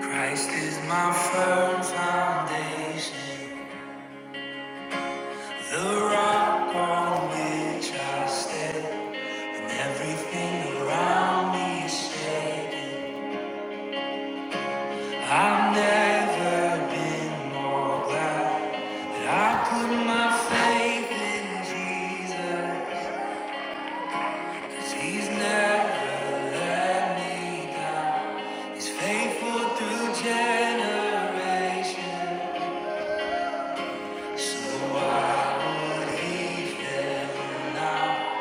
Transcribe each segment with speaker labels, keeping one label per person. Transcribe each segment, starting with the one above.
Speaker 1: Christ is my firm foundation, the rock on which I stand, and everything around me is shaking. I've never been more glad that I put my faith in Jesus, 'cause He's never let me down. He's faithful through generations. So I would them now.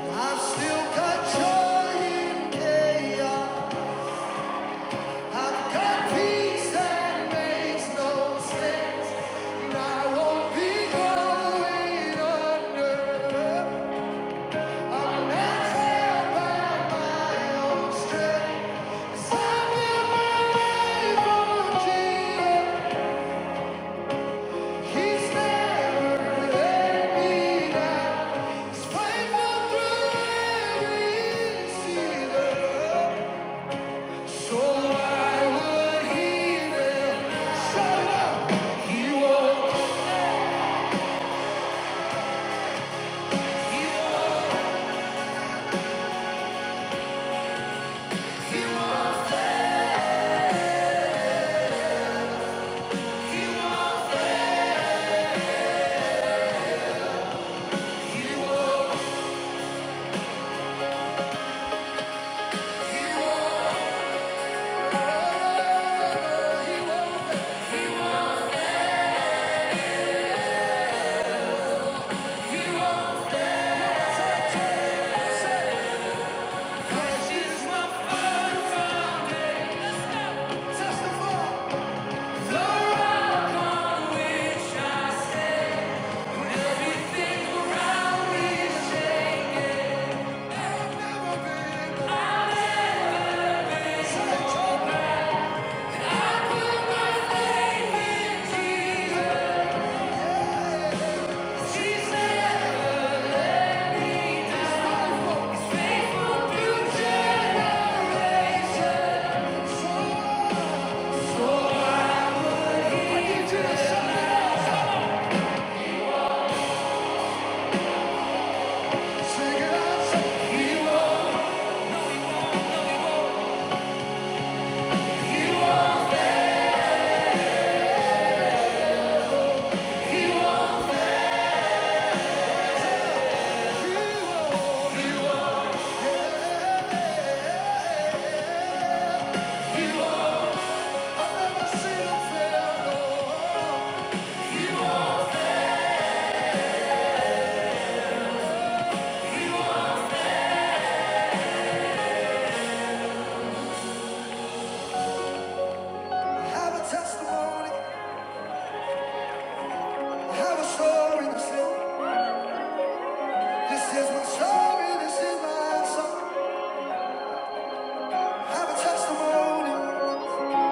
Speaker 1: i still got joy chaos. I've got peace that makes no sense. And I won't be going under. I'm not held by my own strength. 'Cause I'm my life on Jesus. He's never let me down. This is my story, this is my song. I have a testimony.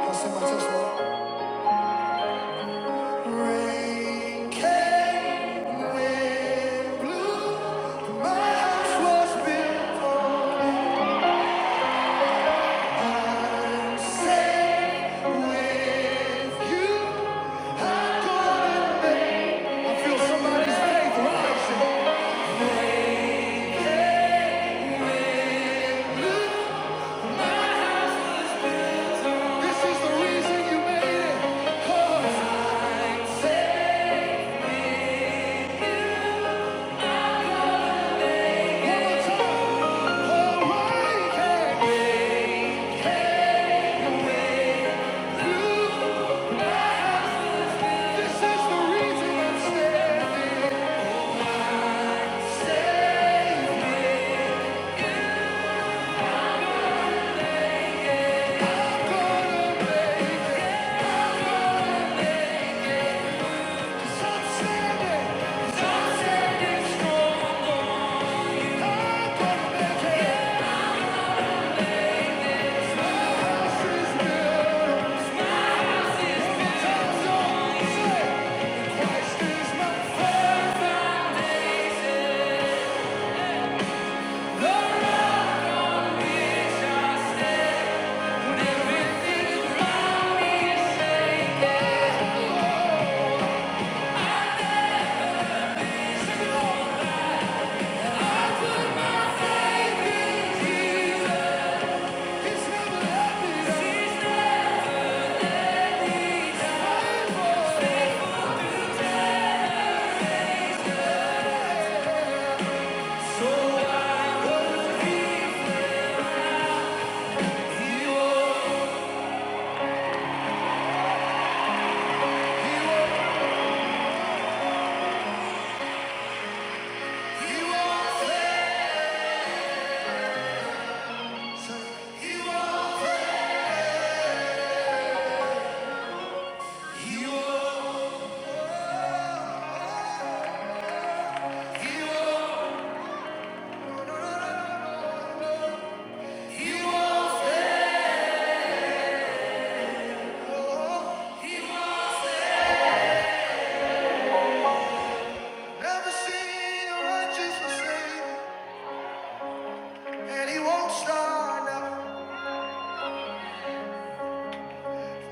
Speaker 1: You'll see my testimony. Rain came, wind blew, my house was built on I'm safe with you. I'm gonna make- I feel somebody's faith rising. Look, this is the reason you made it. 'Cause I said one more time, oh, rain came, wind blew. This is the reason I'm standing. Never seen a righteous forsaken, he won't start now.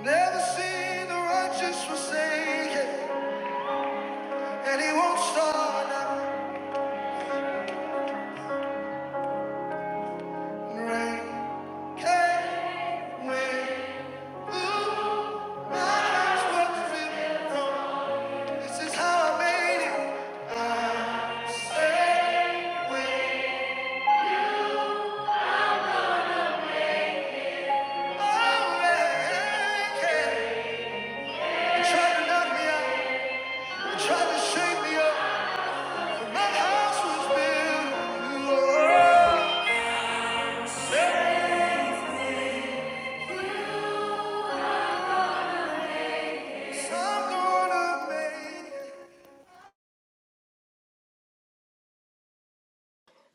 Speaker 1: Never seen the righteous forsaken. And it won't stop now. Rain came when blue. My eyes were dripping from- This is how I made it. Oh, rain came. They tried to knock me out. They tried to shake me up. But my house was built. on the rock. So I'm gonna make it.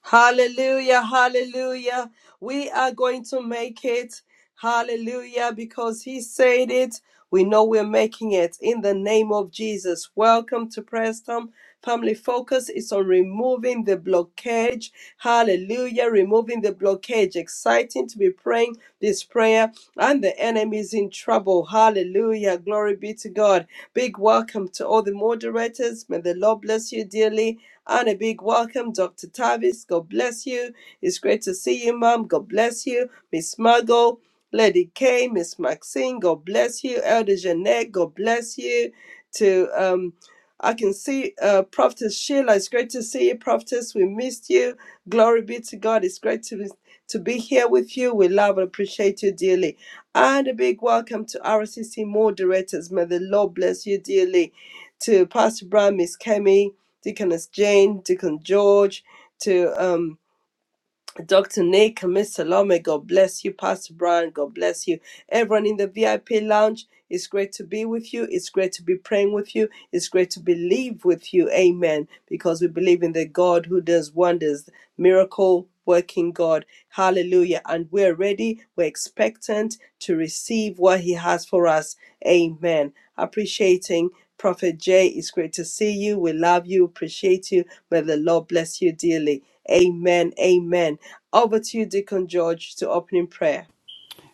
Speaker 2: Hallelujah, hallelujah. We are going to make it. Hallelujah, because he said it. We know we're making it in the name of Jesus. Welcome to Preston. Family focus is on removing the blockage. Hallelujah, removing the blockage. Exciting to be praying this prayer, and the enemy is in trouble. Hallelujah, glory be to God. Big welcome to all the moderators. May the Lord bless you dearly. And a big welcome, Dr. Tavis. God bless you. It's great to see you, Mom. God bless you. Miss Muggle, Lady K, Miss Maxine, God bless you. Elder Jeanette, God bless you. To um I can see uh Prophetess Sheila, it's great to see you, Prophetess. We missed you. Glory be to God. It's great to be to be here with you. We love and appreciate you dearly. And a big welcome to RCC moderators. May the Lord bless you dearly. To Pastor Brown, Miss Kemi, Deaconess Jane, Deacon George, to um, Dr. Nick and Miss Salome. God bless you. Pastor Brian, God bless you. Everyone in the VIP lounge, it's great to be with you. It's great to be praying with you. It's great to believe with you. Amen. Because we believe in the God who does wonders miracle working God. Hallelujah. And we're ready, we're expectant to receive what He has for us. Amen. Appreciating Prophet Jay, it's great to see you. We love you, appreciate you. May the Lord bless you dearly. Amen. Amen. Over to you, Deacon George, to opening prayer.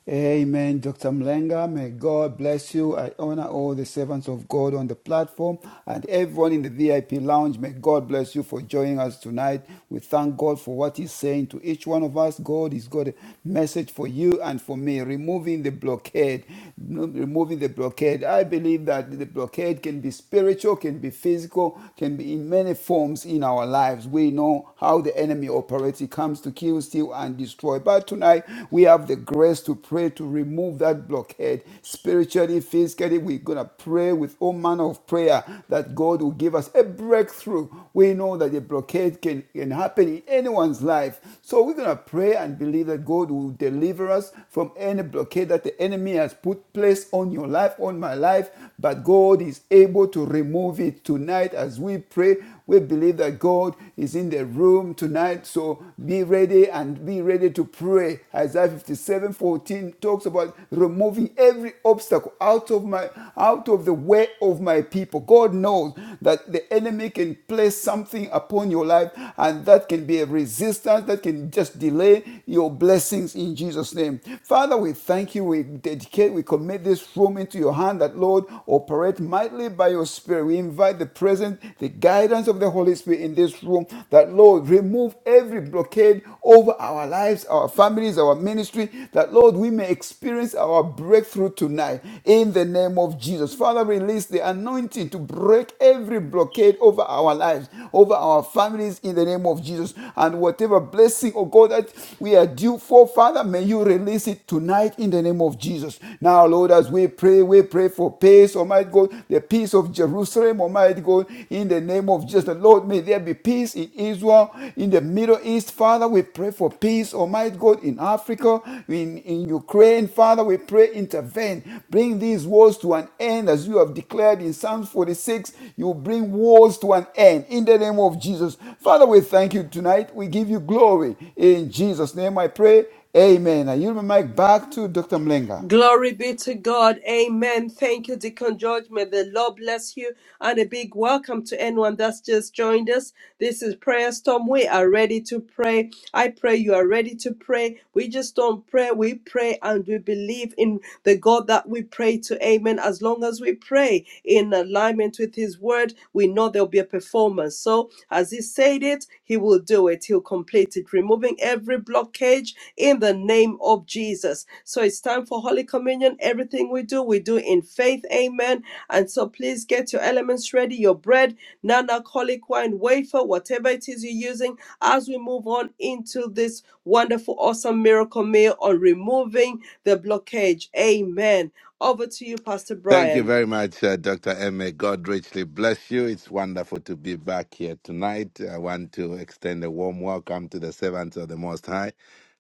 Speaker 3: Amen, Dr. Mlenga. May God bless you. I honor all the servants of God on the platform and everyone in the VIP lounge. May God bless you for joining us tonight. We thank God for what He's saying to each one of us. God has got a message for you and for me, removing the blockade. Removing the blockade. I believe that the blockade can be spiritual, can be physical, can be in many forms in our lives. We know how the enemy operates. He comes to kill, steal, and destroy. But tonight, we have the grace to pray to remove that blockhead spiritually, physically. We're going to pray with all manner of prayer that God will give us a breakthrough. We know that the blockade can, can happen in anyone's life. So we're going to pray and believe that God will deliver us from any blockade that the enemy has put place on your life, on my life. But God is able to remove it tonight as we pray. We believe that God is in the in the room tonight, so be ready and be ready to pray. Isaiah fifty-seven fourteen talks about removing every obstacle out of my out of the way of my people. God knows that the enemy can place something upon your life, and that can be a resistance that can just delay your blessings in Jesus' name. Father, we thank you. We dedicate, we commit this room into your hand that Lord operate mightily by your spirit. We invite the presence presence, the guidance of the Holy Spirit in this room, that Lord, remove every blockade over our lives, our families, our ministry, that Lord, we may experience our breakthrough tonight in the name of Jesus. Father, release the anointing to break every blockade over our lives, over our families in the name of Jesus. And whatever blessing, oh God, that we are due for, Father, may you release it tonight in the name of Jesus. Now, Lord, as we pray, we pray for peace peace, Almighty God, the peace of Jerusalem, Almighty God, in the name of Jesus. Lord, may there be peace in Israel, in the Middle East, Father. We pray for peace, Almighty God, in Africa, in, in Ukraine, Father. We pray, intervene. Bring these wars to an end as you have declared in Psalms 46. You bring wars to an end in the name of Jesus. Father, we thank you tonight. We give you glory. In Jesus' name I pray. Amen. I yield my mic back to Dr. Mlenga.
Speaker 2: Glory be to God. Amen. Thank you, Deacon George. May the Lord bless you. And a big welcome to anyone that's just joined us. This is Prayer Storm. We are ready to pray. I pray you are ready to pray. We just don't pray. We pray and we believe in the God that we pray to. Amen. As long as we pray in alignment with His word, we know there'll be a performance. So, as He said it, He will do it. He'll complete it, removing every blockage in the name of Jesus. So it's time for Holy Communion. Everything we do, we do in faith. Amen. And so please get your elements ready your bread, non alcoholic wine, wafer, whatever it is you're using as we move on into this wonderful, awesome miracle meal on removing the blockage. Amen. Over to you, Pastor
Speaker 4: Thank you
Speaker 2: Brian.
Speaker 4: very much, uh, Dr. M. A. God richly bless you. It's wonderful to be back here tonight. I want to extend a warm welcome to the servants of the Most High.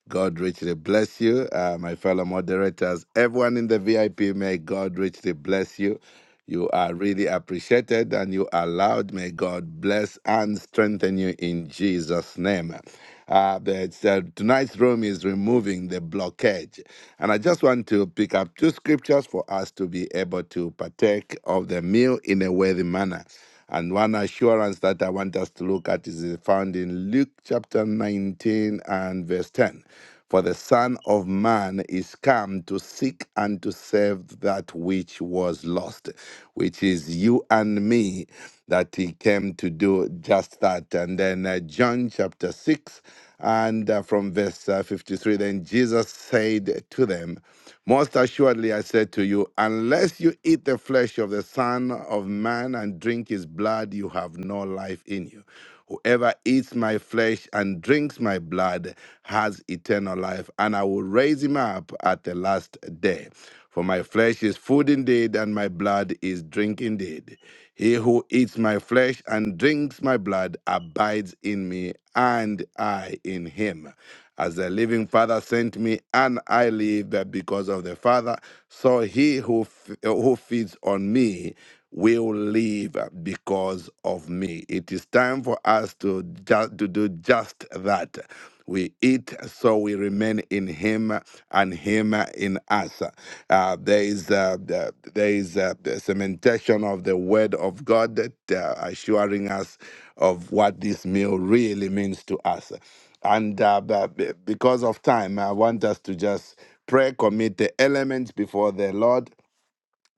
Speaker 4: God richly bless you, uh, my fellow moderators, everyone in the VIP. May God richly bless you. You are really appreciated and you are loved. May God bless and strengthen you in Jesus' name. Uh, but, uh, tonight's room is removing the blockage. And I just want to pick up two scriptures for us to be able to partake of the meal in a worthy manner. And one assurance that I want us to look at is found in Luke chapter 19 and verse 10. For the Son of Man is come to seek and to save that which was lost, which is you and me, that he came to do just that. And then uh, John chapter 6 and uh, from verse uh, 53 then Jesus said to them, most assuredly, I say to you, unless you eat the flesh of the Son of Man and drink his blood, you have no life in you. Whoever eats my flesh and drinks my blood has eternal life, and I will raise him up at the last day. For my flesh is food indeed, and my blood is drink indeed. He who eats my flesh and drinks my blood abides in me, and I in him. As the living Father sent me, and I live because of the Father, so he who, f- who feeds on me will live because of me. It is time for us to, ju- to do just that. We eat so we remain in Him and Him in us. Uh, there is uh, the- there is uh, the cementation of the Word of God, that, uh, assuring us of what this meal really means to us. And uh, but be- because of time, I want us to just pray, commit the elements before the Lord,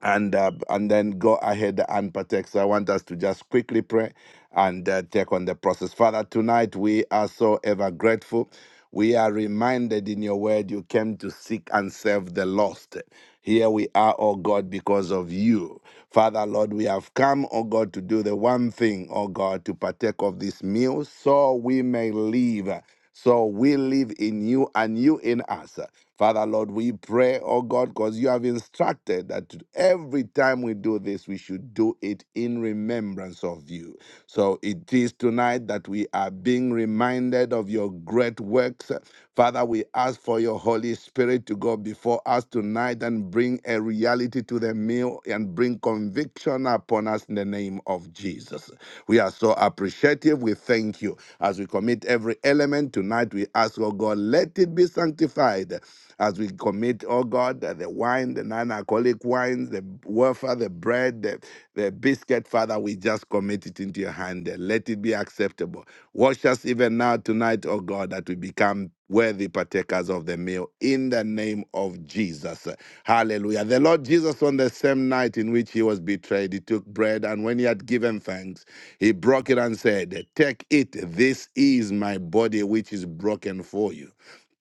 Speaker 4: and uh, and then go ahead and protect. So I want us to just quickly pray and uh, take on the process. Father, tonight we are so ever grateful. We are reminded in your word you came to seek and save the lost. Here we are, oh God, because of you. Father, Lord, we have come, oh God, to do the one thing, oh God, to partake of this meal so we may live. So we live in you and you in us. Father, Lord, we pray, oh God, because you have instructed that every time we do this, we should do it in remembrance of you. So it is tonight that we are being reminded of your great works. Father, we ask for your Holy Spirit to go before us tonight and bring a reality to the meal and bring conviction upon us in the name of Jesus. We are so appreciative. We thank you. As we commit every element tonight, we ask, oh God, let it be sanctified as we commit, oh God, the wine, the non alcoholic wines, the wafer, the bread, the, the biscuit, Father, we just commit it into your hand. Let it be acceptable. Wash us even now tonight, oh God, that we become worthy partakers of the meal in the name of Jesus. Hallelujah. The Lord Jesus, on the same night in which he was betrayed, he took bread and when he had given thanks, he broke it and said, Take it, this is my body which is broken for you.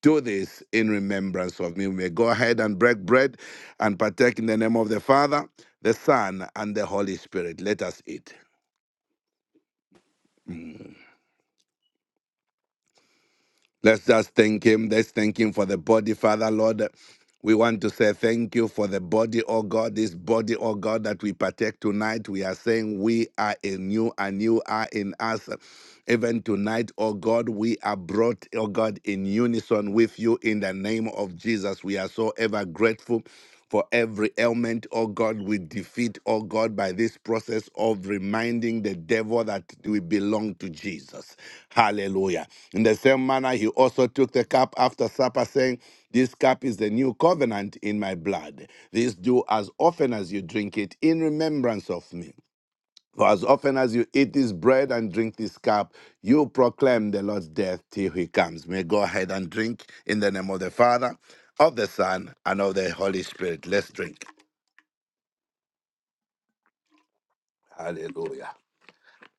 Speaker 4: Do this in remembrance of me. We may go ahead and break bread and partake in the name of the Father, the Son, and the Holy Spirit. Let us eat. Let's just thank Him. Let's thank Him for the body, Father, Lord. We want to say thank you for the body, oh God, this body, oh God, that we partake tonight. We are saying we are in you and you are in us. Even tonight, oh God, we are brought, oh God, in unison with you in the name of Jesus. We are so ever grateful for every ailment, oh God, we defeat, oh God, by this process of reminding the devil that we belong to Jesus. Hallelujah. In the same manner, he also took the cup after supper, saying, This cup is the new covenant in my blood. This do as often as you drink it in remembrance of me. For as often as you eat this bread and drink this cup, you proclaim the Lord's death till he comes. May go ahead and drink in the name of the Father, of the Son, and of the Holy Spirit. Let's drink. Hallelujah.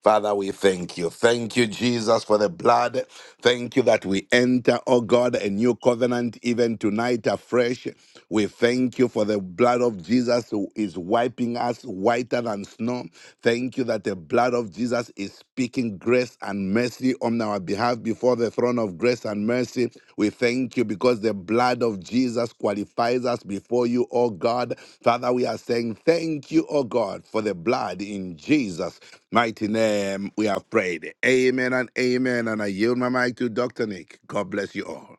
Speaker 4: Father, we thank you. Thank you, Jesus, for the blood. Thank you that we enter, oh God, a new covenant even tonight afresh. We thank you for the blood of Jesus who is wiping us whiter than snow. Thank you that the blood of Jesus is speaking grace and mercy on our behalf before the throne of grace and mercy. We thank you because the blood of Jesus qualifies us before you, O God. Father, we are saying thank you, O God, for the blood in Jesus' mighty name. We have prayed. Amen and amen. And I yield my mic to Dr. Nick. God bless you all.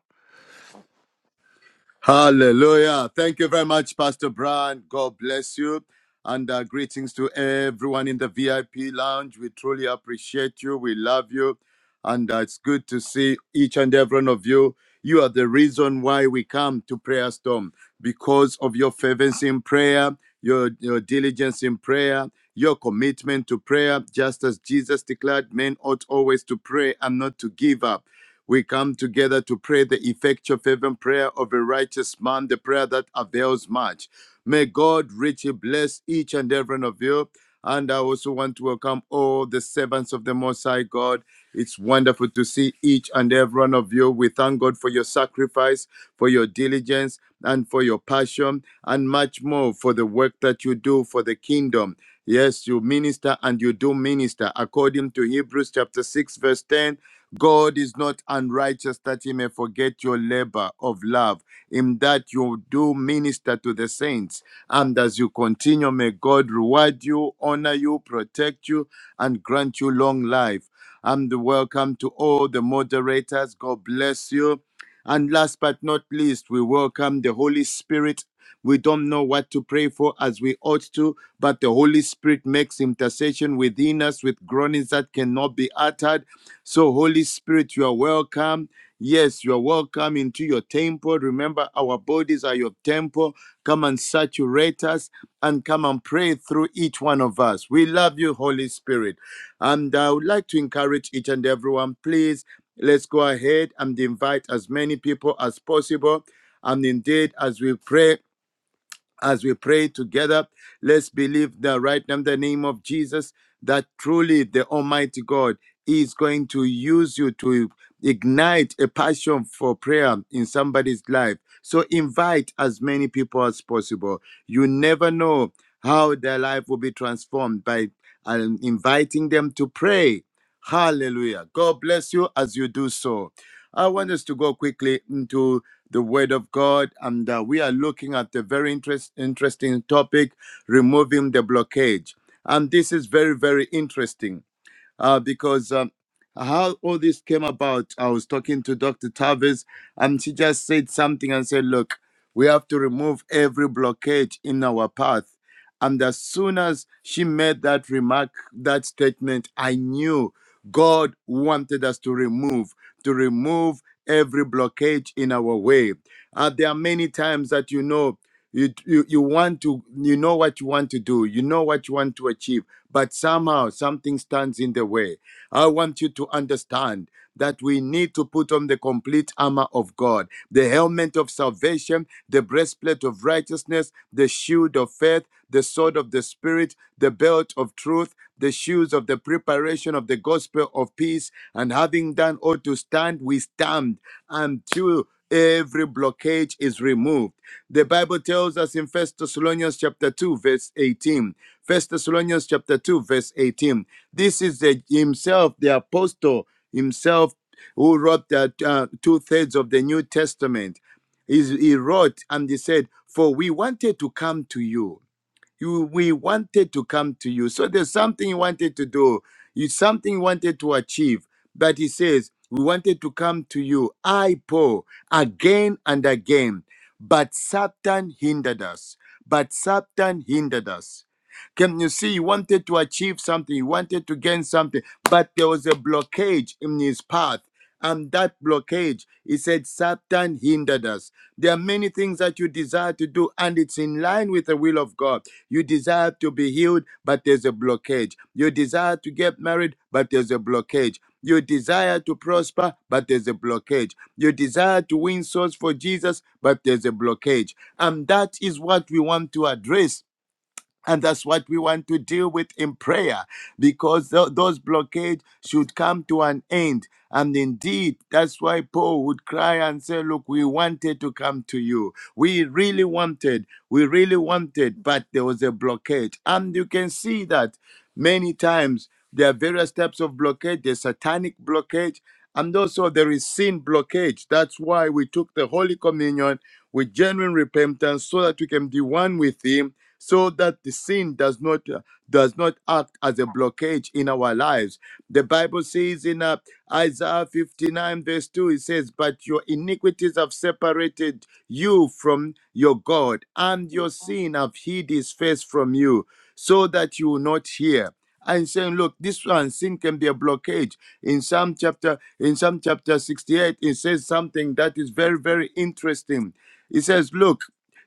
Speaker 5: Hallelujah. Thank you very much, Pastor Brian. God bless you. And uh, greetings to everyone in the VIP lounge. We truly appreciate you. We love you. And uh, it's good to see each and every one of you. You are the reason why we come to Prayer Storm because of your fervency in prayer, your, your diligence in prayer, your commitment to prayer, just as Jesus declared men ought always to pray and not to give up. We come together to pray the effectual fervent prayer of a righteous man, the prayer that avails much. May God richly bless each and every one of you. And I also want to welcome all the servants of the Most High God. It's wonderful to see each and every one of you. We thank God for your sacrifice, for your diligence, and for your passion, and much more for the work that you do for the kingdom. Yes, you minister and you do minister according to Hebrews chapter 6, verse 10 God is not unrighteous that he may forget your labor of love, in that you do minister to the saints. And as you continue, may God reward you, honor you, protect you, and grant you long life. And welcome to all the moderators. God bless you. And last but not least, we welcome the Holy Spirit. We don't know what to pray for as we ought to, but the Holy Spirit makes intercession within us with groanings that cannot be uttered. So, Holy Spirit, you are welcome. Yes, you are welcome into your temple. Remember, our bodies are your temple. Come and saturate us and come and pray through each one of us. We love you, Holy Spirit. And I would like to encourage each and everyone, please, let's go ahead and invite as many people as possible. And indeed, as we pray as we pray together, let's believe that right now in the name of Jesus, that truly the Almighty God is going to use you to ignite a passion for prayer in somebody's life. So invite as many people as possible. You never know how their life will be transformed by um, inviting them to pray. Hallelujah. God bless you as you do so. I want us to go quickly into the Word of God, and uh, we are looking at a very interest, interesting topic removing the blockage. And this is very, very interesting uh, because um, how all this came about, I was talking to Dr. Tavis, and she just said something and said, Look, we have to remove every blockage in our path. And as soon as she made that remark, that statement, I knew God wanted us to remove, to remove every blockage in our way. Uh, there are many times that you know you, you you want to you know what you want to do you know what you want to achieve but somehow something stands in the way i want you to understand that we need to put on the complete armor of god the helmet of salvation the breastplate of righteousness the shield of faith the sword of the spirit the belt of truth the shoes of the preparation of the gospel of peace and having done all to stand we stand and true every blockage is removed the bible tells us in first thessalonians chapter 2 verse 18 first thessalonians chapter 2 verse 18 this is the himself the apostle himself who wrote that uh, two-thirds of the new testament He's- he wrote and he said for we wanted to come to you you we wanted to come to you so there's something you wanted to do you something you wanted to achieve but he says we wanted to come to you i paul again and again but satan hindered us but satan hindered us can you see he wanted to achieve something he wanted to gain something but there was a blockage in his path and that blockage. He said, Satan hindered us. There are many things that you desire to do, and it's in line with the will of God. You desire to be healed, but there's a blockage. You desire to get married, but there's a blockage. You desire to prosper, but there's a blockage. You desire to win souls for Jesus, but there's a blockage. And that is what we want to address and that's what we want to deal with in prayer because tho- those blockades should come to an end. And indeed, that's why Paul would cry and say, Look, we wanted to come to you. We really wanted, we really wanted, but there was a blockade. And you can see that many times there are various types of blockade, there's satanic blockade, and also there is sin blockage. That's why we took the Holy Communion with genuine repentance so that we can be one with Him so that the sin does not uh, does not act as a blockage in our lives the bible says in uh, isaiah 59 verse 2 it says but your iniquities have separated you from your god and your sin have hid his face from you so that you will not hear and saying look this one sin can be a blockage in Psalm chapter in Psalm chapter 68 it says something that is very very interesting it says look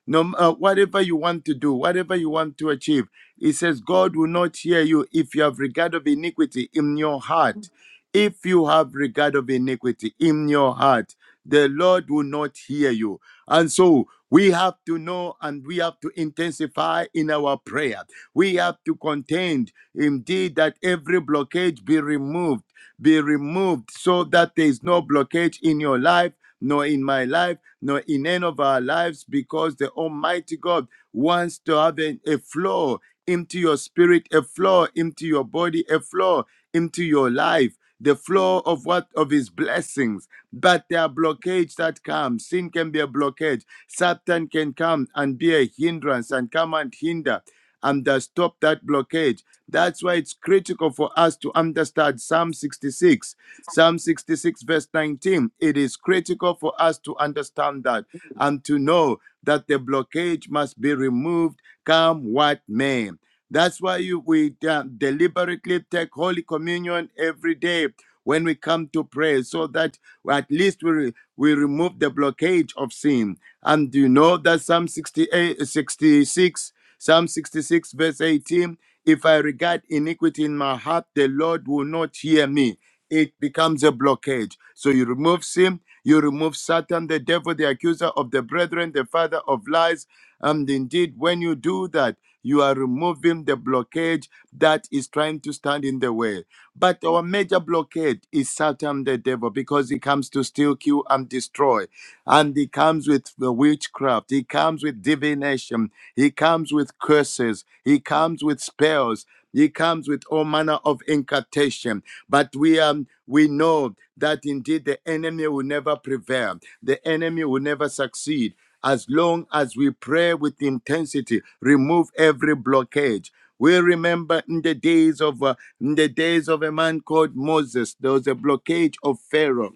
Speaker 5: no, uh, whatever you want to do, whatever you want to achieve, it says God will not hear you if you have regard of iniquity in your heart. If you have regard of iniquity in your heart, the Lord will not hear you. And so we have to know and we have to intensify in our prayer. We have to contend indeed that every blockage be removed, be removed so that there is no blockage in your life, nor in my life, nor in any of our lives, because the Almighty God wants to have a, a flow into your spirit, a flow into your body, a flow into your life the flow of what of his blessings but there are blockades that come sin can be a blockage satan can come and be a hindrance and come and hinder and uh, stop that blockage that's why it's critical for us to understand psalm 66 psalm 66 verse 19 it is critical for us to understand that and to know that the blockage must be removed come what may that's why you, we uh, deliberately take Holy Communion every day when we come to pray, so that at least we, re- we remove the blockage of sin. And you know that Psalm 68, uh, 66, Psalm 66, verse 18 if I regard iniquity in my heart, the Lord will not hear me it becomes a blockage. So you remove sin, you remove Satan, the devil, the accuser of the brethren, the father of lies. And indeed, when you do that, you are removing the blockage that is trying to stand in the way. But our major blockade is Satan, the devil, because he comes to steal, kill, and destroy. And he comes with the witchcraft, he comes with divination, he comes with curses, he comes with spells. He comes with all manner of incantation. But we um we know that indeed the enemy will never prevail. The enemy will never succeed. As long as we pray with intensity, remove every blockage. We remember in the days of uh, in the days of a man called Moses, there was a blockage of Pharaoh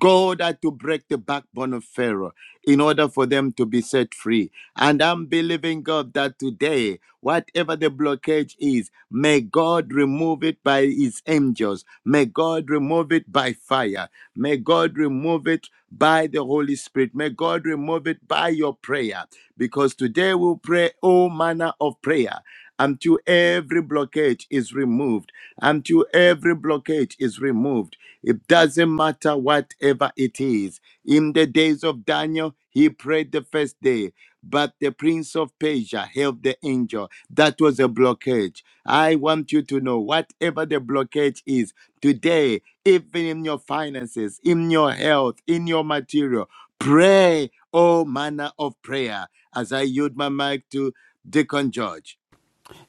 Speaker 5: God had to break the backbone of Pharaoh in order for them to be set free. And I'm believing God that today, whatever the blockage is, may God remove it by his angels. May God remove it by fire. May God remove it by the Holy Spirit. May God remove it by your prayer. Because today we'll pray all manner of prayer until every blockage is removed, until every blockage is removed it doesn't matter whatever it is. In the days of Daniel, he prayed the first day, but the prince of Persia helped the angel. That was a blockage. I want you to know whatever the blockage is today, even in your finances, in your health, in your material, pray all manner of prayer. As I yield my mic to Deacon George.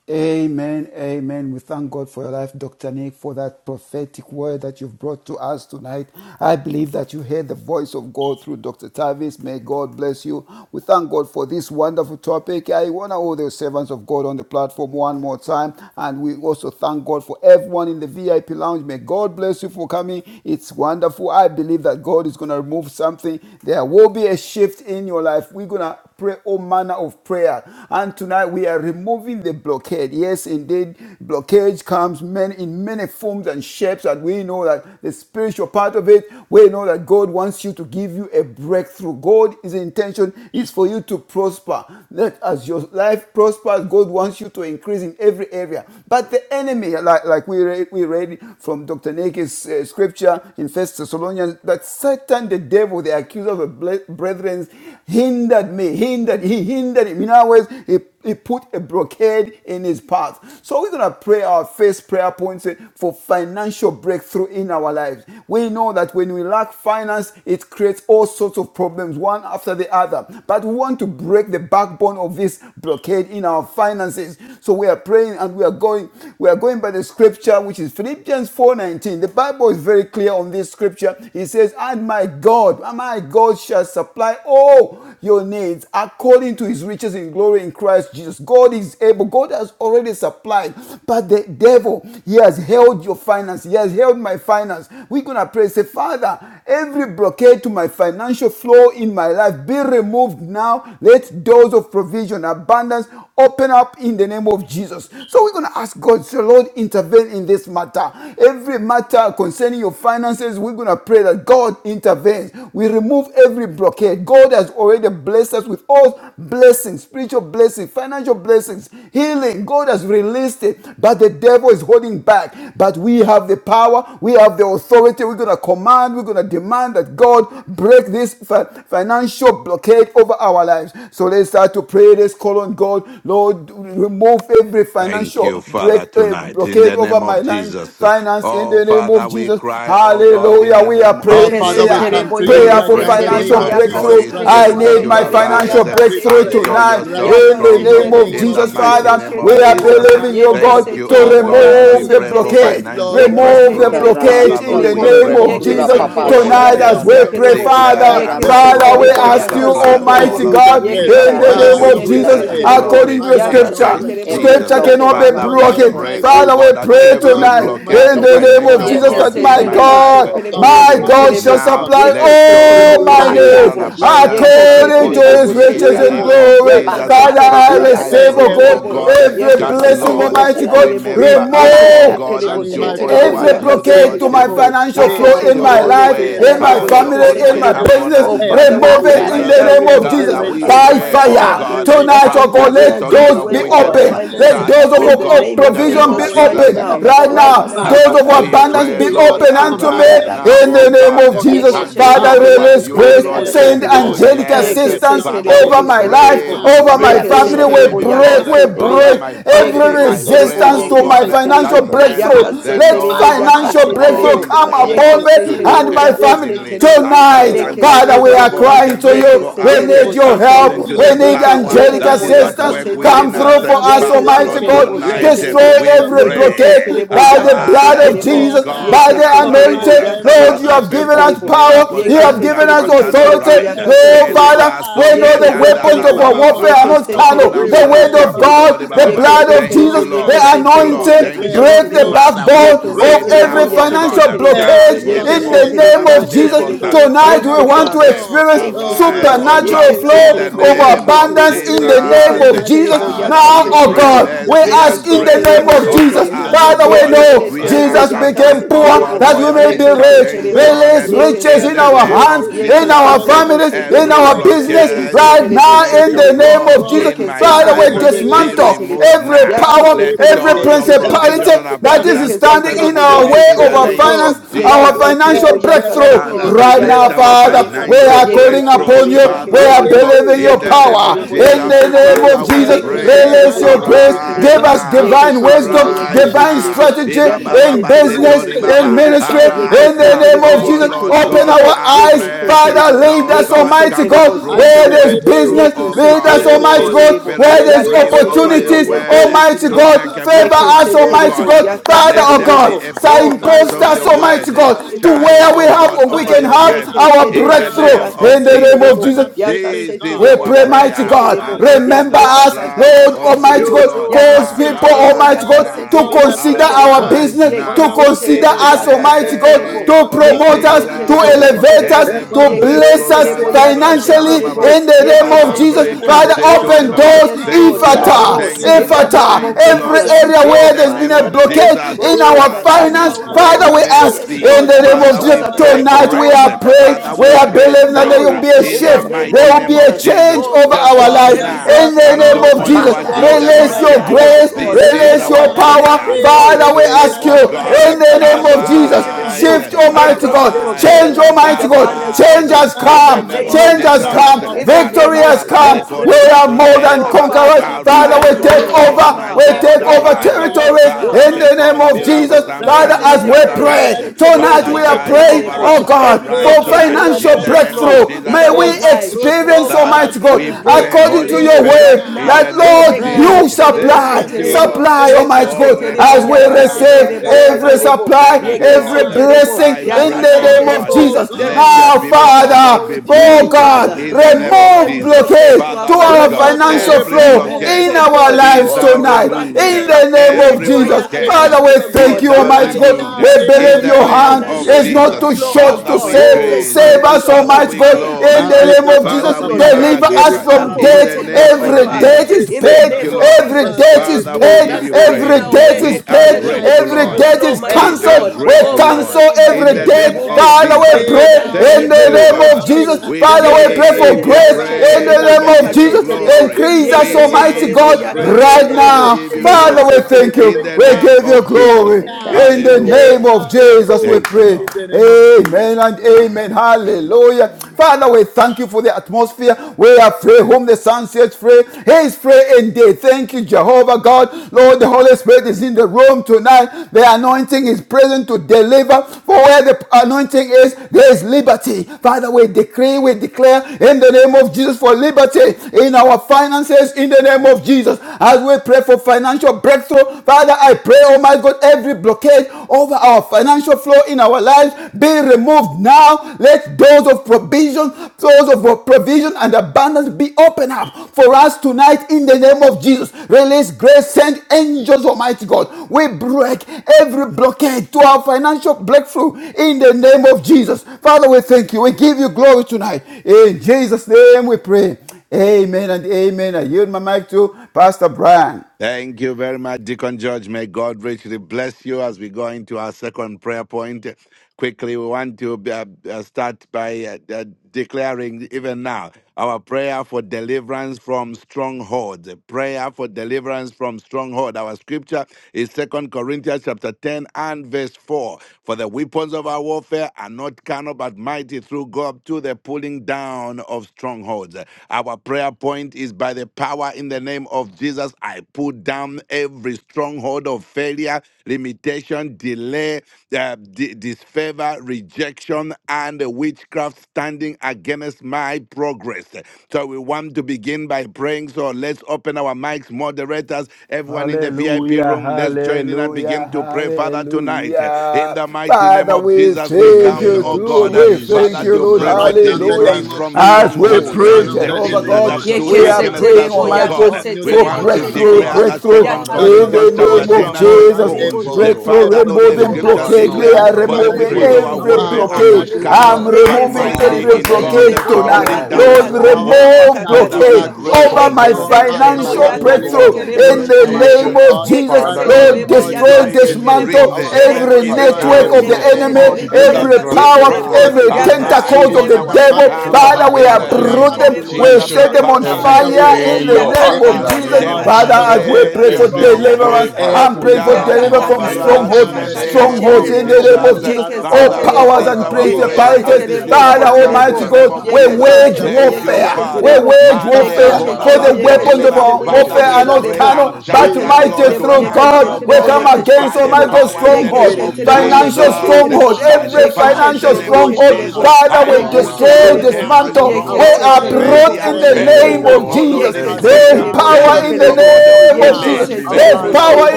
Speaker 3: Amen, amen. We thank God for your life, Dr. Nick, for that prophetic word that you've brought to us tonight. I believe that you heard the voice of God through Dr. Tavis. May God bless you. We thank God for this wonderful topic. I want all the servants of God on the platform one more time. And we also thank God for everyone in the VIP lounge. May God bless you for coming. It's wonderful. I believe that God is going to remove something. There will be a shift in your life. We're going to pray all manner of prayer. And tonight we are removing the blockade. Yes, indeed, blockage comes many, in many forms and shapes, and we know that the spiritual part of it, we know that God wants you to give you a breakthrough. God, His intention is for you to prosper. That as your life prospers, God wants you to increase in every area. But the enemy, like, like we, read, we read from Dr. Nake's uh, scripture in First Thessalonians, that Satan, the devil, the accuser of the brethren, hindered me, hindered, he hindered him. In other words, he, he put a blockade in his path. So we're going to pray our first prayer point eh, for financial breakthrough in our lives. We know that when we lack finance, it creates all sorts of problems, one after the other. But we want to break the backbone of this blockade in our finances. So we are praying and we are going, we are going by the scripture, which is Philippians. Philippians 4:19. The Bible is very clear on this scripture. It says, "And my God, my God shall supply all your needs according to his riches in glory in Christ Jesus." God is able. God has already supplied, but the devil, he has held your finance. He has held my finance. We're going to pray say, "Father, every blockade to my financial flow in my life be removed now. Let doors of provision, abundance, Open up in the name of Jesus. So we're going to ask God, so Lord, intervene in this matter. Every matter concerning your finances, we're going to pray that God intervenes. We remove every blockade. God has already blessed us with all blessings, spiritual blessings, financial blessings, healing. God has released it, but the devil is holding back. But we have the power, we have the authority. We're going to command, we're going to demand that God break this financial of blockade over our lives. So let's start to pray. Let's call on God. Lord, remove every
Speaker 4: Thank you,
Speaker 3: financial
Speaker 4: Father,
Speaker 3: break, eh,
Speaker 4: tonight in the
Speaker 3: blockade over
Speaker 4: name
Speaker 3: my
Speaker 4: of
Speaker 3: life,
Speaker 4: Jesus.
Speaker 3: finance in
Speaker 4: Oh,
Speaker 3: the name of
Speaker 4: Father, we
Speaker 3: Jesus.
Speaker 4: cry, oh God, in
Speaker 3: Hallelujah.
Speaker 4: the
Speaker 3: We are
Speaker 4: name
Speaker 5: Oh,
Speaker 4: of
Speaker 3: praying
Speaker 5: Father,
Speaker 2: Yekese
Speaker 5: we
Speaker 4: Jesus.
Speaker 5: come
Speaker 3: prayer.
Speaker 2: terebo,
Speaker 5: to you
Speaker 4: We
Speaker 3: Prayer
Speaker 5: right
Speaker 3: for
Speaker 5: now
Speaker 2: yekese
Speaker 5: in
Speaker 4: pray
Speaker 5: the name
Speaker 3: financial
Speaker 2: terebo,
Speaker 5: of
Speaker 4: tonight,
Speaker 3: breakthrough.
Speaker 5: Jesus
Speaker 2: yakase
Speaker 4: Holy
Speaker 5: Christ, the
Speaker 3: I
Speaker 4: Spirit,
Speaker 2: terebo,
Speaker 5: Son
Speaker 4: that
Speaker 3: need
Speaker 2: she
Speaker 5: of
Speaker 4: you'll
Speaker 5: the
Speaker 3: my
Speaker 2: terebo,
Speaker 5: living
Speaker 4: arise
Speaker 3: financial
Speaker 5: God,
Speaker 4: eh,
Speaker 5: and we
Speaker 2: yakase
Speaker 3: breakthrough
Speaker 4: and
Speaker 5: pray
Speaker 4: show
Speaker 2: terebo,
Speaker 3: tonight
Speaker 5: right
Speaker 4: yourself
Speaker 3: in
Speaker 5: now
Speaker 3: the
Speaker 2: yakase
Speaker 4: strong
Speaker 5: in
Speaker 4: um,
Speaker 5: the
Speaker 3: name of
Speaker 5: name
Speaker 2: terebo,
Speaker 4: in the
Speaker 5: of
Speaker 2: she
Speaker 3: Jesus.
Speaker 5: Jesus
Speaker 4: mighty
Speaker 2: terebo,
Speaker 4: name
Speaker 3: Father,
Speaker 2: she
Speaker 3: we
Speaker 4: of
Speaker 5: that
Speaker 3: are
Speaker 5: we
Speaker 2: terebo,
Speaker 4: Jesus. Eh,
Speaker 3: believing
Speaker 5: stand,
Speaker 3: you,
Speaker 4: Thank
Speaker 5: Almighty
Speaker 2: yekese
Speaker 3: God,
Speaker 4: you,
Speaker 3: to
Speaker 4: oh
Speaker 5: Father,
Speaker 2: terebo,
Speaker 4: God,
Speaker 5: in
Speaker 4: as we
Speaker 3: remove
Speaker 5: prayer.
Speaker 2: yakase
Speaker 3: the
Speaker 4: pray for
Speaker 5: That,
Speaker 2: terebo,
Speaker 3: blockade.
Speaker 4: financial
Speaker 5: Lord God
Speaker 3: Remove
Speaker 2: yekese
Speaker 4: breakthrough.
Speaker 3: the
Speaker 5: Almighty,
Speaker 2: terebo,
Speaker 5: we
Speaker 2: she
Speaker 3: blockade
Speaker 4: Father,
Speaker 3: in
Speaker 4: Lord,
Speaker 5: put
Speaker 3: the
Speaker 4: we
Speaker 2: terebo,
Speaker 5: on the
Speaker 6: Ikaramasandoro
Speaker 3: name
Speaker 4: pray for
Speaker 3: of
Speaker 5: complete
Speaker 6: kura
Speaker 3: Jesus.
Speaker 6: Papa
Speaker 2: yekese
Speaker 4: Philippians
Speaker 5: armor
Speaker 3: Jesus.
Speaker 5: of
Speaker 2: terebo,
Speaker 5: God,
Speaker 3: Tonight,
Speaker 5: the
Speaker 3: as
Speaker 4: 4:19
Speaker 6: papajandarara.
Speaker 2: yakase
Speaker 5: helmet
Speaker 3: we
Speaker 4: that
Speaker 5: of
Speaker 3: pray,
Speaker 2: terebo,
Speaker 5: salvation,
Speaker 4: declares,
Speaker 3: Father,
Speaker 4: and
Speaker 5: the
Speaker 4: my
Speaker 2: yekese
Speaker 3: Father, we
Speaker 5: breastplate
Speaker 4: God
Speaker 5: of
Speaker 6: Ikaramasandara
Speaker 2: terebo,
Speaker 4: shall
Speaker 3: ask you,
Speaker 2: yakase
Speaker 4: supply
Speaker 5: righteousness, and the
Speaker 6: koroshenderere.
Speaker 3: Almighty
Speaker 2: terebo,
Speaker 4: all of
Speaker 5: shield
Speaker 4: your
Speaker 5: of
Speaker 3: God,
Speaker 4: needs
Speaker 5: faith.
Speaker 3: in
Speaker 2: yekese
Speaker 3: the
Speaker 4: according to
Speaker 2: terebo,
Speaker 3: name
Speaker 5: Father,
Speaker 4: his
Speaker 3: of
Speaker 5: we
Speaker 3: Jesus,
Speaker 2: yekese
Speaker 4: riches
Speaker 6: Ikarabasindarara
Speaker 5: pray
Speaker 4: in
Speaker 2: terebo,
Speaker 5: for
Speaker 3: according
Speaker 6: koroshende.
Speaker 4: glory
Speaker 3: to the
Speaker 4: in
Speaker 6: Father,
Speaker 5: financial
Speaker 2: yakase
Speaker 3: scripture.
Speaker 4: Christ
Speaker 2: terebo,
Speaker 5: breakthrough.
Speaker 6: every
Speaker 2: she
Speaker 4: Jesus.
Speaker 3: Scripture
Speaker 5: That,
Speaker 6: blockage
Speaker 2: terebo,
Speaker 3: cannot
Speaker 5: oh
Speaker 6: of
Speaker 3: be
Speaker 4: Father,
Speaker 5: Lord
Speaker 4: we
Speaker 6: financial
Speaker 5: God
Speaker 6: flow
Speaker 3: broken.
Speaker 4: pray,
Speaker 6: in my
Speaker 4: oh
Speaker 5: Almighty,
Speaker 3: Father, we
Speaker 6: life
Speaker 4: God, that
Speaker 5: my
Speaker 3: pray
Speaker 6: be
Speaker 4: every
Speaker 5: God,
Speaker 3: tonight
Speaker 5: you
Speaker 6: removed now.
Speaker 4: blockade
Speaker 5: might
Speaker 3: in
Speaker 4: to
Speaker 5: God,
Speaker 6: Let
Speaker 3: the
Speaker 5: who
Speaker 6: the
Speaker 3: name of
Speaker 4: financial
Speaker 6: doors
Speaker 5: supply
Speaker 6: of
Speaker 3: Jesus
Speaker 2: Yeke
Speaker 4: flow
Speaker 3: that
Speaker 5: every
Speaker 4: in
Speaker 3: my
Speaker 6: provision
Speaker 4: my my
Speaker 5: need
Speaker 2: seterebo
Speaker 6: abundance
Speaker 3: God,
Speaker 4: life
Speaker 6: open
Speaker 2: sheterebo
Speaker 5: of,
Speaker 4: be
Speaker 2: bo
Speaker 5: of
Speaker 3: my
Speaker 6: unto me.
Speaker 3: God
Speaker 4: removed
Speaker 5: ours, O
Speaker 3: shall
Speaker 2: sheterebo.
Speaker 6: In
Speaker 4: now.
Speaker 5: God,
Speaker 3: supply
Speaker 2: Yeke
Speaker 6: Jesus'
Speaker 4: Let
Speaker 6: name.
Speaker 4: doors
Speaker 5: according
Speaker 4: of
Speaker 2: seterebo
Speaker 3: all
Speaker 5: to
Speaker 2: bo
Speaker 3: my
Speaker 5: the
Speaker 4: provision
Speaker 3: needs
Speaker 5: riches
Speaker 4: and
Speaker 6: Makara
Speaker 5: in
Speaker 2: sheterebo.
Speaker 5: glory
Speaker 4: abundance
Speaker 5: in
Speaker 2: Yeke
Speaker 6: shindarara
Speaker 5: Christ
Speaker 4: open
Speaker 3: according
Speaker 5: Jesus.
Speaker 2: seterebo
Speaker 4: unto
Speaker 3: to his
Speaker 2: bo
Speaker 4: me in
Speaker 5: We
Speaker 3: riches
Speaker 4: the
Speaker 6: korobasindarara.
Speaker 3: and
Speaker 4: name
Speaker 2: sheterebo.
Speaker 5: Father
Speaker 4: of
Speaker 3: glory.
Speaker 5: right
Speaker 2: Yaka
Speaker 4: Jesus.
Speaker 5: now.
Speaker 3: Father,
Speaker 6: Makara
Speaker 3: I
Speaker 2: seterebo
Speaker 5: We
Speaker 4: Father, I
Speaker 6: shetara
Speaker 2: yaka
Speaker 6: de
Speaker 3: receive,
Speaker 5: pray
Speaker 3: oh
Speaker 4: pray,
Speaker 6: kire
Speaker 5: every
Speaker 4: oh
Speaker 2: seterebo.
Speaker 3: God,
Speaker 4: God,
Speaker 6: shetara
Speaker 5: blockade
Speaker 6: de
Speaker 3: every
Speaker 5: to
Speaker 2: Yeke
Speaker 4: that
Speaker 6: korba
Speaker 3: blessing,
Speaker 4: Lord,
Speaker 5: financial
Speaker 2: seterebo
Speaker 3: Almighty
Speaker 6: sitara.
Speaker 5: flow
Speaker 3: God,
Speaker 2: sheterebo.
Speaker 5: in
Speaker 4: remember
Speaker 5: my
Speaker 4: us,
Speaker 2: Yeke
Speaker 4: oh
Speaker 5: life
Speaker 3: remove
Speaker 6: Makara
Speaker 4: God,
Speaker 5: and
Speaker 2: seterebo
Speaker 4: and
Speaker 5: in
Speaker 6: shetara
Speaker 4: do
Speaker 5: my
Speaker 6: de
Speaker 4: only
Speaker 2: sheterebo
Speaker 5: family
Speaker 3: Every
Speaker 6: korba
Speaker 4: what
Speaker 2: yaka
Speaker 4: you, the
Speaker 5: be
Speaker 3: blockade
Speaker 4: Lord,
Speaker 3: to
Speaker 6: sitara.
Speaker 3: my
Speaker 2: seterebo.
Speaker 4: can do.
Speaker 5: removed,
Speaker 3: financial
Speaker 5: be
Speaker 2: Yeke
Speaker 3: flow
Speaker 4: Have
Speaker 3: in
Speaker 4: your
Speaker 3: my
Speaker 6: Korba
Speaker 5: removed,
Speaker 2: sheterebo
Speaker 4: own
Speaker 3: life,
Speaker 2: yeke
Speaker 5: be
Speaker 4: way.
Speaker 6: sitara
Speaker 3: in
Speaker 6: da
Speaker 3: my
Speaker 2: sheterebo
Speaker 4: Have
Speaker 5: removed
Speaker 4: your
Speaker 2: yeke
Speaker 6: korba
Speaker 3: family,
Speaker 4: own
Speaker 3: in
Speaker 5: right
Speaker 4: way
Speaker 3: my
Speaker 6: sitara.
Speaker 2: seterebo.
Speaker 5: now.
Speaker 4: upon
Speaker 3: business,
Speaker 2: Oh
Speaker 4: us in the
Speaker 2: Father,
Speaker 4: name
Speaker 5: Every
Speaker 2: we
Speaker 4: of
Speaker 3: remove
Speaker 2: pray
Speaker 3: it
Speaker 6: Makara
Speaker 3: in
Speaker 2: right
Speaker 5: delay,
Speaker 4: Jesus.
Speaker 3: the
Speaker 2: now,
Speaker 3: name
Speaker 6: shetara
Speaker 3: of
Speaker 2: remove the
Speaker 5: every
Speaker 3: Jesus
Speaker 4: Father, we
Speaker 6: korba
Speaker 2: blockade,
Speaker 3: by
Speaker 4: pray,
Speaker 5: resistance,
Speaker 2: Almighty
Speaker 6: sitara.
Speaker 4: oh
Speaker 3: fire.
Speaker 2: Father,
Speaker 5: every
Speaker 4: God,
Speaker 2: that
Speaker 5: witchcraft,
Speaker 3: Tonight, oh God,
Speaker 4: frustrate
Speaker 6: Makara
Speaker 4: the
Speaker 5: we
Speaker 3: let
Speaker 2: stands in
Speaker 4: token
Speaker 5: bind
Speaker 2: the
Speaker 6: shetara
Speaker 3: doors
Speaker 4: of
Speaker 2: way
Speaker 3: be
Speaker 6: de
Speaker 5: it,
Speaker 2: of our
Speaker 5: we
Speaker 6: korba
Speaker 4: wickedness.
Speaker 3: open.
Speaker 5: curse
Speaker 3: Let
Speaker 2: finances.
Speaker 5: it,
Speaker 4: Charge,
Speaker 3: doors
Speaker 6: sitara.
Speaker 3: of,
Speaker 4: oh
Speaker 5: we
Speaker 2: In the
Speaker 5: break
Speaker 4: God,
Speaker 3: of
Speaker 2: name
Speaker 4: in
Speaker 5: its
Speaker 4: the
Speaker 2: of
Speaker 4: name
Speaker 3: provision be
Speaker 6: Korba
Speaker 4: of
Speaker 2: Jesus,
Speaker 5: influence
Speaker 2: right
Speaker 4: Jesus.
Speaker 5: and
Speaker 6: sitara
Speaker 3: open
Speaker 2: now
Speaker 4: Mm.
Speaker 6: da
Speaker 3: right
Speaker 5: control
Speaker 2: right
Speaker 6: korba
Speaker 3: now.
Speaker 5: by
Speaker 2: now.
Speaker 5: the
Speaker 4: Father,
Speaker 3: Doors of
Speaker 2: Yeke
Speaker 4: we
Speaker 5: blood
Speaker 2: se
Speaker 5: of
Speaker 3: abundance
Speaker 4: pray,
Speaker 3: be
Speaker 2: terebo,
Speaker 6: sitara da
Speaker 5: Jesus
Speaker 4: Lord,
Speaker 2: yeke
Speaker 3: open
Speaker 2: she
Speaker 5: and
Speaker 3: unto
Speaker 5: by
Speaker 3: me
Speaker 2: terebo.
Speaker 4: arise
Speaker 5: the
Speaker 6: Ikara
Speaker 4: now,
Speaker 3: in
Speaker 5: fire
Speaker 4: O
Speaker 3: the
Speaker 5: of
Speaker 6: masindra
Speaker 5: the
Speaker 3: name of
Speaker 4: God,
Speaker 5: Holy
Speaker 6: kara
Speaker 3: Jesus.
Speaker 2: Yeke
Speaker 5: Ghost.
Speaker 4: and do
Speaker 6: shatara
Speaker 3: Father,
Speaker 5: Our
Speaker 4: only
Speaker 2: sheterebo,
Speaker 4: what
Speaker 2: yeke
Speaker 3: release
Speaker 5: Father,
Speaker 4: you,
Speaker 6: ma
Speaker 5: we
Speaker 4: the
Speaker 3: grace.
Speaker 2: sheterebo,
Speaker 5: pray
Speaker 6: kara
Speaker 4: Lord,
Speaker 5: right
Speaker 3: Send
Speaker 4: can
Speaker 6: shatara
Speaker 4: do.
Speaker 5: now,
Speaker 2: sheterebo,
Speaker 6: da koro
Speaker 3: angelic
Speaker 4: Yes,
Speaker 2: yeke
Speaker 5: every
Speaker 6: shatara
Speaker 2: se
Speaker 3: assistance
Speaker 6: de
Speaker 4: Father,
Speaker 6: kere
Speaker 2: seterebo,
Speaker 5: blockade,
Speaker 3: over
Speaker 4: we
Speaker 2: bo
Speaker 3: my
Speaker 6: shatara
Speaker 5: right
Speaker 3: life,
Speaker 4: pray,
Speaker 2: sheterebo,
Speaker 5: now,
Speaker 4: we
Speaker 3: over
Speaker 5: we
Speaker 3: my
Speaker 4: pray
Speaker 2: yeke
Speaker 6: ikara
Speaker 4: to
Speaker 2: se
Speaker 5: push
Speaker 4: you,
Speaker 3: family.
Speaker 4: the
Speaker 5: back
Speaker 6: shatara
Speaker 3: We
Speaker 2: seterebo,
Speaker 4: living
Speaker 3: pray
Speaker 6: koro
Speaker 2: yaka
Speaker 3: break,
Speaker 5: by
Speaker 4: God,
Speaker 2: se
Speaker 3: we
Speaker 4: over
Speaker 6: shatara
Speaker 3: break
Speaker 5: fire,
Speaker 2: seterebo,
Speaker 4: my
Speaker 5: by
Speaker 2: yeke
Speaker 4: family.
Speaker 3: every
Speaker 2: se
Speaker 4: I
Speaker 5: fire,
Speaker 6: ikoro
Speaker 4: pray,
Speaker 2: seterebo,
Speaker 5: by
Speaker 3: resistance
Speaker 4: O
Speaker 3: to
Speaker 2: yeke se
Speaker 3: my
Speaker 6: masindra
Speaker 4: God,
Speaker 6: da
Speaker 5: fire,
Speaker 4: that
Speaker 3: financial
Speaker 2: seterebo,
Speaker 6: koro
Speaker 5: by
Speaker 4: yes,
Speaker 3: breakthrough.
Speaker 2: yaka
Speaker 5: fire,
Speaker 4: the
Speaker 2: se
Speaker 6: shatara
Speaker 3: Let
Speaker 5: by
Speaker 2: seterebo,
Speaker 4: Lord
Speaker 6: ma
Speaker 2: yaka
Speaker 4: our
Speaker 3: financial
Speaker 5: fire.
Speaker 2: se
Speaker 6: kara
Speaker 4: God
Speaker 3: breakthrough
Speaker 5: It
Speaker 2: seterebo,
Speaker 4: is
Speaker 3: come
Speaker 5: shall
Speaker 6: shatara
Speaker 5: not
Speaker 6: da
Speaker 2: yeke
Speaker 3: upon
Speaker 4: able
Speaker 6: koro
Speaker 3: me
Speaker 2: se
Speaker 4: to do
Speaker 5: exist.
Speaker 3: and
Speaker 2: seterebo,
Speaker 3: my
Speaker 2: yaka
Speaker 6: shatara
Speaker 5: It
Speaker 2: se
Speaker 3: family
Speaker 5: shall
Speaker 4: exceedingly
Speaker 5: not
Speaker 2: seterebo,
Speaker 3: tonight.
Speaker 5: exist.
Speaker 6: ikoro
Speaker 2: yeke
Speaker 4: abundantly
Speaker 2: se
Speaker 3: Father,
Speaker 5: It
Speaker 3: we are
Speaker 4: above
Speaker 5: shall
Speaker 4: all
Speaker 2: seterebo,
Speaker 6: masindra
Speaker 4: we
Speaker 5: not
Speaker 4: can
Speaker 3: crying
Speaker 4: and
Speaker 3: to
Speaker 6: koro
Speaker 4: think
Speaker 5: triumph.
Speaker 2: yeke
Speaker 4: or
Speaker 3: you.
Speaker 2: se
Speaker 3: We
Speaker 5: In
Speaker 4: ask uh,
Speaker 3: need
Speaker 5: the
Speaker 2: seterebo,
Speaker 3: your
Speaker 5: name of
Speaker 4: according
Speaker 2: sheterebo,
Speaker 3: help.
Speaker 4: to
Speaker 6: koro
Speaker 3: We
Speaker 4: the
Speaker 5: Jesus,
Speaker 3: need
Speaker 2: yeke se
Speaker 4: power
Speaker 5: we
Speaker 6: masindra
Speaker 3: angelic
Speaker 4: that
Speaker 2: seterebo,
Speaker 4: is
Speaker 5: call
Speaker 4: at
Speaker 6: koro
Speaker 2: yaka
Speaker 3: assistance.
Speaker 2: se
Speaker 5: upon
Speaker 4: work
Speaker 5: you, the
Speaker 3: Come
Speaker 4: within
Speaker 2: seterebo,
Speaker 3: through
Speaker 4: us. Uh,
Speaker 3: for
Speaker 5: covenant
Speaker 3: us,
Speaker 2: yeke se
Speaker 4: Father,
Speaker 5: keeping
Speaker 3: Almighty
Speaker 5: God.
Speaker 4: Lord,
Speaker 6: koro
Speaker 2: seterebo,
Speaker 3: God.
Speaker 5: Let
Speaker 4: tonight
Speaker 5: the
Speaker 4: uh,
Speaker 3: Destroy
Speaker 6: masindra
Speaker 2: sheterebo,
Speaker 5: blood
Speaker 4: we
Speaker 5: of
Speaker 6: koro
Speaker 3: every
Speaker 2: yeke se
Speaker 5: Jesus
Speaker 3: blockade
Speaker 4: pray.
Speaker 5: speak
Speaker 2: seterebo,
Speaker 3: by the
Speaker 2: yaka
Speaker 5: now,
Speaker 2: se
Speaker 3: blood of
Speaker 6: kara
Speaker 4: Arise,
Speaker 2: seterebo,
Speaker 4: oh
Speaker 5: declare
Speaker 3: Jesus,
Speaker 5: now,
Speaker 6: masindra
Speaker 3: by
Speaker 4: God,
Speaker 2: Yeke
Speaker 3: the
Speaker 6: koro
Speaker 5: over
Speaker 2: seterebo
Speaker 4: arise. Uh,
Speaker 3: anointing.
Speaker 2: yaka
Speaker 5: every
Speaker 3: Lord, you
Speaker 2: kaka
Speaker 4: Father,
Speaker 3: have given
Speaker 5: finances,
Speaker 3: us
Speaker 4: performs
Speaker 2: sheterebo.
Speaker 6: ikara
Speaker 3: power.
Speaker 4: miracles
Speaker 3: You
Speaker 2: Yeke
Speaker 3: have
Speaker 4: signs,
Speaker 5: everything
Speaker 3: given
Speaker 5: of
Speaker 4: and
Speaker 3: us
Speaker 2: sheterebo
Speaker 5: God
Speaker 4: wonders
Speaker 5: that is
Speaker 3: authority
Speaker 2: sheterebo
Speaker 4: arise.
Speaker 3: them.
Speaker 4: Uh,
Speaker 2: yaka
Speaker 6: koro
Speaker 5: connected
Speaker 3: Oh,
Speaker 5: to
Speaker 6: koro
Speaker 5: our
Speaker 2: seterebo.
Speaker 3: Father,
Speaker 4: Eleba
Speaker 3: we
Speaker 4: so
Speaker 5: lives.
Speaker 3: know
Speaker 2: Yeke
Speaker 3: the
Speaker 7: In the
Speaker 5: Right
Speaker 4: perianda
Speaker 5: now, in
Speaker 3: weapons
Speaker 7: name
Speaker 4: la
Speaker 3: of
Speaker 5: the
Speaker 2: seterebo.
Speaker 4: ba
Speaker 3: our
Speaker 4: ba
Speaker 5: name
Speaker 4: ba
Speaker 5: of
Speaker 4: ba
Speaker 3: warfare
Speaker 4: ba
Speaker 3: are
Speaker 2: Yeke
Speaker 4: ba.
Speaker 3: not
Speaker 5: Jesus,
Speaker 4: Oh,
Speaker 3: carnal.
Speaker 2: seterebo
Speaker 5: we
Speaker 3: The
Speaker 2: yeke
Speaker 5: pray,
Speaker 4: lambra
Speaker 3: word of
Speaker 5: our
Speaker 2: sheterebo.
Speaker 4: kapndori
Speaker 3: God,
Speaker 4: ba
Speaker 5: Father,
Speaker 4: ba
Speaker 3: the
Speaker 4: ba.
Speaker 2: Yeke
Speaker 3: blood of
Speaker 4: Thank you
Speaker 5: remove
Speaker 3: Jesus,
Speaker 2: sheterebo
Speaker 4: you,
Speaker 3: the
Speaker 4: Lord.
Speaker 5: now
Speaker 2: yeke
Speaker 4: Thank you,
Speaker 2: sheterebo
Speaker 6: For
Speaker 4: Lord.
Speaker 6: us,
Speaker 3: anointing,
Speaker 5: we
Speaker 2: yeke
Speaker 4: Thank you, Lord.
Speaker 3: break the
Speaker 5: remove
Speaker 2: sheterebo.
Speaker 4: Father,
Speaker 5: now.
Speaker 4: we
Speaker 2: Yeke
Speaker 3: backbone
Speaker 5: We
Speaker 4: pray
Speaker 3: of
Speaker 2: seterebo
Speaker 4: now,
Speaker 3: every
Speaker 5: remove
Speaker 4: oh
Speaker 2: yeke
Speaker 5: now
Speaker 4: God.
Speaker 3: financial
Speaker 4: that-
Speaker 2: sheterebo.
Speaker 4: Ah,
Speaker 5: every
Speaker 3: blockage
Speaker 2: Yeke
Speaker 6: for
Speaker 3: in the
Speaker 4: yelebo,
Speaker 5: blockage
Speaker 3: name
Speaker 2: sheterebo bo
Speaker 5: that
Speaker 3: of
Speaker 5: is
Speaker 3: Jesus.
Speaker 4: salabanderebo, sa-
Speaker 2: sheterebo.
Speaker 5: hindering
Speaker 3: Tonight,
Speaker 2: Thank
Speaker 4: Father,
Speaker 3: we
Speaker 2: you,
Speaker 4: we
Speaker 5: financial
Speaker 3: want to
Speaker 2: Father.
Speaker 4: pray.
Speaker 5: flow.
Speaker 3: experience
Speaker 2: Thank you,
Speaker 5: Oh
Speaker 4: Arise,
Speaker 2: Jesus.
Speaker 5: God,
Speaker 4: oh
Speaker 5: in my
Speaker 4: God,
Speaker 3: supernatural
Speaker 2: Yeke
Speaker 4: in
Speaker 3: flow
Speaker 5: life,
Speaker 4: the
Speaker 2: seterebo
Speaker 3: of
Speaker 6: us,
Speaker 5: in
Speaker 2: yeke
Speaker 4: name
Speaker 5: my
Speaker 4: of
Speaker 3: abundance
Speaker 2: sheterebo.
Speaker 6: for
Speaker 3: in
Speaker 5: family,
Speaker 3: the
Speaker 6: us,
Speaker 3: name
Speaker 2: Yeke
Speaker 5: in
Speaker 4: Jesus.
Speaker 3: of
Speaker 5: my
Speaker 3: Jesus.
Speaker 2: seterebo
Speaker 5: God,
Speaker 3: Now,
Speaker 4: Father,
Speaker 2: yaka
Speaker 6: cat,
Speaker 4: we
Speaker 5: in
Speaker 7: of
Speaker 3: oh
Speaker 6: that,
Speaker 4: pray
Speaker 5: the,
Speaker 6: that,
Speaker 2: seterebo.
Speaker 5: in
Speaker 3: God, we
Speaker 5: the
Speaker 6: that,
Speaker 4: mercy
Speaker 2: Yeke
Speaker 3: ask
Speaker 4: and
Speaker 7: Jesus, in
Speaker 3: in
Speaker 5: Blaston
Speaker 3: the
Speaker 4: grace
Speaker 6: that,
Speaker 7: the
Speaker 3: name
Speaker 2: seterebo
Speaker 7: name
Speaker 3: of
Speaker 5: family,
Speaker 7: of
Speaker 4: over
Speaker 3: Jesus.
Speaker 5: in
Speaker 2: sheterebo.
Speaker 4: us,
Speaker 6: for
Speaker 4: oh
Speaker 3: Father, we
Speaker 2: Yeke
Speaker 4: God.
Speaker 7: Jesus,
Speaker 5: RCC
Speaker 3: know
Speaker 2: se
Speaker 7: in the
Speaker 4: We
Speaker 6: that, that,
Speaker 2: terebo,
Speaker 5: family,
Speaker 4: are
Speaker 3: Jesus
Speaker 7: name of
Speaker 2: yaka
Speaker 3: became
Speaker 4: asking,
Speaker 2: se
Speaker 7: Jesus.
Speaker 5: Father,
Speaker 3: poor
Speaker 4: oh
Speaker 5: we
Speaker 2: terebo,
Speaker 4: God,
Speaker 3: that
Speaker 4: for
Speaker 3: we
Speaker 5: pray
Speaker 4: your
Speaker 3: may
Speaker 5: right
Speaker 3: be
Speaker 2: yeke
Speaker 5: now.
Speaker 2: se
Speaker 3: rich.
Speaker 7: Oh,
Speaker 5: We
Speaker 2: terebo,
Speaker 7: yeah, that
Speaker 4: intervention.
Speaker 3: Release
Speaker 5: uproot
Speaker 2: yeke
Speaker 3: riches
Speaker 2: se
Speaker 4: In
Speaker 3: in
Speaker 5: them.
Speaker 4: the
Speaker 3: our
Speaker 2: terebo,
Speaker 4: name
Speaker 5: We
Speaker 3: hands,
Speaker 4: of
Speaker 3: in
Speaker 2: yeke se
Speaker 3: our
Speaker 5: dismantle
Speaker 4: Jesus, eh,
Speaker 2: terebo,
Speaker 5: them.
Speaker 3: families,
Speaker 2: she
Speaker 5: We
Speaker 3: in
Speaker 4: every
Speaker 2: terebo,
Speaker 3: our
Speaker 5: break their
Speaker 3: business
Speaker 2: yeke
Speaker 4: blockade
Speaker 2: se
Speaker 4: of
Speaker 3: right
Speaker 7: was
Speaker 5: influence,
Speaker 7: a
Speaker 2: terebo, she
Speaker 3: now in
Speaker 4: financial
Speaker 5: their
Speaker 3: the
Speaker 2: terebo,
Speaker 7: terrible
Speaker 4: flow
Speaker 3: name of
Speaker 5: control,
Speaker 3: Jesus.
Speaker 4: in
Speaker 2: yeke
Speaker 4: my
Speaker 2: se
Speaker 5: their
Speaker 3: Father,
Speaker 7: Oh,
Speaker 4: life
Speaker 3: we
Speaker 2: terebo,
Speaker 4: eh,
Speaker 6: For
Speaker 2: yeke
Speaker 4: be
Speaker 2: se
Speaker 7: In
Speaker 3: dismantle
Speaker 5: manipulation.
Speaker 2: terebo,
Speaker 4: removed
Speaker 3: every
Speaker 5: And
Speaker 4: now.
Speaker 2: yaka
Speaker 5: Father,
Speaker 3: power,
Speaker 2: se
Speaker 5: we
Speaker 4: Let
Speaker 3: every
Speaker 2: terebo,
Speaker 5: pray.
Speaker 4: doors of
Speaker 2: yeke she
Speaker 5: The
Speaker 3: principality
Speaker 4: provision
Speaker 2: terebo,
Speaker 4: and
Speaker 3: that
Speaker 5: blockade,
Speaker 3: is
Speaker 4: abundance
Speaker 2: yeke
Speaker 5: the
Speaker 2: se
Speaker 3: standing
Speaker 4: open
Speaker 3: in
Speaker 2: terebo,
Speaker 4: unto
Speaker 3: our
Speaker 4: me
Speaker 5: blockade
Speaker 2: yeke
Speaker 3: way
Speaker 4: in
Speaker 2: she
Speaker 5: be
Speaker 3: of
Speaker 4: the
Speaker 3: our
Speaker 4: name
Speaker 2: terebo,
Speaker 5: removed.
Speaker 3: finance,
Speaker 4: of
Speaker 7: the
Speaker 5: The
Speaker 2: yeke
Speaker 3: our
Speaker 4: Jesus.
Speaker 2: se
Speaker 7: name
Speaker 4: Mm.
Speaker 2: terebo,
Speaker 7: of
Speaker 3: financial
Speaker 5: blockade be
Speaker 2: yaka se
Speaker 3: breakthrough.
Speaker 4: Father,
Speaker 7: Jesus,
Speaker 5: removed.
Speaker 2: terebo,
Speaker 7: in the
Speaker 3: Right
Speaker 4: let
Speaker 3: now,
Speaker 2: yaka
Speaker 7: name
Speaker 2: se
Speaker 4: our
Speaker 7: of
Speaker 3: Father,
Speaker 2: terebo,
Speaker 5: Ekataram
Speaker 3: we
Speaker 6: that,
Speaker 4: financial
Speaker 3: are
Speaker 7: Jesus,
Speaker 2: yeke
Speaker 3: calling
Speaker 2: se
Speaker 4: breakthrough,
Speaker 3: upon
Speaker 5: brukutaraba.
Speaker 7: in
Speaker 3: you.
Speaker 7: the
Speaker 2: terebo,
Speaker 6: cat,
Speaker 2: she
Speaker 3: We
Speaker 4: Father,
Speaker 7: name
Speaker 3: are
Speaker 7: of
Speaker 4: Lord
Speaker 2: terebo,
Speaker 4: God,
Speaker 5: Ekete
Speaker 3: believing
Speaker 6: For
Speaker 4: in
Speaker 3: your
Speaker 6: the ship,
Speaker 2: yeke
Speaker 4: the
Speaker 7: Jesus,
Speaker 2: she
Speaker 7: in
Speaker 4: name
Speaker 7: the
Speaker 3: power.
Speaker 4: of
Speaker 2: terebo,
Speaker 7: name of
Speaker 3: In
Speaker 2: yeke
Speaker 5: barakandaraba.
Speaker 4: Jesus.
Speaker 3: the
Speaker 2: she
Speaker 6: back,
Speaker 5: We
Speaker 3: name
Speaker 7: Jesus.
Speaker 2: terebo,
Speaker 4: Father,
Speaker 3: of
Speaker 6: the
Speaker 4: we
Speaker 3: Jesus,
Speaker 5: pray
Speaker 6: ship,
Speaker 2: yeke
Speaker 6: that,
Speaker 2: she
Speaker 5: today
Speaker 4: pray,
Speaker 2: terebo,
Speaker 3: release
Speaker 5: by
Speaker 3: your
Speaker 6: it
Speaker 2: yeke
Speaker 7: Oh,
Speaker 5: fire,
Speaker 6: is,
Speaker 3: grace.
Speaker 2: she
Speaker 7: ra ta
Speaker 2: terebo,
Speaker 4: arise
Speaker 3: Give
Speaker 7: ra
Speaker 6: that,
Speaker 5: by
Speaker 3: us
Speaker 7: ra ra
Speaker 6: For
Speaker 4: now,
Speaker 7: ra
Speaker 5: fire,
Speaker 3: divine wisdom,
Speaker 2: Yekeşeterebo,
Speaker 5: by
Speaker 4: arise
Speaker 5: fire,
Speaker 3: divine
Speaker 4: now.
Speaker 2: yekeşeterebo.
Speaker 5: by
Speaker 4: Ila
Speaker 3: strategy
Speaker 4: baba
Speaker 5: fire,
Speaker 3: in
Speaker 4: ba
Speaker 2: Yakaseterebo,
Speaker 5: by
Speaker 3: business,
Speaker 4: setori
Speaker 5: fire,
Speaker 3: in
Speaker 4: baba,
Speaker 3: ministry
Speaker 2: yekeşeterebo.
Speaker 5: by
Speaker 3: ministry in
Speaker 4: arise
Speaker 3: the
Speaker 5: fire,
Speaker 4: now.
Speaker 3: name
Speaker 2: Yekeseterebo,
Speaker 3: of
Speaker 5: by
Speaker 4: Oh
Speaker 3: Jesus.
Speaker 4: Lord
Speaker 5: fire.
Speaker 3: Open
Speaker 2: yekeşeterebo.
Speaker 4: God,
Speaker 5: Oh,
Speaker 3: our
Speaker 4: have
Speaker 3: eyes,
Speaker 4: mercy.
Speaker 3: Father.
Speaker 2: Yekeşeterebo,
Speaker 3: Lead
Speaker 4: Lord
Speaker 3: us,
Speaker 4: God,
Speaker 3: Almighty
Speaker 4: come
Speaker 7: In
Speaker 4: and
Speaker 2: yekeseterebo,
Speaker 3: God,
Speaker 7: the
Speaker 4: prove your
Speaker 3: where
Speaker 7: name
Speaker 2: şeterebo.
Speaker 3: there's
Speaker 4: word
Speaker 7: of
Speaker 5: Antarere,
Speaker 4: true,
Speaker 3: business.
Speaker 4: oh
Speaker 3: Lead
Speaker 7: Jesus, in
Speaker 3: us,
Speaker 4: God.
Speaker 7: the
Speaker 2: Yekeseterebo,
Speaker 3: Almighty
Speaker 5: anterere,
Speaker 4: Holy
Speaker 7: name of
Speaker 3: God,
Speaker 2: şeterebo.
Speaker 4: Spirit,
Speaker 3: where there's
Speaker 4: breathe
Speaker 7: Jesus, in
Speaker 5: rekepere
Speaker 7: the
Speaker 4: over your
Speaker 2: Yakaseterebo,
Speaker 3: opportunities.
Speaker 7: name of
Speaker 5: prokoto,
Speaker 4: word
Speaker 3: Almighty
Speaker 4: to
Speaker 2: yakaşeterebo.
Speaker 5: Abba
Speaker 7: Jesus.
Speaker 4: make
Speaker 3: God,
Speaker 4: a
Speaker 3: favor
Speaker 5: Father,
Speaker 7: In
Speaker 3: us,
Speaker 4: performance,
Speaker 5: we
Speaker 4: oh
Speaker 3: Almighty
Speaker 2: Yekeseterebo,
Speaker 5: pray
Speaker 3: God,
Speaker 4: God.
Speaker 3: Father,
Speaker 5: by
Speaker 4: Let
Speaker 3: oh
Speaker 4: there be
Speaker 2: yakaseterebo.
Speaker 3: God.
Speaker 4: a
Speaker 5: fire,
Speaker 2: Oh,
Speaker 5: by
Speaker 2: Father,
Speaker 4: performance
Speaker 3: Signpost
Speaker 2: we
Speaker 4: of
Speaker 3: us,
Speaker 4: your
Speaker 2: pray
Speaker 5: fire,
Speaker 3: Almighty
Speaker 2: right
Speaker 4: word.
Speaker 5: by
Speaker 2: now
Speaker 3: God,
Speaker 2: in the
Speaker 3: to
Speaker 5: fire,
Speaker 4: Charge,
Speaker 3: where
Speaker 2: name
Speaker 3: we
Speaker 4: oh
Speaker 2: of
Speaker 3: have
Speaker 4: God,
Speaker 3: or
Speaker 2: Jesus.
Speaker 3: we
Speaker 5: by
Speaker 4: over
Speaker 3: can
Speaker 7: the
Speaker 4: your
Speaker 7: name
Speaker 3: have
Speaker 4: words
Speaker 5: fire.
Speaker 7: of
Speaker 3: our
Speaker 5: We
Speaker 4: in the
Speaker 7: Jesus,
Speaker 2: Yekeseterebo,
Speaker 7: in
Speaker 5: call
Speaker 3: breakthrough
Speaker 7: the
Speaker 4: name
Speaker 5: upon
Speaker 4: of
Speaker 7: name
Speaker 3: in
Speaker 5: you,
Speaker 7: of
Speaker 5: the
Speaker 3: the name of
Speaker 4: Jesus.
Speaker 2: yakaseterebo,
Speaker 5: covenant
Speaker 3: Jesus.
Speaker 7: Jesus, in the
Speaker 5: keeping
Speaker 4: This
Speaker 7: name
Speaker 4: is
Speaker 3: We
Speaker 5: God
Speaker 2: yakaseterebo,
Speaker 4: our
Speaker 3: pray,
Speaker 7: of
Speaker 5: that
Speaker 3: mighty
Speaker 4: prayer
Speaker 5: our
Speaker 7: Jesus.
Speaker 2: yakaseterebo
Speaker 3: God,
Speaker 5: God,
Speaker 4: and
Speaker 5: you
Speaker 4: this is
Speaker 3: remember
Speaker 5: show
Speaker 4: our
Speaker 3: us,
Speaker 5: up
Speaker 4: cry
Speaker 5: now.
Speaker 2: yakakakaka
Speaker 3: Lord
Speaker 4: unto
Speaker 3: Almighty
Speaker 4: you,
Speaker 5: You
Speaker 2: sheterebo
Speaker 3: God,
Speaker 5: show
Speaker 4: Lord.
Speaker 5: up
Speaker 3: cause people,
Speaker 5: now.
Speaker 2: yakaseterebo
Speaker 3: Almighty
Speaker 4: Arise
Speaker 5: Father,
Speaker 3: God, to
Speaker 4: now,
Speaker 5: show
Speaker 2: yakaseterebo
Speaker 3: consider
Speaker 5: yourself
Speaker 3: our
Speaker 2: sheterebo
Speaker 5: strong
Speaker 4: arise
Speaker 3: business,
Speaker 5: on
Speaker 3: to
Speaker 4: now
Speaker 5: our
Speaker 3: consider
Speaker 4: in
Speaker 2: yekeseterebo
Speaker 4: the
Speaker 5: behalf
Speaker 3: us, Almighty
Speaker 5: that our
Speaker 3: God,
Speaker 2: yakaseterebo
Speaker 4: name
Speaker 3: to
Speaker 5: God, you
Speaker 4: of
Speaker 5: are
Speaker 3: promote
Speaker 5: more
Speaker 3: us,
Speaker 5: than
Speaker 3: to
Speaker 2: yekeseterebo
Speaker 4: Jesus.
Speaker 6: For
Speaker 5: able,
Speaker 3: elevate us,
Speaker 2: sheterebo
Speaker 4: Ele
Speaker 5: able
Speaker 3: to
Speaker 5: to do
Speaker 3: bless
Speaker 4: brozesko
Speaker 3: us
Speaker 2: yekesheterebo
Speaker 6: that,
Speaker 5: exceeding
Speaker 6: that,
Speaker 4: kalambra
Speaker 5: and
Speaker 6: For us, us,
Speaker 3: financially
Speaker 2: yakaseterebo
Speaker 5: abundantly
Speaker 3: in the
Speaker 5: above
Speaker 3: name of Jesus.
Speaker 5: all
Speaker 4: Alambre
Speaker 5: that
Speaker 2: Yekeseterebo.
Speaker 3: Father,
Speaker 5: we
Speaker 2: Yes,
Speaker 5: ask,
Speaker 4: casetori
Speaker 3: open
Speaker 2: Lord.
Speaker 4: baba.
Speaker 3: doors,
Speaker 2: Yes,
Speaker 5: above
Speaker 2: Lord.
Speaker 4: Thank
Speaker 5: all
Speaker 4: you,
Speaker 5: that
Speaker 2: Yes,
Speaker 5: we
Speaker 4: Lord.
Speaker 3: Ifata,
Speaker 2: Lord.
Speaker 5: think
Speaker 4: Thank you,
Speaker 2: In the
Speaker 4: Lord.
Speaker 2: name
Speaker 3: Ifata,
Speaker 2: of
Speaker 4: Thank you,
Speaker 5: according
Speaker 3: every
Speaker 5: to
Speaker 4: Lord.
Speaker 5: the
Speaker 2: Jesus.
Speaker 3: area
Speaker 2: Oh,
Speaker 4: In
Speaker 3: where
Speaker 5: power
Speaker 4: the
Speaker 3: there's been
Speaker 4: name
Speaker 2: Father,
Speaker 3: a
Speaker 4: of
Speaker 5: that
Speaker 2: pray.
Speaker 5: is
Speaker 7: Ah,
Speaker 5: at
Speaker 3: blockade
Speaker 4: Jesus,
Speaker 2: Oh,
Speaker 3: in
Speaker 5: work.
Speaker 3: our
Speaker 2: Father,
Speaker 4: Father,
Speaker 2: and
Speaker 4: we
Speaker 7: O
Speaker 3: finance.
Speaker 5: Our
Speaker 4: pray
Speaker 3: Father,
Speaker 2: Lord.
Speaker 3: we
Speaker 5: God,
Speaker 7: rakata
Speaker 5: we
Speaker 7: ba da
Speaker 3: ask in
Speaker 2: Yes,
Speaker 7: da
Speaker 4: mercy.
Speaker 5: pray,
Speaker 7: da
Speaker 2: Lord,
Speaker 3: the
Speaker 7: da da
Speaker 2: you
Speaker 3: name of
Speaker 4: Father,
Speaker 7: da da
Speaker 2: shall
Speaker 4: we
Speaker 3: Jesus,
Speaker 5: show
Speaker 7: da
Speaker 4: pray
Speaker 2: supply
Speaker 7: da da
Speaker 2: all
Speaker 3: tonight
Speaker 5: yourself
Speaker 3: we
Speaker 2: our
Speaker 4: grace.
Speaker 6: us,
Speaker 3: are
Speaker 7: ba
Speaker 2: needs
Speaker 7: yeke
Speaker 3: praying,
Speaker 7: de
Speaker 2: according
Speaker 4: Father,
Speaker 2: to
Speaker 7: de
Speaker 3: we
Speaker 4: we
Speaker 2: your
Speaker 7: de
Speaker 3: are
Speaker 7: de
Speaker 4: pray
Speaker 2: riches
Speaker 7: bo
Speaker 5: strong,
Speaker 2: in
Speaker 3: believing that the
Speaker 7: da
Speaker 3: there will
Speaker 4: favor.
Speaker 7: da
Speaker 2: glory.
Speaker 3: be
Speaker 6: Makara
Speaker 7: da
Speaker 3: a
Speaker 5: oh
Speaker 7: ba
Speaker 4: In
Speaker 2: In the
Speaker 4: the
Speaker 5: God.
Speaker 6: shita
Speaker 3: shift.
Speaker 7: yeke
Speaker 2: name
Speaker 6: da
Speaker 7: de
Speaker 4: mighty
Speaker 3: There
Speaker 2: of
Speaker 6: kara
Speaker 3: will
Speaker 7: de
Speaker 4: name
Speaker 3: be
Speaker 7: de
Speaker 3: a
Speaker 4: of
Speaker 2: Jesus.
Speaker 6: shita
Speaker 4: Jesus,
Speaker 3: change
Speaker 6: da
Speaker 2: Oh,
Speaker 3: over
Speaker 2: Father,
Speaker 3: our
Speaker 5: Show
Speaker 7: de. E
Speaker 4: perform
Speaker 3: lives.
Speaker 2: every
Speaker 7: ba
Speaker 4: now
Speaker 6: koro.
Speaker 5: yourself
Speaker 3: In the
Speaker 2: blockage
Speaker 4: and
Speaker 2: to
Speaker 7: rakata
Speaker 3: name
Speaker 2: a
Speaker 4: do
Speaker 7: da
Speaker 3: of
Speaker 5: strong.
Speaker 7: da
Speaker 4: only
Speaker 7: da
Speaker 3: Jesus,
Speaker 2: financial
Speaker 4: what
Speaker 7: da
Speaker 5: Show
Speaker 7: da
Speaker 4: you,
Speaker 2: flow
Speaker 6: Makara
Speaker 4: the
Speaker 7: da
Speaker 2: in
Speaker 7: da.
Speaker 3: release
Speaker 4: Lord,
Speaker 2: my
Speaker 5: yourself
Speaker 6: Shatara
Speaker 3: your
Speaker 4: can
Speaker 2: life,
Speaker 4: do.
Speaker 2: oh
Speaker 5: strong
Speaker 3: grace,
Speaker 7: Oh,
Speaker 2: God,
Speaker 4: This
Speaker 7: leke
Speaker 5: right
Speaker 4: is
Speaker 2: in
Speaker 3: release
Speaker 7: le
Speaker 6: Sitra
Speaker 2: our
Speaker 4: our
Speaker 3: your
Speaker 6: da
Speaker 5: now.
Speaker 7: brodo
Speaker 2: lives be
Speaker 7: se
Speaker 3: power.
Speaker 4: prayer
Speaker 7: ta da
Speaker 6: Kerechetre,
Speaker 7: da
Speaker 2: removed.
Speaker 3: Father, we
Speaker 4: unto
Speaker 7: da da
Speaker 5: Everything
Speaker 4: you,
Speaker 3: ask
Speaker 5: that
Speaker 2: Every
Speaker 7: da
Speaker 3: you
Speaker 7: da
Speaker 4: O
Speaker 5: has
Speaker 7: da
Speaker 5: tried
Speaker 6: Makara
Speaker 7: da
Speaker 2: blockage
Speaker 3: in
Speaker 5: to,
Speaker 7: da
Speaker 4: God.
Speaker 2: to
Speaker 7: da
Speaker 3: the
Speaker 5: oh
Speaker 7: da.
Speaker 3: name
Speaker 5: God,
Speaker 2: financial
Speaker 3: of
Speaker 2: flow
Speaker 5: hinder
Speaker 3: Jesus,
Speaker 2: be
Speaker 7: Oh,
Speaker 6: Shatara
Speaker 5: our
Speaker 4: Arise,
Speaker 2: removed.
Speaker 3: shift,
Speaker 7: rakata
Speaker 6: Sitra,
Speaker 7: da
Speaker 2: Let
Speaker 7: da
Speaker 5: finances,
Speaker 3: Almighty
Speaker 2: doors
Speaker 7: ba
Speaker 3: God.
Speaker 2: of
Speaker 4: arise,
Speaker 7: rakata
Speaker 5: disturb
Speaker 2: provision
Speaker 3: Change,
Speaker 7: da
Speaker 5: our
Speaker 6: Koroba
Speaker 7: ba
Speaker 2: and
Speaker 7: sa
Speaker 3: Almighty
Speaker 7: ka
Speaker 3: God.
Speaker 6: Sitra,
Speaker 7: da
Speaker 5: finances,
Speaker 2: abundance
Speaker 7: da
Speaker 3: Change
Speaker 7: da
Speaker 4: Arise
Speaker 5: oh
Speaker 7: da.
Speaker 2: open
Speaker 3: has
Speaker 5: God,
Speaker 2: in
Speaker 4: in
Speaker 5: you
Speaker 2: the
Speaker 4: the
Speaker 3: come.
Speaker 5: might
Speaker 4: name
Speaker 2: name
Speaker 4: of
Speaker 2: of
Speaker 3: Change
Speaker 6: Koroba
Speaker 7: Oh,
Speaker 4: Jesus.
Speaker 3: has
Speaker 5: block
Speaker 2: Jesus.
Speaker 7: reke
Speaker 5: our
Speaker 3: come.
Speaker 6: Sitra
Speaker 7: te
Speaker 2: In
Speaker 6: da
Speaker 2: the
Speaker 7: le de
Speaker 2: name
Speaker 3: Victory
Speaker 5: finances.
Speaker 7: de
Speaker 2: of
Speaker 3: has
Speaker 4: Halababa
Speaker 7: bo
Speaker 6: Kerechetre,
Speaker 2: Jesus.
Speaker 3: come.
Speaker 5: Every
Speaker 3: We
Speaker 4: sekori
Speaker 7: ka da
Speaker 3: are
Speaker 7: da da
Speaker 3: more
Speaker 7: da
Speaker 5: blockage
Speaker 4: basontere
Speaker 7: da.
Speaker 3: than
Speaker 2: Oh,
Speaker 4: baba.
Speaker 5: right
Speaker 6: Makara
Speaker 2: Father,
Speaker 3: conquerors.
Speaker 5: now be
Speaker 3: Father,
Speaker 2: right
Speaker 4: Arise,
Speaker 3: we
Speaker 4: O
Speaker 6: Shetre,
Speaker 7: Reke
Speaker 3: take
Speaker 2: now,
Speaker 7: ta
Speaker 2: right
Speaker 7: da
Speaker 4: Lord,
Speaker 5: uprooted.
Speaker 6: Koroba
Speaker 3: over.
Speaker 4: my
Speaker 7: da
Speaker 3: We
Speaker 2: now,
Speaker 7: da da
Speaker 4: God,
Speaker 3: take
Speaker 7: da
Speaker 5: Every
Speaker 2: right
Speaker 6: Sitra,
Speaker 7: da
Speaker 3: over
Speaker 7: da
Speaker 4: arise.
Speaker 2: now,
Speaker 7: da
Speaker 5: blockage,
Speaker 2: right
Speaker 7: da
Speaker 3: territories
Speaker 2: now.
Speaker 4: Father,
Speaker 7: da
Speaker 3: in
Speaker 5: human
Speaker 3: the
Speaker 7: da.
Speaker 3: name
Speaker 4: perform
Speaker 3: of
Speaker 5: blockage,
Speaker 4: miracles
Speaker 3: Jesus.
Speaker 6: Koroba
Speaker 3: Father,
Speaker 4: and
Speaker 5: satanic
Speaker 3: as we
Speaker 4: wonders.
Speaker 6: Satra,
Speaker 2: Yekeseterebo,
Speaker 3: pray,
Speaker 4: Arise.
Speaker 5: blockage,
Speaker 6: Karabasika,
Speaker 2: sheterebo,
Speaker 3: tonight
Speaker 7: Yeke
Speaker 4: Father,
Speaker 3: we
Speaker 7: de
Speaker 3: are
Speaker 5: demonic
Speaker 7: de
Speaker 4: charge
Speaker 7: de
Speaker 3: praying,
Speaker 4: over
Speaker 7: bo
Speaker 2: yekeseterebo.
Speaker 4: us.
Speaker 3: oh
Speaker 5: blockage,
Speaker 3: God,
Speaker 2: Every
Speaker 7: zinta ba
Speaker 5: be
Speaker 4: Arise
Speaker 3: for
Speaker 7: le
Speaker 6: Satra,
Speaker 2: blockade
Speaker 7: bro
Speaker 2: to
Speaker 4: tonight
Speaker 3: financial
Speaker 4: in
Speaker 7: shita
Speaker 5: uprooted
Speaker 4: the
Speaker 2: financial
Speaker 4: name
Speaker 6: Karabasika,
Speaker 4: of
Speaker 5: now.
Speaker 2: flow
Speaker 3: breakthrough.
Speaker 4: Jesus.
Speaker 2: in
Speaker 3: May
Speaker 2: our
Speaker 3: we
Speaker 5: Be
Speaker 7: Ebalo
Speaker 4: Mm.
Speaker 2: lives.
Speaker 7: koshema
Speaker 5: uprooted
Speaker 2: Oh,
Speaker 3: experience,
Speaker 2: Father,
Speaker 4: Father,
Speaker 5: now
Speaker 3: Almighty
Speaker 2: be
Speaker 7: lekelele
Speaker 3: God,
Speaker 6: Karabasika,
Speaker 4: we
Speaker 7: brodo
Speaker 5: be
Speaker 2: removed,
Speaker 4: pray,
Speaker 6: Koroba Sitra, Karabasika,
Speaker 2: be
Speaker 3: according
Speaker 7: kanada
Speaker 4: Holy
Speaker 3: to your
Speaker 2: removed
Speaker 5: uprooted
Speaker 4: Spirit,
Speaker 7: bayanda
Speaker 2: right
Speaker 3: word,
Speaker 5: now.
Speaker 4: in
Speaker 7: baze
Speaker 2: now.
Speaker 4: the
Speaker 3: that
Speaker 4: name
Speaker 5: We
Speaker 4: of
Speaker 3: Lord,
Speaker 5: pray
Speaker 3: you
Speaker 4: Jesus.
Speaker 7: yekele
Speaker 2: Yekeseterebo,
Speaker 5: in the
Speaker 4: Thank
Speaker 3: supply,
Speaker 4: you,
Speaker 7: bozuntere
Speaker 5: name
Speaker 2: sheterebo.
Speaker 5: of
Speaker 7: bara
Speaker 3: supply,
Speaker 4: Lord.
Speaker 3: Almighty
Speaker 5: Jesus,
Speaker 7: kanada
Speaker 4: Oh,
Speaker 3: God,
Speaker 7: da da da
Speaker 2: Yekeseterebo,
Speaker 3: as
Speaker 4: reka
Speaker 5: by
Speaker 7: da
Speaker 3: we
Speaker 5: the
Speaker 7: da da ba
Speaker 5: blood of
Speaker 4: salambra
Speaker 3: receive
Speaker 2: yakaseterebo,
Speaker 7: yekele
Speaker 3: every
Speaker 5: Jesus,
Speaker 4: kalabobo.
Speaker 7: boshita
Speaker 2: sheterebo.
Speaker 3: supply,
Speaker 4: Thank
Speaker 5: right
Speaker 4: you, Lord.
Speaker 3: every
Speaker 5: now,
Speaker 2: Yekeseterebo,
Speaker 3: blessing
Speaker 4: I
Speaker 5: right
Speaker 3: in
Speaker 4: pray,
Speaker 3: the
Speaker 4: oh
Speaker 5: now.
Speaker 3: name of
Speaker 2: yakaseterebo.
Speaker 4: God,
Speaker 5: Oh
Speaker 3: Jesus.
Speaker 2: There is
Speaker 4: let
Speaker 5: God,
Speaker 4: your
Speaker 3: Now,
Speaker 2: nothing
Speaker 4: people, oh
Speaker 2: impossible
Speaker 4: God, be
Speaker 3: Father,
Speaker 2: with you, my
Speaker 3: oh
Speaker 4: blessed
Speaker 5: mm,
Speaker 7: reketere
Speaker 3: God,
Speaker 2: Father.
Speaker 7: de de
Speaker 4: in the
Speaker 7: de
Speaker 4: name
Speaker 2: Remove
Speaker 4: of
Speaker 3: remove
Speaker 2: every
Speaker 4: Jesus.
Speaker 7: bozundara da da
Speaker 2: blockage to
Speaker 7: ba
Speaker 3: blockade
Speaker 2: our
Speaker 3: to
Speaker 4: Father, Lord
Speaker 3: our
Speaker 2: financial
Speaker 7: zombare
Speaker 4: God,
Speaker 5: remove
Speaker 2: flow.
Speaker 3: financial
Speaker 5: every
Speaker 4: every
Speaker 7: katara da
Speaker 3: flow
Speaker 2: Remove it,
Speaker 5: blockage,
Speaker 3: in
Speaker 2: oh
Speaker 4: blockade
Speaker 3: our
Speaker 2: God.
Speaker 4: be
Speaker 5: remove
Speaker 3: lives
Speaker 2: Oh,
Speaker 4: thou
Speaker 5: every
Speaker 2: push
Speaker 3: tonight,
Speaker 2: back,
Speaker 4: removed.
Speaker 2: push
Speaker 3: in
Speaker 5: blockage,
Speaker 3: the
Speaker 2: back.
Speaker 7: bozun
Speaker 3: name
Speaker 7: mareka
Speaker 2: Set
Speaker 3: of
Speaker 4: Every
Speaker 7: kanara
Speaker 5: remove
Speaker 7: da da da bozikara da bozun kanara
Speaker 2: fire
Speaker 7: ba
Speaker 3: Jesus.
Speaker 5: every
Speaker 2: and
Speaker 4: blockade,
Speaker 3: Father,
Speaker 7: yekele de de
Speaker 2: ambush,
Speaker 3: we
Speaker 2: oh
Speaker 5: blockage
Speaker 4: be
Speaker 3: thank
Speaker 2: God
Speaker 7: de
Speaker 3: you,
Speaker 7: de
Speaker 4: thou
Speaker 7: de
Speaker 2: on
Speaker 3: Almighty
Speaker 7: de
Speaker 5: right
Speaker 3: God.
Speaker 2: anything
Speaker 4: removed
Speaker 3: We
Speaker 5: now
Speaker 2: that
Speaker 5: in
Speaker 2: stands
Speaker 4: in
Speaker 5: the
Speaker 3: believe
Speaker 2: in
Speaker 4: the
Speaker 3: your
Speaker 2: our
Speaker 5: name
Speaker 4: name
Speaker 5: of
Speaker 3: hand
Speaker 4: of
Speaker 7: ora
Speaker 3: is
Speaker 2: financial
Speaker 3: not
Speaker 4: Jesus.
Speaker 7: kara
Speaker 3: too
Speaker 5: Jesus.
Speaker 7: ba
Speaker 2: flow,
Speaker 7: ba
Speaker 2: oh
Speaker 3: short
Speaker 7: ba
Speaker 4: Father,
Speaker 3: to
Speaker 7: ba
Speaker 2: God.
Speaker 4: we
Speaker 7: ba
Speaker 3: save.
Speaker 5: Oh,
Speaker 2: Set
Speaker 7: ba
Speaker 4: praise
Speaker 7: ba
Speaker 3: Save
Speaker 4: you.
Speaker 5: Father,
Speaker 7: ba
Speaker 5: we
Speaker 2: ambush,
Speaker 3: us,
Speaker 7: ba
Speaker 2: oh
Speaker 5: thank
Speaker 7: ba
Speaker 4: Father,
Speaker 2: God,
Speaker 5: you.
Speaker 3: Almighty
Speaker 4: we
Speaker 3: God,
Speaker 2: fire,
Speaker 7: yekele ba
Speaker 3: in
Speaker 4: glorify.
Speaker 3: the
Speaker 2: fire
Speaker 3: name
Speaker 5: Mareka
Speaker 3: of
Speaker 2: and
Speaker 5: baba
Speaker 3: Jesus.
Speaker 4: Father, we
Speaker 2: brimstone.
Speaker 7: manda
Speaker 5: baba
Speaker 2: Burn
Speaker 3: Deliver
Speaker 5: randiri
Speaker 3: us
Speaker 2: every
Speaker 4: magnify
Speaker 2: chaff
Speaker 3: from
Speaker 5: bara
Speaker 7: in
Speaker 2: of
Speaker 7: the
Speaker 4: in
Speaker 3: debt.
Speaker 4: the
Speaker 5: broko
Speaker 7: name of
Speaker 4: name
Speaker 2: wickedness, my
Speaker 4: of
Speaker 5: tarababa.
Speaker 3: Every
Speaker 2: Father,
Speaker 3: debt
Speaker 4: Jesus.
Speaker 7: Jesus in
Speaker 3: is
Speaker 2: in
Speaker 5: Ese
Speaker 2: the
Speaker 7: the
Speaker 3: paid.
Speaker 7: name
Speaker 4: Thank
Speaker 7: of
Speaker 4: you,
Speaker 2: name
Speaker 5: kambaba.
Speaker 2: of
Speaker 4: Lord.
Speaker 3: Every
Speaker 2: Jesus.
Speaker 7: Jesus
Speaker 3: debt
Speaker 5: Father,
Speaker 3: is
Speaker 4: Father, we
Speaker 5: remove
Speaker 3: paid.
Speaker 4: give
Speaker 2: That
Speaker 4: you
Speaker 5: every
Speaker 2: stands
Speaker 7: In the
Speaker 2: in
Speaker 3: Every
Speaker 4: praise.
Speaker 2: our
Speaker 3: debt
Speaker 7: name
Speaker 2: way
Speaker 5: blockade
Speaker 4: We
Speaker 3: is
Speaker 7: of
Speaker 2: of
Speaker 4: are
Speaker 3: paid.
Speaker 2: financial
Speaker 5: right
Speaker 4: grateful,
Speaker 7: Jesus,
Speaker 3: Every
Speaker 5: now.
Speaker 4: Lord.
Speaker 7: our
Speaker 3: debt
Speaker 2: flow,
Speaker 3: is
Speaker 7: Father,
Speaker 2: mighty
Speaker 4: We
Speaker 5: Every
Speaker 7: remove
Speaker 4: are
Speaker 2: God.
Speaker 3: cancelled. We
Speaker 7: every
Speaker 2: Oh
Speaker 4: grateful,
Speaker 5: blockade,
Speaker 7: blockade.
Speaker 2: Father,
Speaker 4: Lord,
Speaker 3: cancel
Speaker 2: remove
Speaker 4: in
Speaker 3: every
Speaker 5: every
Speaker 4: the
Speaker 2: it,
Speaker 7: In the
Speaker 4: name
Speaker 3: debt.
Speaker 2: remove
Speaker 4: of
Speaker 5: blockade,
Speaker 2: it.
Speaker 7: name
Speaker 3: Father,
Speaker 7: of
Speaker 3: we
Speaker 2: My
Speaker 4: Jesus.
Speaker 5: be
Speaker 2: God and
Speaker 3: pray
Speaker 5: thou
Speaker 2: King,
Speaker 7: Jesus,
Speaker 3: in
Speaker 2: in
Speaker 7: in
Speaker 4: Thank
Speaker 7: the
Speaker 2: the
Speaker 3: the
Speaker 4: you,
Speaker 5: removed
Speaker 2: name
Speaker 3: name
Speaker 7: name
Speaker 2: of
Speaker 3: of
Speaker 7: of
Speaker 5: and
Speaker 4: Father.
Speaker 5: be
Speaker 3: Jesus.
Speaker 2: Jesus.
Speaker 5: cast
Speaker 4: We
Speaker 3: Father,
Speaker 5: into
Speaker 3: we
Speaker 7: Jesus.
Speaker 2: Yeke
Speaker 5: the
Speaker 3: pray
Speaker 2: se
Speaker 3: for
Speaker 5: sea
Speaker 4: give you
Speaker 7: Oh,
Speaker 2: terebo,
Speaker 3: grace
Speaker 2: she
Speaker 5: by the
Speaker 3: in
Speaker 7: raka
Speaker 4: praise
Speaker 3: the
Speaker 7: da
Speaker 2: terebo,
Speaker 5: blood
Speaker 4: and
Speaker 7: da
Speaker 4: we
Speaker 5: of
Speaker 7: da
Speaker 3: name of
Speaker 2: yaka
Speaker 4: give
Speaker 7: da
Speaker 4: you
Speaker 2: se
Speaker 7: da
Speaker 3: Jesus.
Speaker 7: da da
Speaker 5: Jesus,
Speaker 2: terebo.
Speaker 7: da da
Speaker 4: glory.
Speaker 7: da
Speaker 5: in
Speaker 3: Increase
Speaker 5: the
Speaker 7: da
Speaker 3: us,
Speaker 4: We
Speaker 2: Yeke
Speaker 7: da da.
Speaker 2: se
Speaker 5: name of
Speaker 3: Almighty
Speaker 4: give
Speaker 2: terebo,
Speaker 4: you
Speaker 3: God,
Speaker 5: Jesus,
Speaker 2: yaka se
Speaker 3: right
Speaker 4: praise and
Speaker 5: by
Speaker 4: we
Speaker 2: terebo.
Speaker 5: the
Speaker 3: now.
Speaker 4: give you
Speaker 7: Oh,
Speaker 2: Yeke
Speaker 3: Father,
Speaker 5: angels
Speaker 4: glory
Speaker 3: we
Speaker 2: se
Speaker 5: of
Speaker 7: raka
Speaker 3: thank
Speaker 7: da
Speaker 5: the
Speaker 3: you thank
Speaker 7: da
Speaker 2: terebo.
Speaker 4: in
Speaker 7: da
Speaker 5: living
Speaker 3: you.
Speaker 4: the
Speaker 7: ba
Speaker 3: We
Speaker 7: ye
Speaker 5: God.
Speaker 4: name
Speaker 3: give
Speaker 7: ke
Speaker 3: you
Speaker 7: de
Speaker 4: of
Speaker 7: de de
Speaker 5: Right
Speaker 7: de
Speaker 4: Jesus.
Speaker 3: glory.
Speaker 7: bo ro
Speaker 5: now,
Speaker 3: In
Speaker 7: ko
Speaker 6: Karabasika,
Speaker 3: the
Speaker 7: ba she
Speaker 2: Amen.
Speaker 5: be
Speaker 3: name
Speaker 4: Hallelujah.
Speaker 7: ke te
Speaker 3: of
Speaker 7: de
Speaker 5: thou
Speaker 7: de de
Speaker 3: Jesus,
Speaker 7: de
Speaker 3: we
Speaker 5: removed
Speaker 7: de
Speaker 4: Thank you,
Speaker 7: de
Speaker 3: pray.
Speaker 5: in
Speaker 6: Karabasika,
Speaker 4: Lord.
Speaker 5: the name of Jesus.
Speaker 7: de.
Speaker 3: Amen and amen.
Speaker 7: Amen, amen,
Speaker 3: Hallelujah.
Speaker 6: Amen.
Speaker 3: Father, we thank you for the atmosphere. We are free. Whom the Son sets free, He is free indeed. Thank you, Jehovah God. Lord, the Holy Spirit is in the room tonight. The anointing is present to deliver. For where the anointing is, there is liberty. Father, we decree, we declare in the name of Jesus for liberty in our finances, in the name of Jesus. As we pray for financial financial breakthrough. Father, I pray, oh my God, every blockade over our financial flow in our lives be removed now. Let doors of provision, doors of provision and abundance be opened up for us tonight in the name of Jesus. Release grace, send angels, Almighty God. We break every blockade to our financial breakthrough in the name of Jesus. Father, we thank you. We give you glory tonight. In Jesus' name we pray. Amen and amen. I yield my mic to Pastor Brian.
Speaker 4: Thank you very much, Deacon George. May God richly bless you as we go into our second prayer point. Quickly, we want to uh, uh, start by uh, uh, declaring even now our prayer for deliverance from strongholds. Prayer for deliverance from stronghold. Our scripture is Second Corinthians chapter 10 and verse 4. For the weapons of our warfare are not carnal but mighty through God to the pulling down of strongholds. Our prayer point is by the power in the name of Jesus, I put down every stronghold of failure limitation, delay, uh, di- disfavor, rejection, and witchcraft standing against my progress. So we want to begin by praying. So let's open our mics, moderators, everyone in the VIP
Speaker 3: Hallelujah,
Speaker 4: room. Let's join in and
Speaker 3: hallelujah,
Speaker 4: begin to pray, Father, tonight. In
Speaker 3: hallelujah.
Speaker 4: the mighty name
Speaker 3: Father,
Speaker 4: of
Speaker 3: we
Speaker 4: Jesus, we
Speaker 7: In the
Speaker 3: thank
Speaker 4: come,
Speaker 7: name
Speaker 3: you,
Speaker 4: oh
Speaker 7: of
Speaker 3: Lord.
Speaker 4: God, uh,
Speaker 3: We
Speaker 7: Jesus,
Speaker 3: thank
Speaker 4: Father,
Speaker 7: in
Speaker 3: you,
Speaker 7: the
Speaker 4: to
Speaker 3: Lord.
Speaker 5: Uh,
Speaker 4: pray
Speaker 7: name
Speaker 4: for
Speaker 5: right
Speaker 7: of
Speaker 5: now in the
Speaker 3: Hallelujah.
Speaker 4: deliverance
Speaker 5: name of
Speaker 7: Jesus,
Speaker 4: from from
Speaker 3: As
Speaker 5: Jesus
Speaker 3: we
Speaker 7: in
Speaker 5: Christ,
Speaker 7: the
Speaker 5: the
Speaker 4: strongholds, uh,
Speaker 3: pray,
Speaker 5: Son
Speaker 7: name
Speaker 5: of
Speaker 4: the
Speaker 7: of
Speaker 5: the
Speaker 3: Jehovah
Speaker 4: things
Speaker 5: Living
Speaker 4: that
Speaker 3: God,
Speaker 4: have
Speaker 5: God.
Speaker 4: stood
Speaker 7: Jesus,
Speaker 3: we
Speaker 7: in
Speaker 5: We
Speaker 7: the
Speaker 3: are
Speaker 7: name
Speaker 5: come
Speaker 4: against
Speaker 7: of
Speaker 5: to
Speaker 3: praying,
Speaker 4: us,
Speaker 2: Yekeseterebo,
Speaker 4: oh
Speaker 5: call
Speaker 3: Almighty
Speaker 4: God.
Speaker 3: God,
Speaker 7: Jesus,
Speaker 4: Uh,
Speaker 5: upon you,
Speaker 4: We
Speaker 5: the
Speaker 3: for
Speaker 2: yakaseterebo,
Speaker 4: want
Speaker 7: mighty
Speaker 4: to
Speaker 7: and
Speaker 5: covenant
Speaker 3: breakthrough,
Speaker 4: declare
Speaker 2: sheterebo,
Speaker 5: keeping
Speaker 7: everlasting
Speaker 4: that
Speaker 3: breakthrough
Speaker 5: God,
Speaker 4: Second
Speaker 7: Father, I
Speaker 5: that
Speaker 7: give
Speaker 3: in
Speaker 7: you
Speaker 5: our
Speaker 4: Corinthians
Speaker 3: the
Speaker 2: yakaseterebo,
Speaker 5: God,
Speaker 4: chapter
Speaker 3: name
Speaker 7: thanks
Speaker 5: you
Speaker 7: and
Speaker 3: of
Speaker 4: 10
Speaker 7: I
Speaker 5: are
Speaker 4: and
Speaker 7: give
Speaker 5: more
Speaker 4: verse
Speaker 7: you
Speaker 5: than
Speaker 3: Jesus.
Speaker 4: 4.
Speaker 2: yakaseterebo,
Speaker 7: praise, oh
Speaker 5: able,
Speaker 4: The
Speaker 7: God.
Speaker 3: Breakthrough,
Speaker 4: Father,
Speaker 2: sheterebo,
Speaker 5: able
Speaker 4: Lord,
Speaker 5: to
Speaker 7: And
Speaker 4: the
Speaker 3: removing
Speaker 5: do
Speaker 7: even
Speaker 4: scriptures
Speaker 7: right
Speaker 3: blockage.
Speaker 7: now,
Speaker 5: exceeding
Speaker 3: We
Speaker 4: declare,
Speaker 5: and
Speaker 2: yakaseterebo,
Speaker 3: are
Speaker 7: Lord,
Speaker 4: for the
Speaker 7: I
Speaker 3: removing
Speaker 7: pray,
Speaker 5: abundantly
Speaker 2: sheterebo,
Speaker 4: weapons of
Speaker 7: oh
Speaker 4: our
Speaker 7: God,
Speaker 3: every
Speaker 5: above
Speaker 2: sheterebo,
Speaker 4: warfare
Speaker 5: all
Speaker 4: are
Speaker 5: that
Speaker 3: blockade.
Speaker 4: not
Speaker 7: against,
Speaker 5: we
Speaker 2: sheterebo,
Speaker 7: oh
Speaker 5: ask,
Speaker 4: carnal,
Speaker 3: I'm
Speaker 7: God,
Speaker 5: above
Speaker 4: but
Speaker 3: removing
Speaker 5: all that
Speaker 4: mighty
Speaker 5: we
Speaker 3: every
Speaker 2: yekeseterebo,
Speaker 7: Father,
Speaker 4: in
Speaker 5: think,
Speaker 4: God
Speaker 7: any
Speaker 3: blockade
Speaker 4: uh,
Speaker 2: sheterebo,
Speaker 4: for
Speaker 7: power,
Speaker 5: according
Speaker 4: pulling
Speaker 3: tonight.
Speaker 5: to
Speaker 4: down
Speaker 5: the
Speaker 7: oh
Speaker 3: Lord,
Speaker 4: the
Speaker 7: God,
Speaker 5: power
Speaker 4: strongholds. Uh,
Speaker 7: I
Speaker 3: remove
Speaker 5: that
Speaker 7: pull
Speaker 4: Father,
Speaker 5: is
Speaker 7: down
Speaker 4: we
Speaker 3: blockade
Speaker 5: at
Speaker 2: yakakakakakakakakaka,
Speaker 7: every
Speaker 4: pray,
Speaker 5: work.
Speaker 4: oh
Speaker 3: over my
Speaker 4: God,
Speaker 7: stronghold
Speaker 4: that
Speaker 5: Our
Speaker 7: of
Speaker 5: Father,
Speaker 2: yekeseterebo,
Speaker 7: failure,
Speaker 4: remember
Speaker 5: we are
Speaker 3: financial
Speaker 4: us,
Speaker 7: oh
Speaker 4: oh
Speaker 5: calling
Speaker 7: God,
Speaker 4: God.
Speaker 3: breakthrough
Speaker 4: uh,
Speaker 7: of
Speaker 5: upon
Speaker 2: yakaseterebo,
Speaker 5: you,
Speaker 3: in
Speaker 4: Let
Speaker 3: the
Speaker 4: our
Speaker 5: Almighty
Speaker 3: name
Speaker 2: sheterebo,
Speaker 7: limitation.
Speaker 4: prayer,
Speaker 3: of
Speaker 5: God,
Speaker 4: oh
Speaker 3: Jesus.
Speaker 5: that
Speaker 7: Father,
Speaker 4: God,
Speaker 7: in
Speaker 5: our
Speaker 7: the
Speaker 3: Lord,
Speaker 2: yekeseterebo,
Speaker 5: God,
Speaker 7: name
Speaker 5: you are
Speaker 3: destroy,
Speaker 7: of
Speaker 4: reach,
Speaker 5: faithful.
Speaker 4: reach
Speaker 2: yakaseterebo,
Speaker 3: dismantle
Speaker 4: the
Speaker 5: Our
Speaker 7: Jesus.
Speaker 4: heavens
Speaker 3: every
Speaker 5: God,
Speaker 7: I
Speaker 5: you
Speaker 4: even
Speaker 5: are
Speaker 7: pray,
Speaker 4: now
Speaker 3: network
Speaker 2: yekeseterebo,
Speaker 7: oh
Speaker 3: of
Speaker 4: in
Speaker 3: the
Speaker 5: able,
Speaker 4: the
Speaker 7: God, for
Speaker 4: name
Speaker 3: enemy,
Speaker 5: more
Speaker 4: of
Speaker 7: mighty
Speaker 2: yekesheterebo,
Speaker 5: than
Speaker 4: Jesus.
Speaker 3: every
Speaker 5: able
Speaker 4: We
Speaker 7: deliverance, oh
Speaker 3: power,
Speaker 7: God,
Speaker 2: yakaseterebo,
Speaker 7: in
Speaker 5: able
Speaker 4: cry,
Speaker 7: the
Speaker 5: to
Speaker 3: every
Speaker 5: do
Speaker 7: name of
Speaker 4: arise
Speaker 3: tentacles
Speaker 5: exceeding
Speaker 3: of
Speaker 7: Jesus.
Speaker 4: on
Speaker 3: the
Speaker 5: and
Speaker 2: Yakaseterebo
Speaker 4: our
Speaker 7: I
Speaker 3: devil.
Speaker 5: abundantly
Speaker 4: behalf
Speaker 7: pull
Speaker 2: sheterebo.
Speaker 3: Father,
Speaker 7: down,
Speaker 5: above
Speaker 3: we
Speaker 5: all
Speaker 7: oh
Speaker 4: in
Speaker 5: that
Speaker 4: the
Speaker 7: God,
Speaker 5: we are
Speaker 7: every
Speaker 4: name
Speaker 3: uproot them.
Speaker 4: of
Speaker 5: asking
Speaker 2: Yakaseterebo
Speaker 5: right
Speaker 3: We
Speaker 4: Jesus.
Speaker 7: limitation,
Speaker 3: set
Speaker 5: now.
Speaker 3: them
Speaker 2: sheterebo
Speaker 3: on
Speaker 4: Father,
Speaker 7: every
Speaker 4: we
Speaker 5: Father, we
Speaker 3: fire
Speaker 4: pray,
Speaker 2: sheterebo.
Speaker 5: pray
Speaker 4: oh
Speaker 3: in the
Speaker 5: for
Speaker 7: failure,
Speaker 4: God, that
Speaker 3: name
Speaker 7: ah,
Speaker 3: of
Speaker 7: in
Speaker 4: Father,
Speaker 7: the
Speaker 5: deliverance, oh
Speaker 3: Jesus.
Speaker 7: name
Speaker 5: God,
Speaker 7: of
Speaker 3: Father,
Speaker 5: from
Speaker 3: as
Speaker 7: Jesus.
Speaker 3: we
Speaker 4: demonstrate
Speaker 3: pray
Speaker 5: every
Speaker 3: for
Speaker 7: Every
Speaker 5: strong
Speaker 4: yourself
Speaker 5: hand,
Speaker 4: strong.
Speaker 3: deliverance,
Speaker 7: delay, I
Speaker 2: Yakakakakakakakakakakakakakakakaka.
Speaker 3: I'm
Speaker 5: every
Speaker 7: pull
Speaker 3: praying
Speaker 7: it
Speaker 3: for
Speaker 5: strong
Speaker 3: to
Speaker 7: down
Speaker 4: Charge
Speaker 7: in
Speaker 5: hand.
Speaker 3: deliver
Speaker 7: the
Speaker 3: from
Speaker 4: over
Speaker 7: name
Speaker 5: Right
Speaker 7: of
Speaker 4: us
Speaker 3: strongholds,
Speaker 5: now,
Speaker 4: in
Speaker 5: in
Speaker 4: the
Speaker 5: the
Speaker 7: Jesus, in
Speaker 2: Yakakakakakakakaka
Speaker 5: name of
Speaker 7: the
Speaker 4: name
Speaker 3: strongholds
Speaker 7: name
Speaker 4: of
Speaker 3: in
Speaker 5: Jesus
Speaker 7: of
Speaker 3: the
Speaker 2: sheterebo.
Speaker 3: name
Speaker 5: Christ,
Speaker 3: of
Speaker 7: Jesus.
Speaker 5: the
Speaker 4: Jesus.
Speaker 3: Jesus.
Speaker 5: Son of the
Speaker 3: All
Speaker 7: Ah,
Speaker 4: Father,
Speaker 5: living
Speaker 4: this
Speaker 3: powers
Speaker 2: Yekeseterebo.
Speaker 7: raba,
Speaker 5: God,
Speaker 4: is
Speaker 3: and
Speaker 7: ra,
Speaker 4: our
Speaker 5: we
Speaker 7: raba,
Speaker 4: prayer
Speaker 3: principalities,
Speaker 7: sheke,
Speaker 4: and
Speaker 5: contend
Speaker 4: this
Speaker 2: Yekeseterebo
Speaker 4: is
Speaker 7: tele,
Speaker 3: Father
Speaker 4: our
Speaker 7: bro,
Speaker 5: against
Speaker 4: cry
Speaker 7: zun,
Speaker 4: in
Speaker 5: every
Speaker 3: Almighty
Speaker 4: the
Speaker 2: sheterebo.
Speaker 7: kare,
Speaker 5: strong
Speaker 4: name
Speaker 3: God,
Speaker 4: of
Speaker 5: man
Speaker 3: we
Speaker 7: mando,
Speaker 4: Jesus.
Speaker 7: ro,
Speaker 5: by
Speaker 3: wage
Speaker 5: the
Speaker 2: Yekesheterebo
Speaker 7: daba,
Speaker 4: Thank
Speaker 5: blood
Speaker 4: you,
Speaker 7: yeke,
Speaker 5: of
Speaker 3: warfare. We
Speaker 7: lebo.
Speaker 5: Jesus,
Speaker 4: Father.
Speaker 2: yekesheterebo.
Speaker 3: wage
Speaker 5: by
Speaker 4: Mande
Speaker 3: warfare
Speaker 5: the
Speaker 7: Zanda
Speaker 3: for
Speaker 5: fire
Speaker 2: Yekesheterebo
Speaker 3: the
Speaker 5: of the
Speaker 3: weapons
Speaker 7: labradoza
Speaker 5: Holy
Speaker 4: kolabase
Speaker 3: of
Speaker 4: neighbor.
Speaker 3: our
Speaker 2: yekesheterebo
Speaker 5: Spirit.
Speaker 7: maleke
Speaker 4: Father,
Speaker 3: warfare are
Speaker 4: we
Speaker 5: Right
Speaker 3: not
Speaker 7: telele
Speaker 4: pray
Speaker 2: yekesheterebo.
Speaker 5: now,
Speaker 4: and
Speaker 7: brodo
Speaker 3: carnal, but
Speaker 7: zun
Speaker 4: charge
Speaker 5: we,
Speaker 4: that,
Speaker 5: my
Speaker 3: mighty
Speaker 4: Lord,
Speaker 7: kereba
Speaker 5: God,
Speaker 2: Yekesheterebo
Speaker 3: through
Speaker 4: tonight,
Speaker 5: whatever
Speaker 7: radada
Speaker 5: my
Speaker 4: oh
Speaker 3: God. We
Speaker 2: yekesheterebo
Speaker 7: rabazo
Speaker 4: God,
Speaker 3: come
Speaker 4: eh,
Speaker 5: Father has not
Speaker 3: against
Speaker 4: by the
Speaker 7: in
Speaker 3: Almighty
Speaker 2: yekesheterebo.
Speaker 7: the
Speaker 3: God
Speaker 4: power
Speaker 5: planted,
Speaker 7: name
Speaker 4: in the
Speaker 7: of
Speaker 5: it
Speaker 4: name
Speaker 3: strongholds,
Speaker 5: is
Speaker 4: of
Speaker 2: Yekesheterebo
Speaker 7: Jesus,
Speaker 5: time
Speaker 7: in the
Speaker 3: financial
Speaker 5: to
Speaker 7: name
Speaker 5: root
Speaker 4: Jesus, eh,
Speaker 7: of
Speaker 2: yekesheterebo
Speaker 3: stronghold,
Speaker 5: out
Speaker 4: by the
Speaker 3: every
Speaker 7: Jesus,
Speaker 2: Yeke
Speaker 7: in
Speaker 4: power
Speaker 7: the
Speaker 4: in
Speaker 5: time
Speaker 4: the
Speaker 3: financial
Speaker 5: to
Speaker 7: name
Speaker 2: sheterebo
Speaker 4: name
Speaker 7: of
Speaker 5: root
Speaker 4: of
Speaker 3: stronghold.
Speaker 5: out,
Speaker 4: Jesus,
Speaker 2: sheterebo.
Speaker 7: Jesus.
Speaker 3: Father,
Speaker 4: I
Speaker 3: we
Speaker 5: time
Speaker 2: Yeke
Speaker 7: Father,
Speaker 5: to
Speaker 4: put
Speaker 7: I
Speaker 3: destroy,
Speaker 5: root
Speaker 4: down
Speaker 7: come
Speaker 2: seterebo.
Speaker 5: out.
Speaker 7: against,
Speaker 4: every
Speaker 7: oh
Speaker 3: dismantle. We
Speaker 2: Yeke
Speaker 7: God,
Speaker 5: Our
Speaker 4: stronghold
Speaker 3: are
Speaker 4: of
Speaker 5: Father, we
Speaker 2: seterebo
Speaker 7: every
Speaker 5: are
Speaker 3: brought
Speaker 4: failure,
Speaker 3: in
Speaker 2: bobo
Speaker 5: praying
Speaker 3: the
Speaker 5: that
Speaker 7: delay,
Speaker 5: the
Speaker 4: every
Speaker 7: oh
Speaker 3: name
Speaker 2: sheterebo.
Speaker 5: time
Speaker 3: of
Speaker 7: God,
Speaker 5: to
Speaker 4: stronghold of
Speaker 5: root
Speaker 3: Jesus.
Speaker 2: Yeke
Speaker 5: out has
Speaker 7: every,
Speaker 3: There's
Speaker 7: oh
Speaker 4: limitation,
Speaker 5: come
Speaker 7: God,
Speaker 2: seterebo
Speaker 3: power
Speaker 5: and
Speaker 4: every
Speaker 3: in
Speaker 5: the
Speaker 7: anything,
Speaker 2: sheterebo.
Speaker 7: oh
Speaker 4: stronghold
Speaker 5: time
Speaker 7: God,
Speaker 3: the
Speaker 5: is
Speaker 4: of
Speaker 7: that
Speaker 3: name
Speaker 7: is
Speaker 3: of
Speaker 2: Yeke
Speaker 5: now.
Speaker 4: delay,
Speaker 3: Jesus.
Speaker 7: standing,
Speaker 5: Our
Speaker 7: oh
Speaker 3: There's
Speaker 4: every
Speaker 2: seterebo
Speaker 5: Father,
Speaker 7: God,
Speaker 5: we
Speaker 3: power